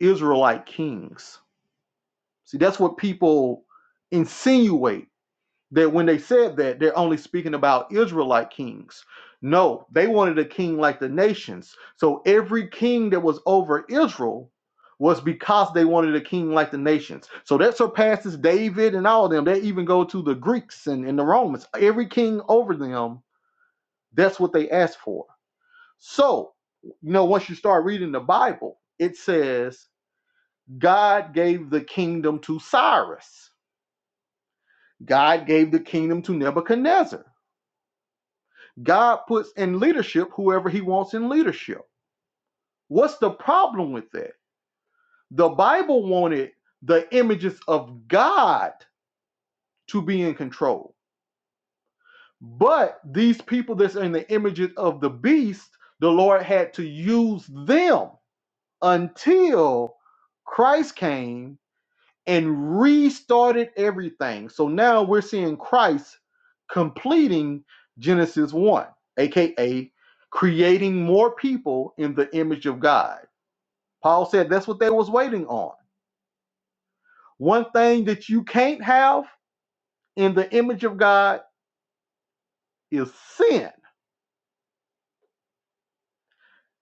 Israelite kings. See, that's what people insinuate that when they said that, they're only speaking about Israelite kings. No, they wanted a king like the nations. So every king that was over Israel was because they wanted a king like the nations. So that surpasses David and all of them. They even go to the Greeks and, and the Romans. Every king over them, that's what they asked for. So, you know, once you start reading the Bible, it says God gave the kingdom to Cyrus. God gave the kingdom to Nebuchadnezzar. God puts in leadership whoever he wants in leadership. What's the problem with that? The Bible wanted the images of God to be in control. But these people that's in the images of the beast, the Lord had to use them until Christ came and restarted everything. So now we're seeing Christ completing Genesis 1, aka creating more people in the image of God. Paul said that's what they was waiting on. One thing that you can't have in the image of God is sin.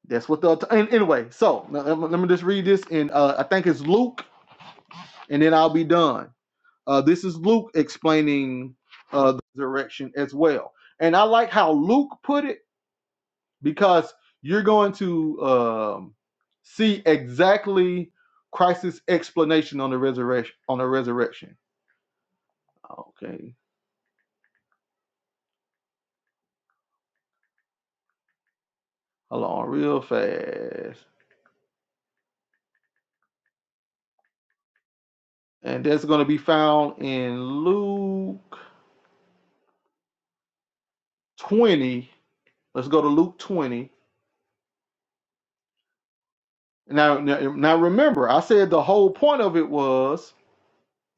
That's what the and anyway. So let me me just read this in uh, I think it's Luke, and then I'll be done. Uh, this is Luke explaining uh, the direction as well. And I like how Luke put it because you're going to um, see exactly Christ's explanation on the resurrection. On the resurrection. Okay, hold on, real fast, and that's going to be found in Luke 20. Let's go to Luke 20. Now, now, now remember, I said the whole point of it was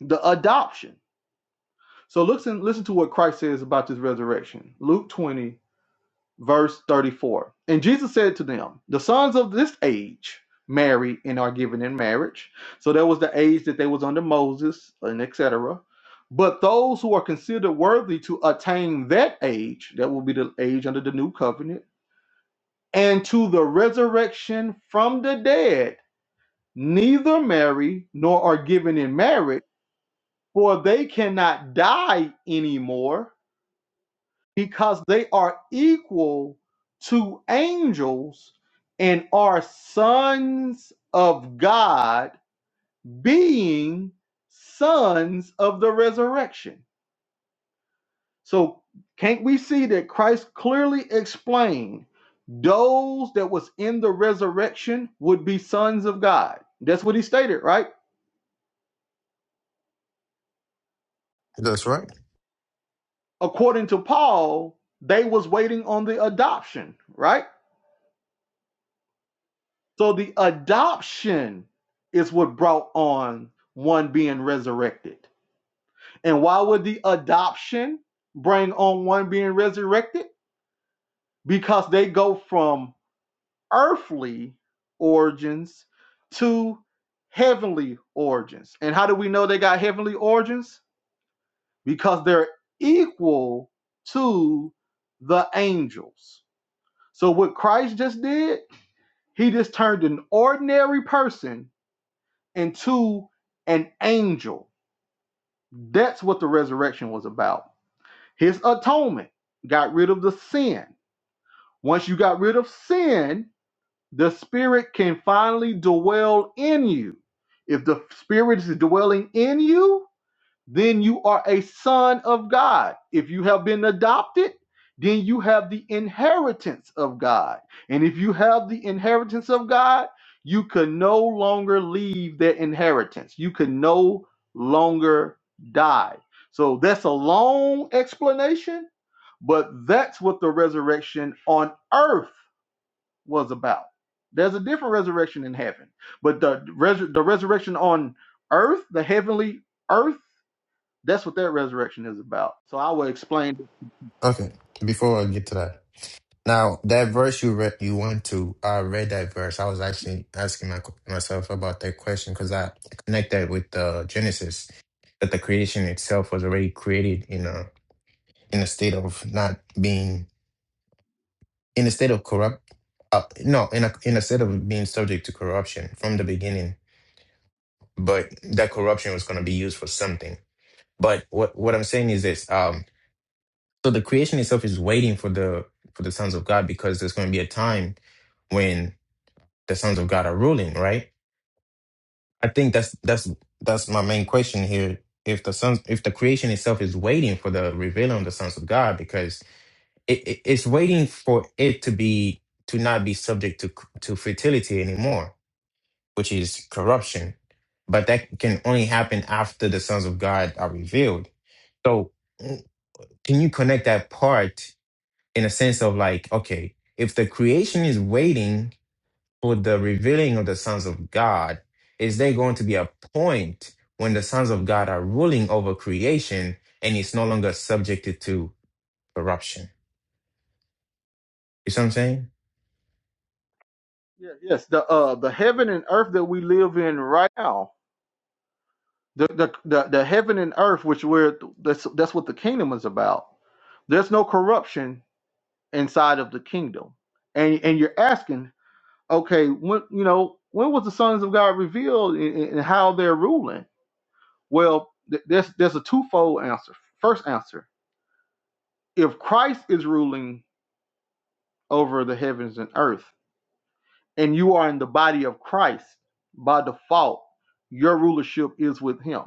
the adoption. So listen, listen to what Christ says about this resurrection. Luke 20, verse 34. And Jesus said to them, The sons of this age marry and are given in marriage. So that was the age that they was under Moses and etc. But those who are considered worthy to attain that age, that will be the age under the new covenant, and to the resurrection from the dead, neither marry nor are given in marriage, for they cannot die anymore because they are equal to angels and are sons of God, being sons of the resurrection. So can't we see that Christ clearly explained those that was in the resurrection would be sons of God? That's what he stated, right? That's right. According to Paul, they was waiting on the adoption, right? So the adoption is what brought on one being resurrected. And why would the adoption bring on one being resurrected? Because they go from earthly origins to heavenly origins. And how do we know they got heavenly origins? Because they're equal to the angels. So what Christ just did, he just turned an ordinary person and two, an angel. That's what the resurrection was about. His atonement got rid of the sin. Once you got rid of sin, the spirit can finally dwell in you. If the spirit is dwelling in you, then you are a son of God. If you have been adopted, then you have the inheritance of God. And if you have the inheritance of God, you can no longer leave that inheritance. You can no longer die. So that's a long explanation, but that's what the resurrection on earth was about. There's a different resurrection in heaven, but the, res- the resurrection on earth, the heavenly earth, that's what that resurrection is about. So I will explain. Okay. Before I get to that. Now that verse you read, you went to, I read that verse. I was actually asking my, myself about that question because I connect that with uh, Genesis, that the creation itself was already created in a in a state of not being in a state of corrupt, uh, no, in a in a state of being subject to corruption from the beginning. But that corruption was going to be used for something. But what what I'm saying is this: um, so the creation itself is waiting for the for the sons of God because there's going to be a time when the sons of God are ruling, right? I think that's that's that's my main question here. If the sons, if the creation itself is waiting for the revealing of the sons of God, because it, it- it's waiting for it to be to not be subject to to fertility anymore, which is corruption. But that can only happen after the sons of God are revealed. So, mm, can you connect that part in a sense of like, okay, if the creation is waiting with the revealing of the sons of God, is there going to be a point when the sons of God are ruling over creation and it's no longer subjected to corruption? You see what I'm saying? Yeah, Yes, the uh the heaven and earth that we live in right now, the the the, the heaven and earth, which we're that's that's what the kingdom is about. There's no corruption inside of the kingdom, and and you're asking, okay, when you know when was the sons of God revealed and, and how they're ruling? Well, th- there's there's a twofold answer. First answer: if Christ is ruling over the heavens and earth and you are in the body of Christ by default, your rulership is with him.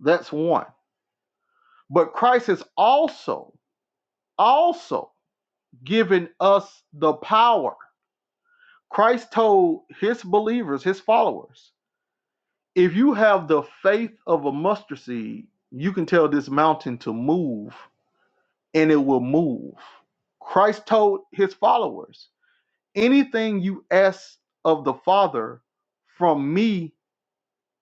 That's one. But Christ has also, also given us the power. Christ told his believers, his followers, if you have the faith of a mustard seed, you can tell this mountain to move and it will move. Christ told his followers, anything you ask of the Father from me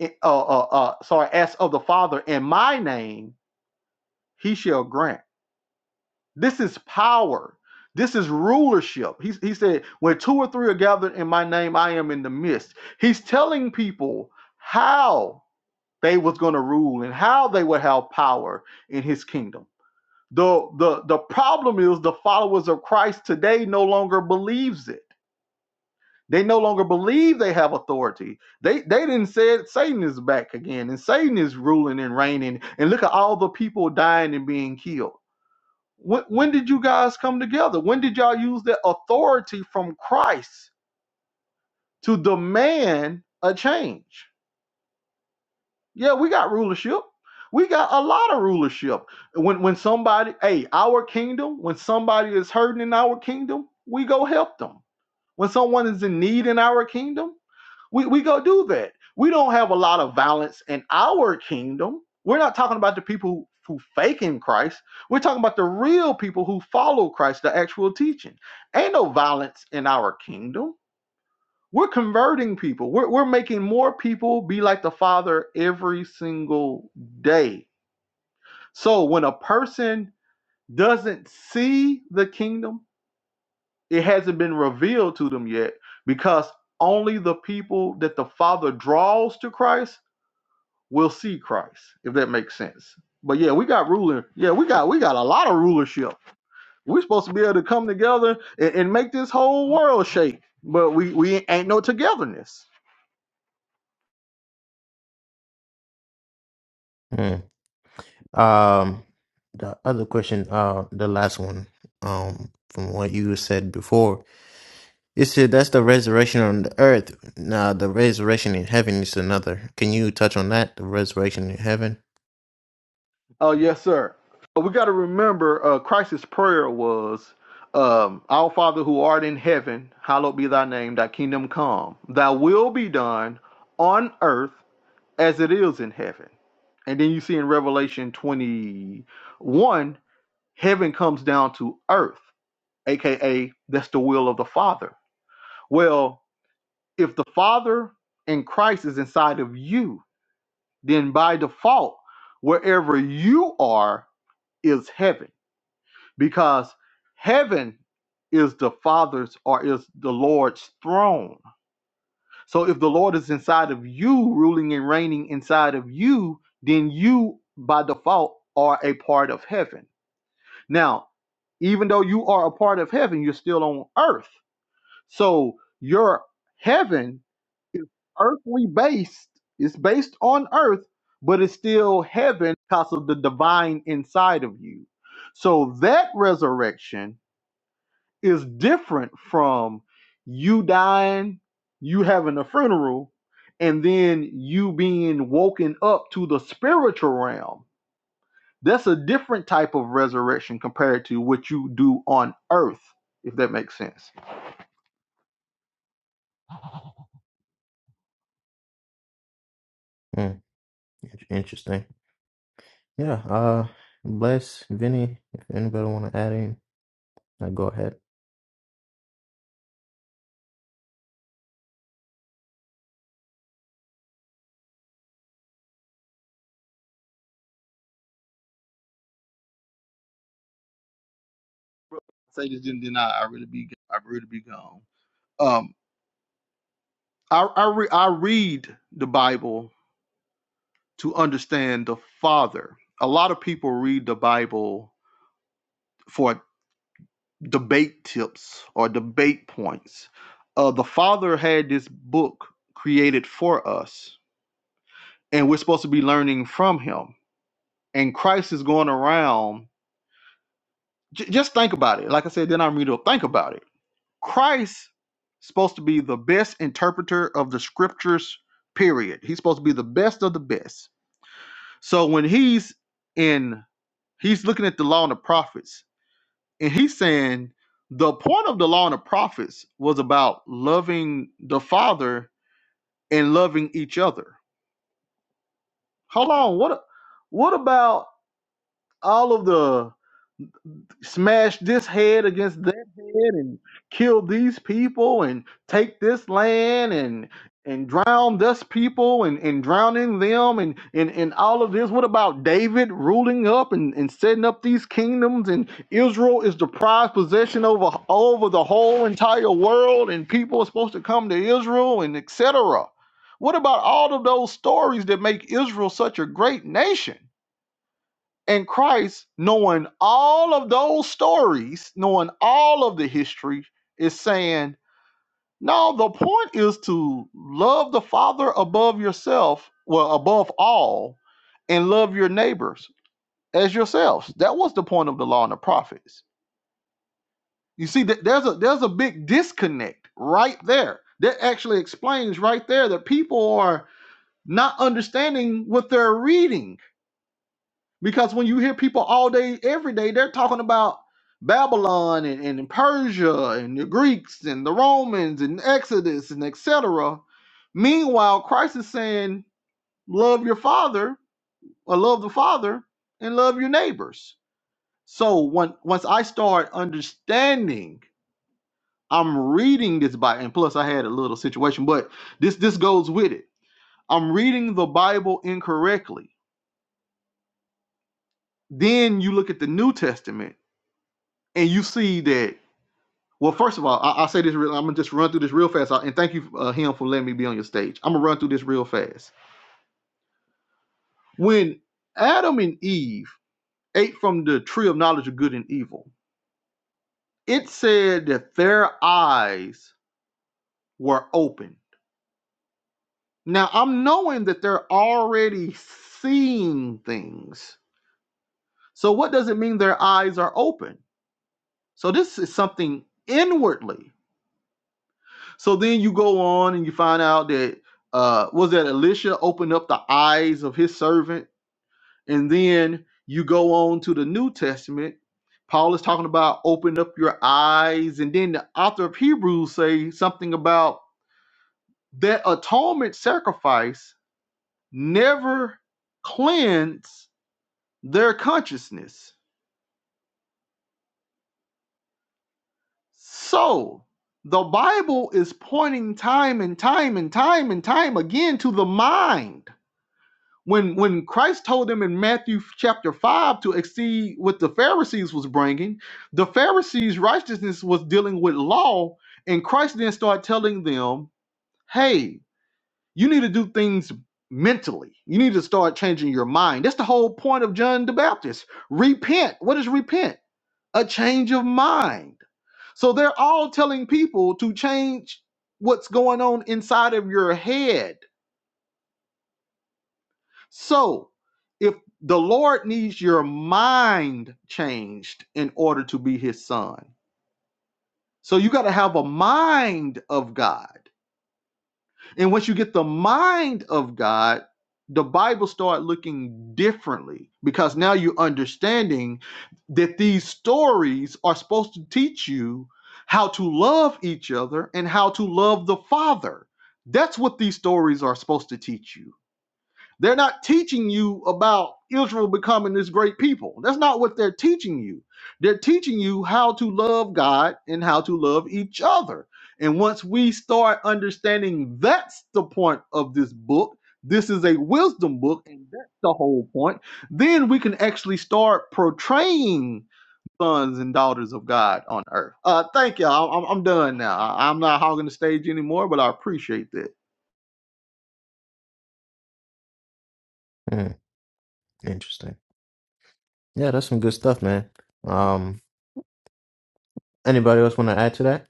uh, uh, uh, sorry, as of the Father in my name, he shall grant. This is power. This is rulership. He, he said, when two or three are gathered in my name, I am in the midst. He's telling people how they was going to rule and how they would have power in his kingdom. The, the, the problem is the followers of Christ today no longer believes it They no longer believe they have authority. They they didn't say it, Satan is back again, and Satan is ruling and reigning. And look at all the people dying and being killed. When, when did you guys come together? When did y'all use that authority from Christ to demand a change? Yeah, we got rulership. We got a lot of rulership. When when somebody, hey, our kingdom, when somebody is hurting in our kingdom, we go help them When someone is in need in our kingdom, we, we go do that. We don't have a lot of violence in our kingdom. We're not talking about the people who, who fake in Christ. We're talking about the real people who follow Christ, the actual teaching. Ain't no violence in our kingdom. We're converting people. We're, we're making more people be like the Father every single day. So when a person doesn't see the kingdom, it hasn't been revealed to them yet because only the people that the Father draws to Christ will see Christ, if that makes sense. But yeah, we got ruling. Yeah, we got we got a lot of rulership. We're supposed to be able to come together and, and make this whole world shake. But we we ain't no togetherness. Hmm. Um, the other question, uh, the last one, um, from what you said before, you said that's the resurrection on the earth. Now, the resurrection in heaven is another. Can you touch on that? The resurrection in heaven. Oh yes, sir. Uh, We got to remember uh, Christ's prayer was um, Our Father who art in heaven, hallowed be thy name, thy kingdom come, thy will be done on earth as it is in heaven. And then you see in Revelation 21, heaven comes down to earth, aka that's the will of the Father. Well, if the Father and Christ is inside of you, then by default, wherever you are is heaven, because heaven is the Father's or is the Lord's throne. So if the Lord is inside of you, ruling and reigning inside of you, then you by default are a part of heaven. Now, even though you are a part of heaven, you're still on earth. So your heaven is earthly based, it's based on earth, but it's still heaven because of the divine inside of you. So that resurrection is different from you dying, you having a funeral, and then you being woken up to the spiritual realm. That's a different type of resurrection compared to what you do on earth, if that makes sense. Hmm. Interesting. Yeah, uh, bless Vinny. If anybody want to add in, uh, go ahead. Say this didn't deny. I I really be I really be gone. Um, I I, re, I read the Bible to understand the Father. A lot of people read the Bible for debate tips or debate points. Uh, the Father had this book created for us, and we're supposed to be learning from Him. And Christ is going around. J- just think about it. Like I said, then I'm reading. Think about it. Christ supposed to be the best interpreter of the Scriptures. Period. He's supposed to be the best of the best. So when he's in, he's looking at the law and the prophets and he's saying the point of the law and the prophets was about loving the father and loving each other hold on what what about all of the smash this head against that head and kill these people and take this land and and drown this people and, and drowning them and, and, and all of this. What about David ruling up and, and setting up these kingdoms and Israel is the prized possession over over the whole entire world and people are supposed to come to Israel and etc. What about all of those stories that make Israel such a great nation? And Christ, knowing all of those stories, knowing all of the history, is saying, no, the point is to love the Father above yourself, well, above all, and love your neighbors as yourselves. That was the point of the law and the prophets. You see, that there's a there's a big disconnect right there. That actually explains right there that people are not understanding what they're reading Because when you hear people all day, every day, they're talking about Babylon and, and Persia and the Greeks and the Romans and Exodus and etc. Meanwhile, Christ is saying, love your father or love the father and love your neighbors. So when, once I start understanding, I'm reading this Bible, and plus I had a little situation, but this this goes with it. I'm reading the Bible incorrectly. Then you look at the New Testament and you see that Well, first of all, I, I'll say this. Real, I'm gonna just run through this real fast. uh, And thank you, uh, him, for letting me be on your stage. I'm gonna run through this real fast. When Adam and Eve ate from the tree of knowledge of good and evil, it said that their eyes were open. Now I'm knowing that they're already seeing things. So what does it mean their eyes are open? So this is something inwardly. So then you go on and you find out that uh was that Elisha opened up the eyes of his servant, and then you go on to the New Testament. Paul is talking about open up your eyes, and then the author of Hebrews say something about that atonement sacrifice never cleanse their consciousness. So the Bible is pointing time and time and time and time again to the mind when when Christ told them in Matthew chapter 5 to exceed what the Pharisees was bringing, the Pharisees righteousness was dealing with law and Christ then started telling them, "Hey, you need to do things mentally. You need to start changing your mind." That's the whole point of John the Baptist. Repent. What is repent? A change of mind. So they're all telling people to change what's going on inside of your head So, if the Lord needs your mind changed in order to be his son, so you got to have a mind of God. And once you get the mind of God, the Bible start looking differently because now you're understanding that these stories are supposed to teach you how to love each other and how to love the Father. That's what these stories are supposed to teach you they're not teaching you about Israel becoming this great people. That's not what they're teaching you. They're teaching you how to love God and how to love each other. And once we start understanding that's the point of this book, this is a wisdom book, and that's the whole point, then we can actually start portraying sons and daughters of God on earth. Uh, thank you. all I'm I'm done now. I- I'm not hogging the stage anymore, but I appreciate Mm, interesting. Yeah, that's some good stuff, man. Um, anybody else want to add to that?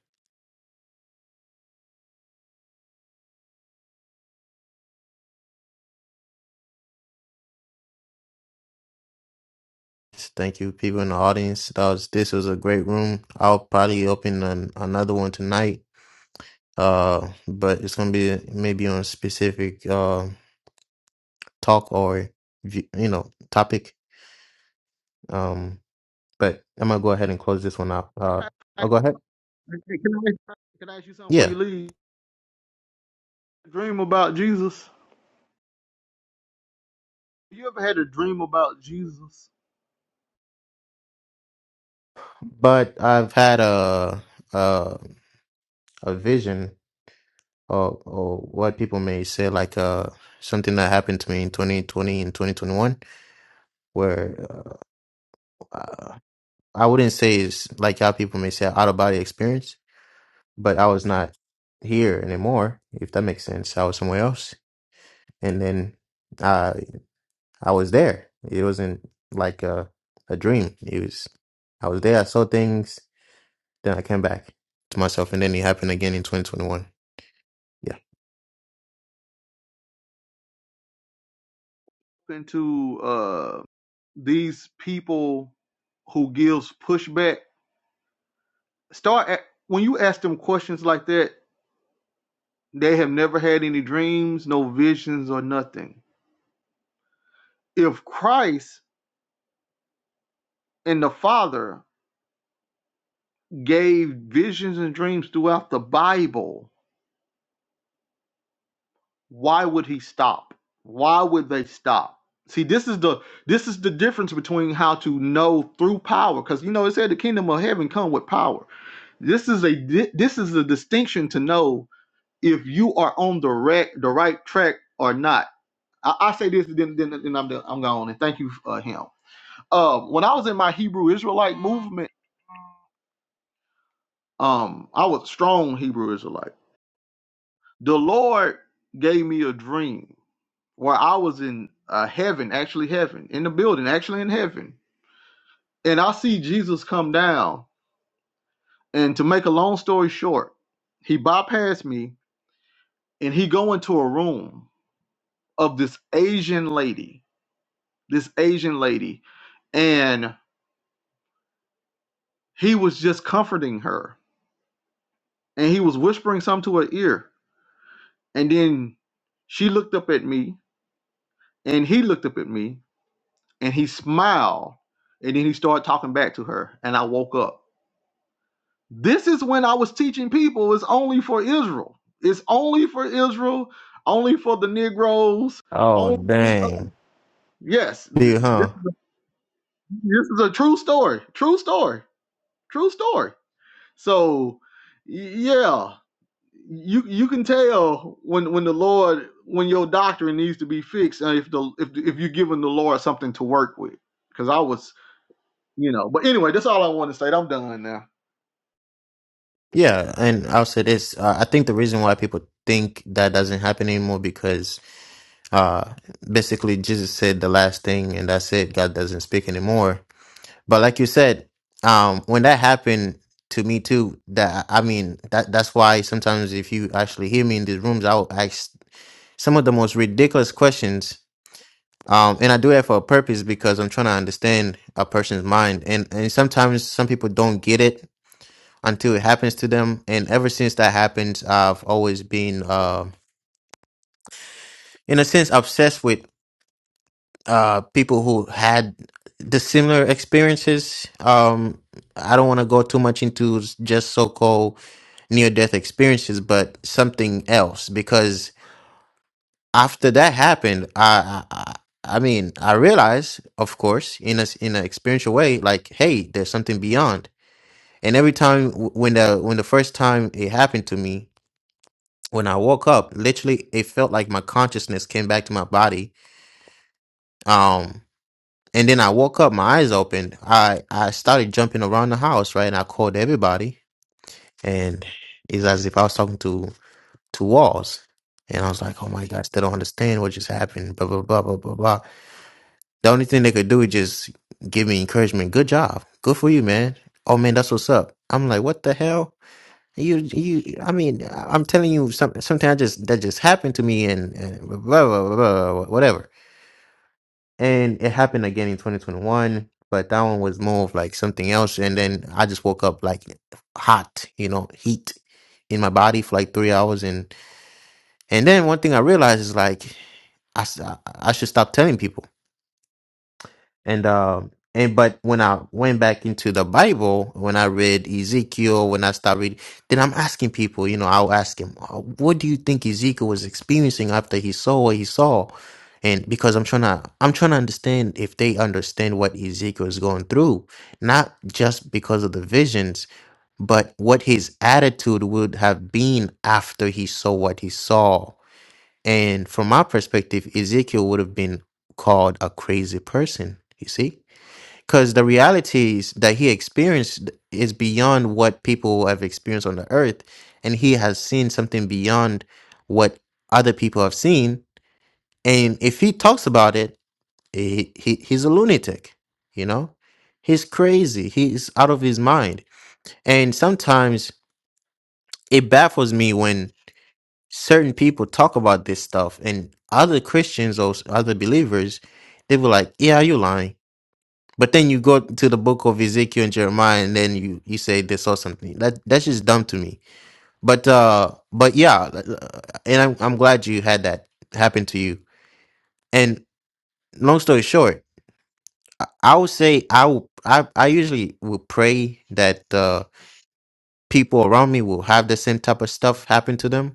Thank you, people in the audience. That was this was a great room. I'll probably open an, another one tonight. Uh, but it's gonna be maybe on a specific uh talk or v- you know topic. Um, but I'm gonna go ahead and close this one out. Uh, that. I'll go ahead. Hey, hey, Can I, can I ask you something before Yeah, you leave? Dream about Jesus. You ever had a dream about Jesus? but I've had a. a vision or or what people may say like uh something that happened to me in 2020 and 2021 where uh, uh, I wouldn't say it's like how people may say out of body experience but I was not here anymore if that makes sense I was somewhere else and then I I was there it wasn't like a a dream it was I was there I saw things then I came back to myself and then it happened again in 2021 yeah Into uh, these people who gives pushback. Start at, when you ask them questions like that. They have never had any dreams, no visions, or nothing. If Christ and the Father gave visions and dreams throughout the Bible, why would he stop why would they stop see this is the this is the difference between how to know through power because you know it said the kingdom of heaven come with power this is a di- this is a distinction to know if you are on the right the right track or not i, I say this then, then, then i'm done- i'm gone and thank you uh, him um when i was in my hebrew israelite movement um i was a strong hebrew israelite the lord gave me a dream where I was in uh, heaven, actually heaven, in the building, actually in heaven. And I see Jesus come down. And to make a long story short, he bypassed me and he go into a room of this Asian lady, this Asian lady, and he was just comforting her and he was whispering something to her ear. And then she looked up at me and he looked up at me and he smiled and then he started talking back to her and I woke up. This is when I was teaching people it's only for Israel. It's only for Israel, only for the Negroes. oh Only, dang yes, th- See, this huh is, a, this is a true story. True story. True story. So, y- yeah, you you can tell when when the Lord when your doctrine needs to be fixed, and if the if if you're giving the Lord something to work with. Because I was, you know. But anyway, that's all I want to say. I'm done now. Yeah, and I'll say this. Uh, I think the reason why people think that doesn't happen anymore because uh, basically Jesus said the last thing and that's it. God doesn't speak anymore. But like you said, um, when that happened to me too, that I mean, that that's why sometimes if you actually hear me in these rooms, I'll ask some of the most ridiculous questions. Um, and I do that for a purpose because I'm trying to understand a person's mind. And and sometimes some people don't get it until it happens to them. And ever since that happens, I've always been, uh, in a sense, obsessed with uh, people who had the similar experiences. Um, I don't want to go too much into s- just so called near death experiences, but something else because after that happened, I, I, I I mean, I realized, of course, in a s- in an experiential way, like, hey, there's something beyond. And every time w- when the when the first time it happened to me, when I woke up, literally it felt like my consciousness came back to my body. Um and then I woke up, my eyes opened. I I started jumping around the house, right? And I called everybody and it's as if I was talking to to walls. And I was like, Oh my gosh, they don't understand what just happened, blah blah blah blah blah blah. The only thing they could do is just give me encouragement. Good job. Good for you, man. Oh man, that's what's up. I'm like, what the hell? You, you. I mean, I'm telling you, some sometimes just that just happened to me, and, and blah, blah blah blah whatever. And it happened again in 2021, but that one was more of like something else. And then I just woke up like hot, you know, heat in my body for like three hours, and and then one thing I realized is like I s- I- I should stop telling people And um and but when I went back into the Bible, when I read Ezekiel, when I started reading, then I'm asking people, you know, I'll ask him, "Oh, what do you think Ezekiel was experiencing after he saw what he saw? And because I'm trying to, I'm trying to understand if they understand what Ezekiel is going through, not just because of the visions, but what his attitude would have been after he saw what he saw and from my perspective, Ezekiel would have been called a crazy person, you see? Because the realities that he experienced is beyond what people have experienced on the earth. And he has seen something beyond what other people have seen. And if he talks about it, he, he, he's a lunatic, you know? He's crazy. He's out of his mind. And sometimes it baffles me when. certain people talk about this stuff and other Christians or s- other believers, they were like, Yeah, you lying. But then you go to the book of Ezekiel and Jeremiah and then you, you say they saw something. That that's just dumb to me. But uh but yeah, uh, uh, and I'm I'm glad you had that happen to you. And long story short, I would say I will I, I usually will pray that uh people around me will have the same type of stuff happen to them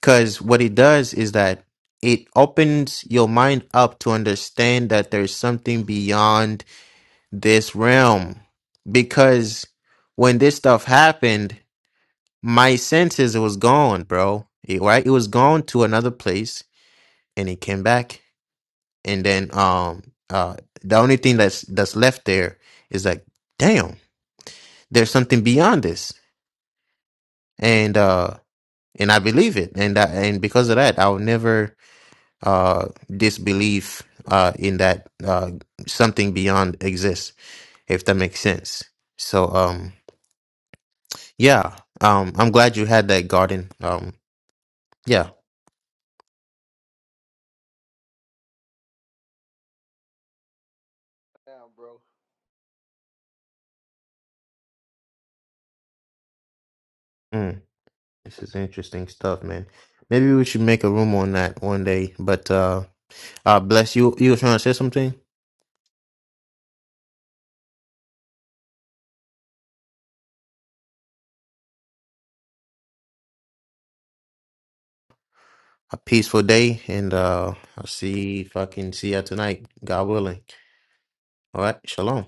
Because what it does is that it opens your mind up to understand that there's something beyond this realm. Because when this stuff happened, my senses it was gone, bro. It, right? It was gone to another place and it came back. And then um uh the only thing that's that's left there is like, damn, there's something beyond this. And uh and I believe it. And I, and because of that, I'll never uh, disbelief uh, in that uh, something beyond exists, if that makes sense. So, um, yeah, um, I'm glad you had that garden. Um, yeah, Yeah, bro. mm, this is interesting stuff, man. Maybe we should make a room on that one day. But uh, uh, bless you. You were trying to say something. A peaceful day, and uh, I'll see if I can see you tonight, God willing. All right, shalom.